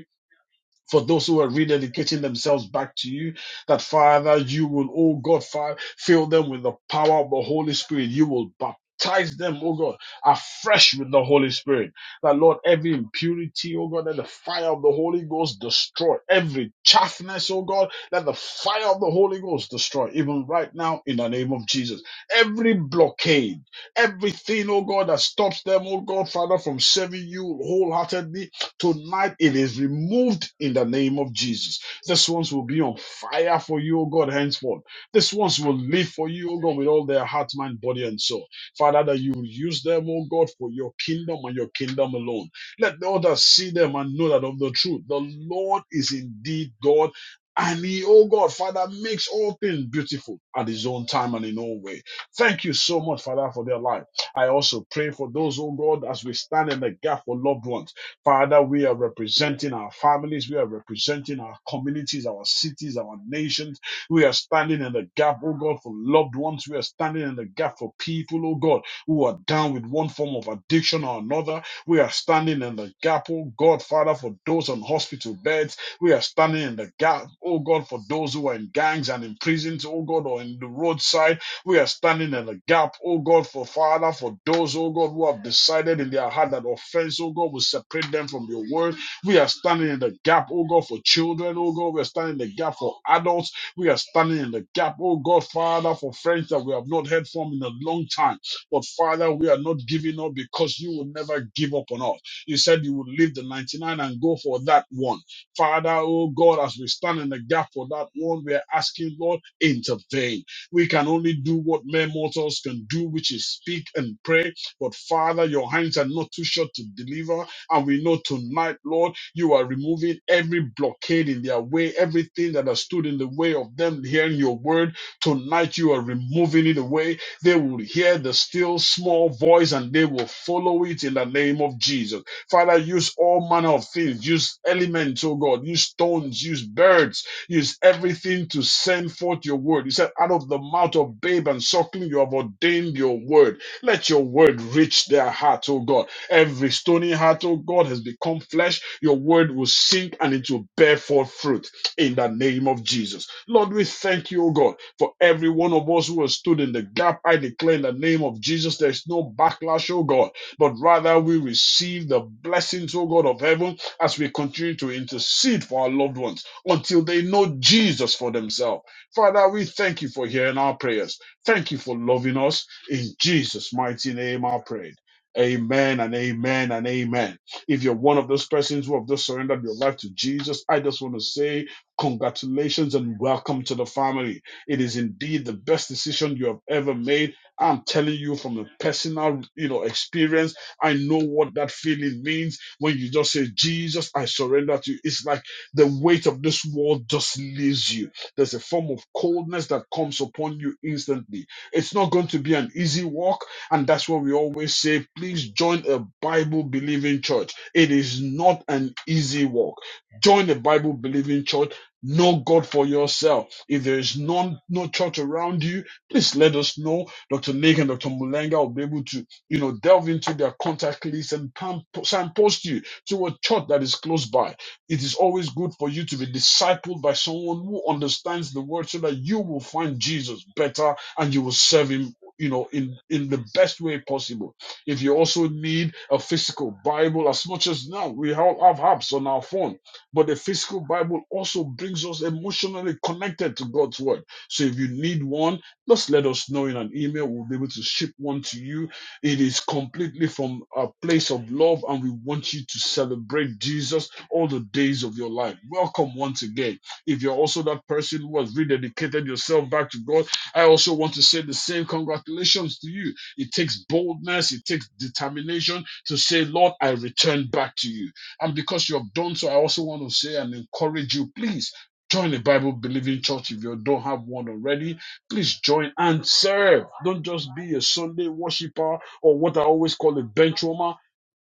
Speaker 7: for those who are rededicating themselves back to you, that Father, you will, oh God, fi- fill them with the power of the Holy Spirit. You will baptize them, oh God, afresh with the Holy Spirit. That Lord, every impurity, oh God, let the fire of the Holy Ghost destroy every chaffness, oh God, let the fire of the Holy Ghost destroy, even right now, in the name of Jesus. Every blockade, everything, oh God, that stops them, oh God, Father, from serving you wholeheartedly, Tonight it is removed in the name of Jesus. This ones will be on fire for you, O God, henceforth. This ones will live for you, O God, with all their heart, mind, body, and soul. Father, that you will use them, O God, for your kingdom and your kingdom alone. Let the others see them and know that of the truth, the Lord is indeed God. And he, oh God, Father, makes all things beautiful at his own time and in all way. Thank you so much, Father, for their life. I also pray for those, oh God, as we stand in the gap for loved ones. Father, we are representing our families, we are representing our communities, our cities, our nations. We are standing in the gap, oh God, for loved ones. We are standing in the gap for people, oh God, who are down with one form of addiction or another. We are standing in the gap, oh God, Father, for those on hospital beds. We are standing in the gap, oh God, for those who are in gangs and in prisons, oh God, or in the roadside. We are standing in the gap, oh God, for Father, for those, oh God, who have decided in their heart that offense, oh God, will separate them from your word. We are standing in the gap, oh God, for children, oh God. We are standing in the gap for adults. We are standing in the gap, oh God, Father, for friends that we have not heard from in a long time. But Father, we are not giving up because you will never give up on us. You said you would leave the 99 and go for that one. Father, oh God, as we stand in the gap for that one, we are asking, Lord, intervene we can only do what mere mortals can do, which is speak and pray. But Father, your hands are not too short to deliver. And we know tonight, Lord, you are removing every blockade in their way, everything that has stood in the way of them hearing your word. Tonight, you are removing it away. They will hear the still small voice and they will follow it in the name of Jesus. Father, use all manner of things. Use elements, oh God. Use stones. Use birds Use everything to send forth your word. You said, out of the mouth of babe and suckling, you have ordained your word. Let your word reach their heart, oh God. Every stony heart, oh God, has become flesh. Your word will sink and it will bear forth fruit in the name of Jesus. Lord, we thank you, oh God, for every one of us who has stood in the gap. I declare in the name of Jesus, there is no backlash, oh God, but rather we receive the blessings, oh God, of heaven as we continue to intercede for our loved ones until they know Jesus for themselves. Father, we thank you for hearing our prayers. Thank you for loving us. In Jesus' mighty name, I prayed. Amen and amen and amen. If you're one of those persons who have just surrendered your life to Jesus, I just want to say congratulations and welcome to the family. It is indeed the best decision you have ever made. I'm telling you from a personal, you know, experience. I know what that feeling means when you just say, "Jesus, I surrender to you." It's like the weight of this world just leaves you. There's a form of coldness that comes upon you instantly. It's not going to be an easy walk. And that's why we always say, please join a Bible believing church. It is not an easy walk. Join a Bible believing church. Know God for yourself. If there is none, no church around you, please let us know. Dr. Nick and Dr. Mulenga will be able to, you know, delve into their contact list and pam- signpost you to a church that is close by. It is always good for you to be discipled by someone who understands the word so that you will find Jesus better and you will serve him, you know, in, in the best way possible. If you also need a physical Bible, as much as now we all have apps on our phone, but the physical Bible also brings us emotionally connected to God's word. So if you need one, just let us know in an email. We'll be able to ship one to you it is completely from a place of love and we want you to celebrate jesus all the days of your life. Welcome once again. If you're also that person who has rededicated yourself back to God, I also want to say the same congratulations to you. It takes boldness, it takes determination to say, Lord, I return back to you. And because you have done so, I also want to say and encourage you, please. Join a Bible believing church if you don't have one already. Please join and serve. Don't just be a Sunday worshiper or what I always call a bench warmer.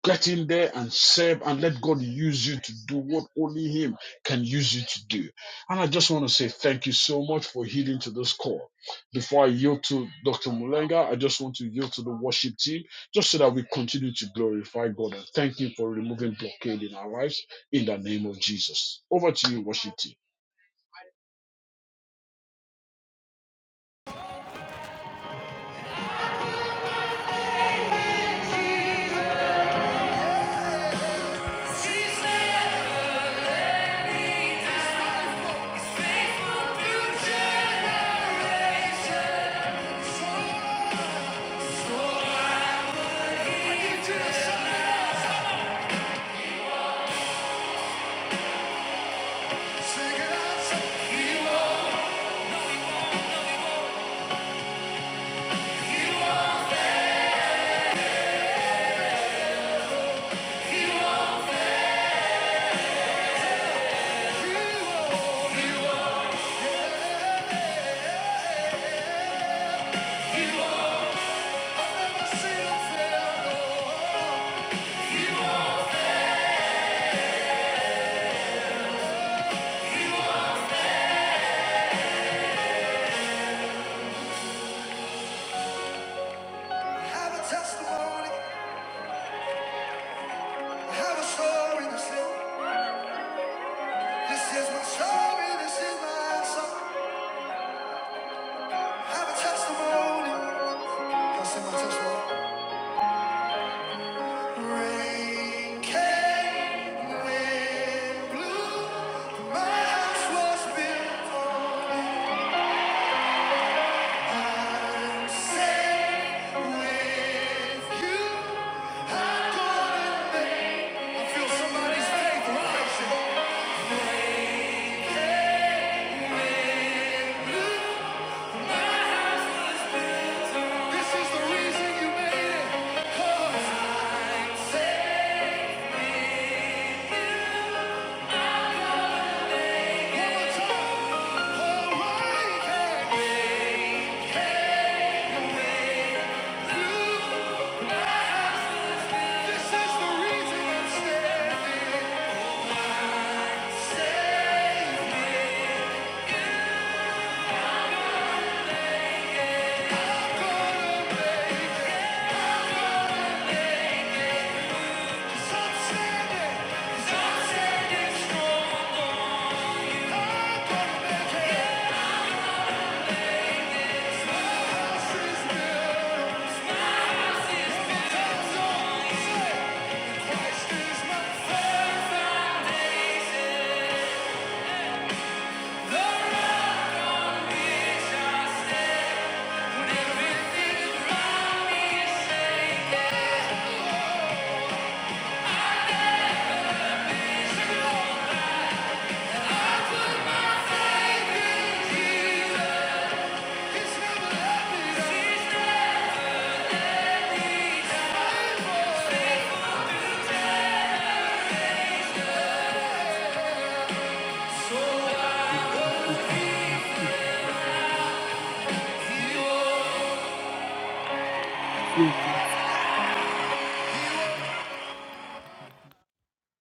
Speaker 7: Get in there and serve and let God use you to do what only Him can use you to do. And I just want to say thank you so much for heeding to this call. Before I yield to Dr. Mulenga, I just want to yield to the worship team just so that we continue to glorify God and thank Him for removing blockade in our lives in the name of Jesus. Over to you, worship team.
Speaker 1: Sing it out, say, Hero, hero. I've never seen a failure. Have a testimony. I have a story This is my story. This is my song. have a testimony. Y'all sing my testimony. Rain came, wind blew. My house was built for I'm safe with you. I'm gonna make. I feel somebody's faith rising. This is the reason you made it. 'Cause I'm So I love you.
Speaker 2: Thank you.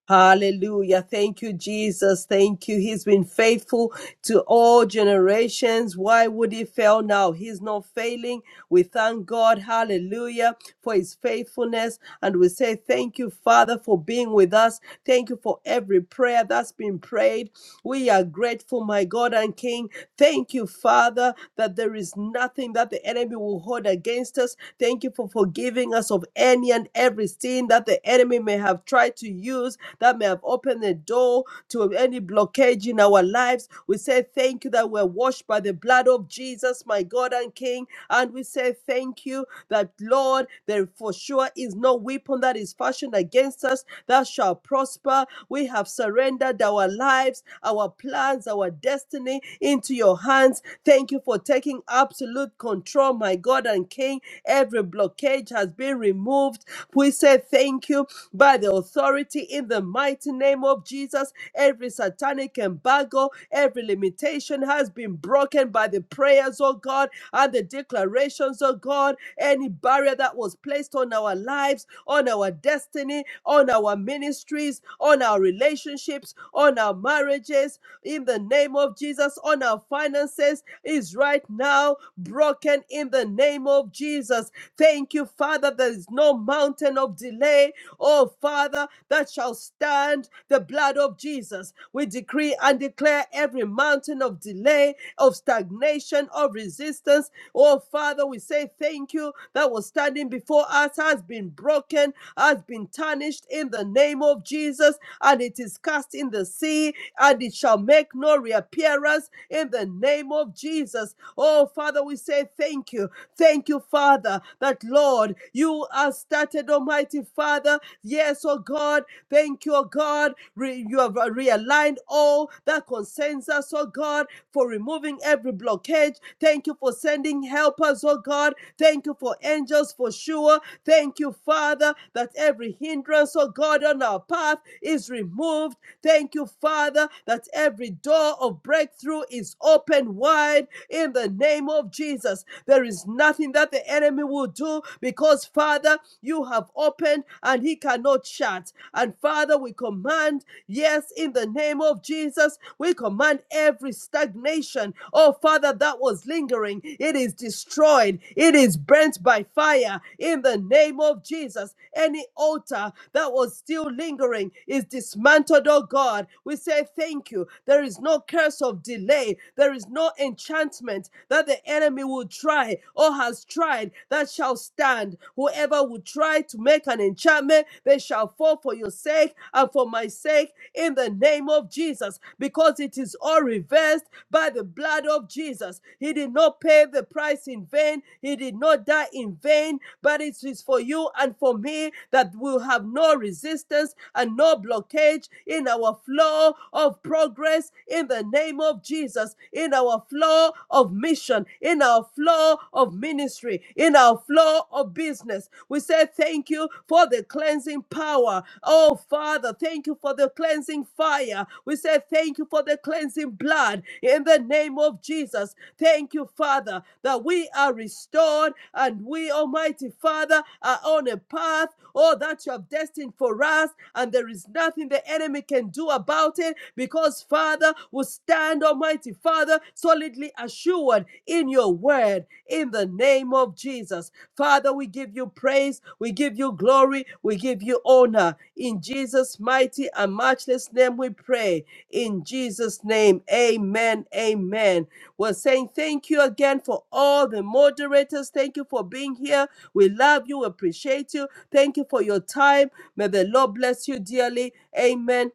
Speaker 2: Hallelujah. Thank you, Jesus. Thank you. He's been faithful to all generations. Why would he fail now? He's not failing. We thank God, hallelujah, for his faithfulness. And we say, Thank you, Father, for being with us. Thank you for every prayer that's been prayed. We are grateful, my God and King. Thank you, Father, that there is nothing that the enemy will hold against us. Thank you for forgiving us of any and every sin that the enemy enemy may have tried to use that may have opened the door to any blockage in our lives. We say thank you that we're washed by the blood of Jesus, my God and King. And we say thank you that, Lord, there for sure is no weapon that is fashioned against us that shall prosper. We have surrendered our lives, our plans, our destiny into your hands. Thank you for taking absolute control, my God and King. Every blockage has been removed. We say thank you by the authority in the mighty name of Jesus. Every satanic embargo, every limitation has been broken by the prayers, oh God, and the declarations, oh God. Any barrier that was placed on our lives, on our destiny, on our ministries, on our relationships, on our marriages, in the name of Jesus, on our finances, is right now broken in the name of Jesus. Thank you Thank you, Father. There is no mountain of delay, oh Father, that shall stand the blood of Jesus. We decree and declare every mountain of delay, of stagnation, of resistance, oh Father, we say thank you that was standing before us has been broken, has been tarnished in the name of Jesus, and it is cast in the sea, and it shall make no reappearance in the name of Jesus. Oh Father, we say thank you. Thank you, Father, that Lord, you are started, Almighty Father. Yes, oh God, thank you, oh God. Re- you have realigned all that concerns us, oh God, for removing every blockage. Thank you for sending helpers, oh God. Thank you for angels for sure. Thank you, Father, that every hindrance, oh God, on our path is removed. Thank you, Father, that every door of breakthrough is open wide in the name of of Jesus. There is nothing that the enemy will do because, Father, you have opened and he cannot shut. And Father, we command, yes, in the name of Jesus, we command every stagnation, oh Father, that was lingering. It is destroyed, it is burnt by fire in the name of Jesus. Any altar that was still lingering is dismantled, oh God. We say thank you. There is no curse of delay, there is no enchantment that the enemy will try or has tried that shall stand. Whoever will try to make an enchantment, they shall fall for your sake and for my sake in the name of Jesus, because it is all reversed by the blood of Jesus. He did not pay the price in vain, he did not die in vain, but it is for you and for me that will have no resistance and no blockage in our flow of progress in the name of name of Jesus in our flow of mission, in our flow of ministry, in our flow of business. We say thank you for the cleansing power. Oh, Father, thank you for the cleansing fire. We say thank you for the cleansing blood in the name of Jesus. Thank you, Father, that we are restored and we, Almighty Father, are on a path, oh, that you have destined for us, and there is nothing the enemy can do about it because, Father, will stand, Almighty Father, solidly assured in your word in the name of Jesus. Father, we give you praise, we give you glory, we give you honor. In Jesus' mighty and matchless name we pray. In Jesus' name, amen, amen. We're saying thank you again for all the moderators. Thank you for being here. We love you, appreciate you. Thank you for your time. May the Lord bless you dearly. Amen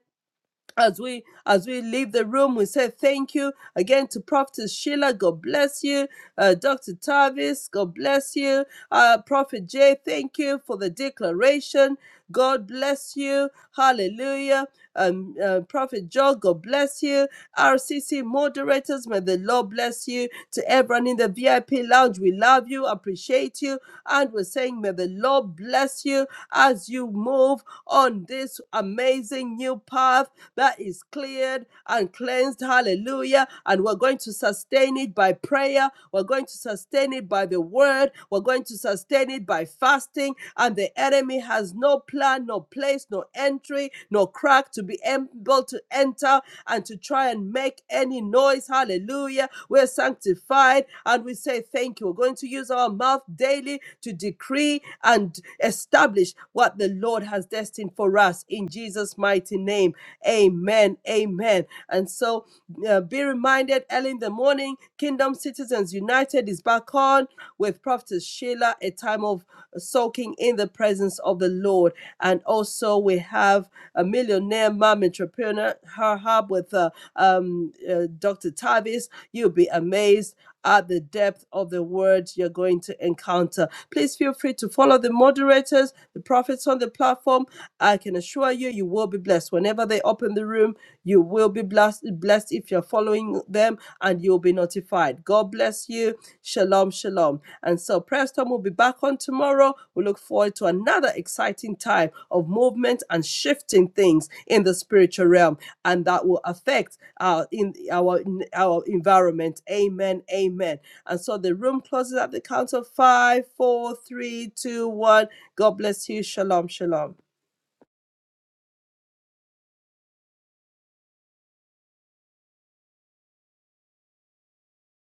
Speaker 2: as we as we leave the room we say thank you again to prophet sheila god bless you uh, dr tavis god bless you uh, prophet jay thank you for the declaration god bless you hallelujah um, uh, prophet joe god bless you rcc moderators may the lord bless you to everyone in the vip lounge we love you appreciate you and we're saying may the lord bless you as you move on this amazing new path that is cleared and cleansed. Hallelujah. And we're going to sustain it by prayer. We're going to sustain it by the word. We're going to sustain it by fasting. And the enemy has no plan, no place, no entry, no crack to be able to enter and to try and make any noise. Hallelujah. We're sanctified and we say thank you. We're going to use our mouth daily to decree and establish what the Lord has destined for us in Jesus' mighty name. Amen. Amen. And so uh, be reminded early in the morning, Kingdom Citizens United is back on with Prophetess Sheila, a time of soaking in the presence of the Lord. And also we have a millionaire mom entrepreneur, her hub with uh, um, uh, Dr. Tavis. You'll be amazed at the depth of the words you're going to encounter. Please feel free to follow the moderators, the prophets on the platform. I can assure you, you will be be blessed. Whenever they open the room, you will be blessed, blessed if you're following them and you'll be notified. God bless you. Shalom, shalom. And so Preston will be back on tomorrow. We look forward to another exciting time of movement and shifting things in the spiritual realm and that will affect our in our our environment. Amen. Amen. And so the room closes at the count of five, four, three, two, one. God bless you. Shalom, shalom.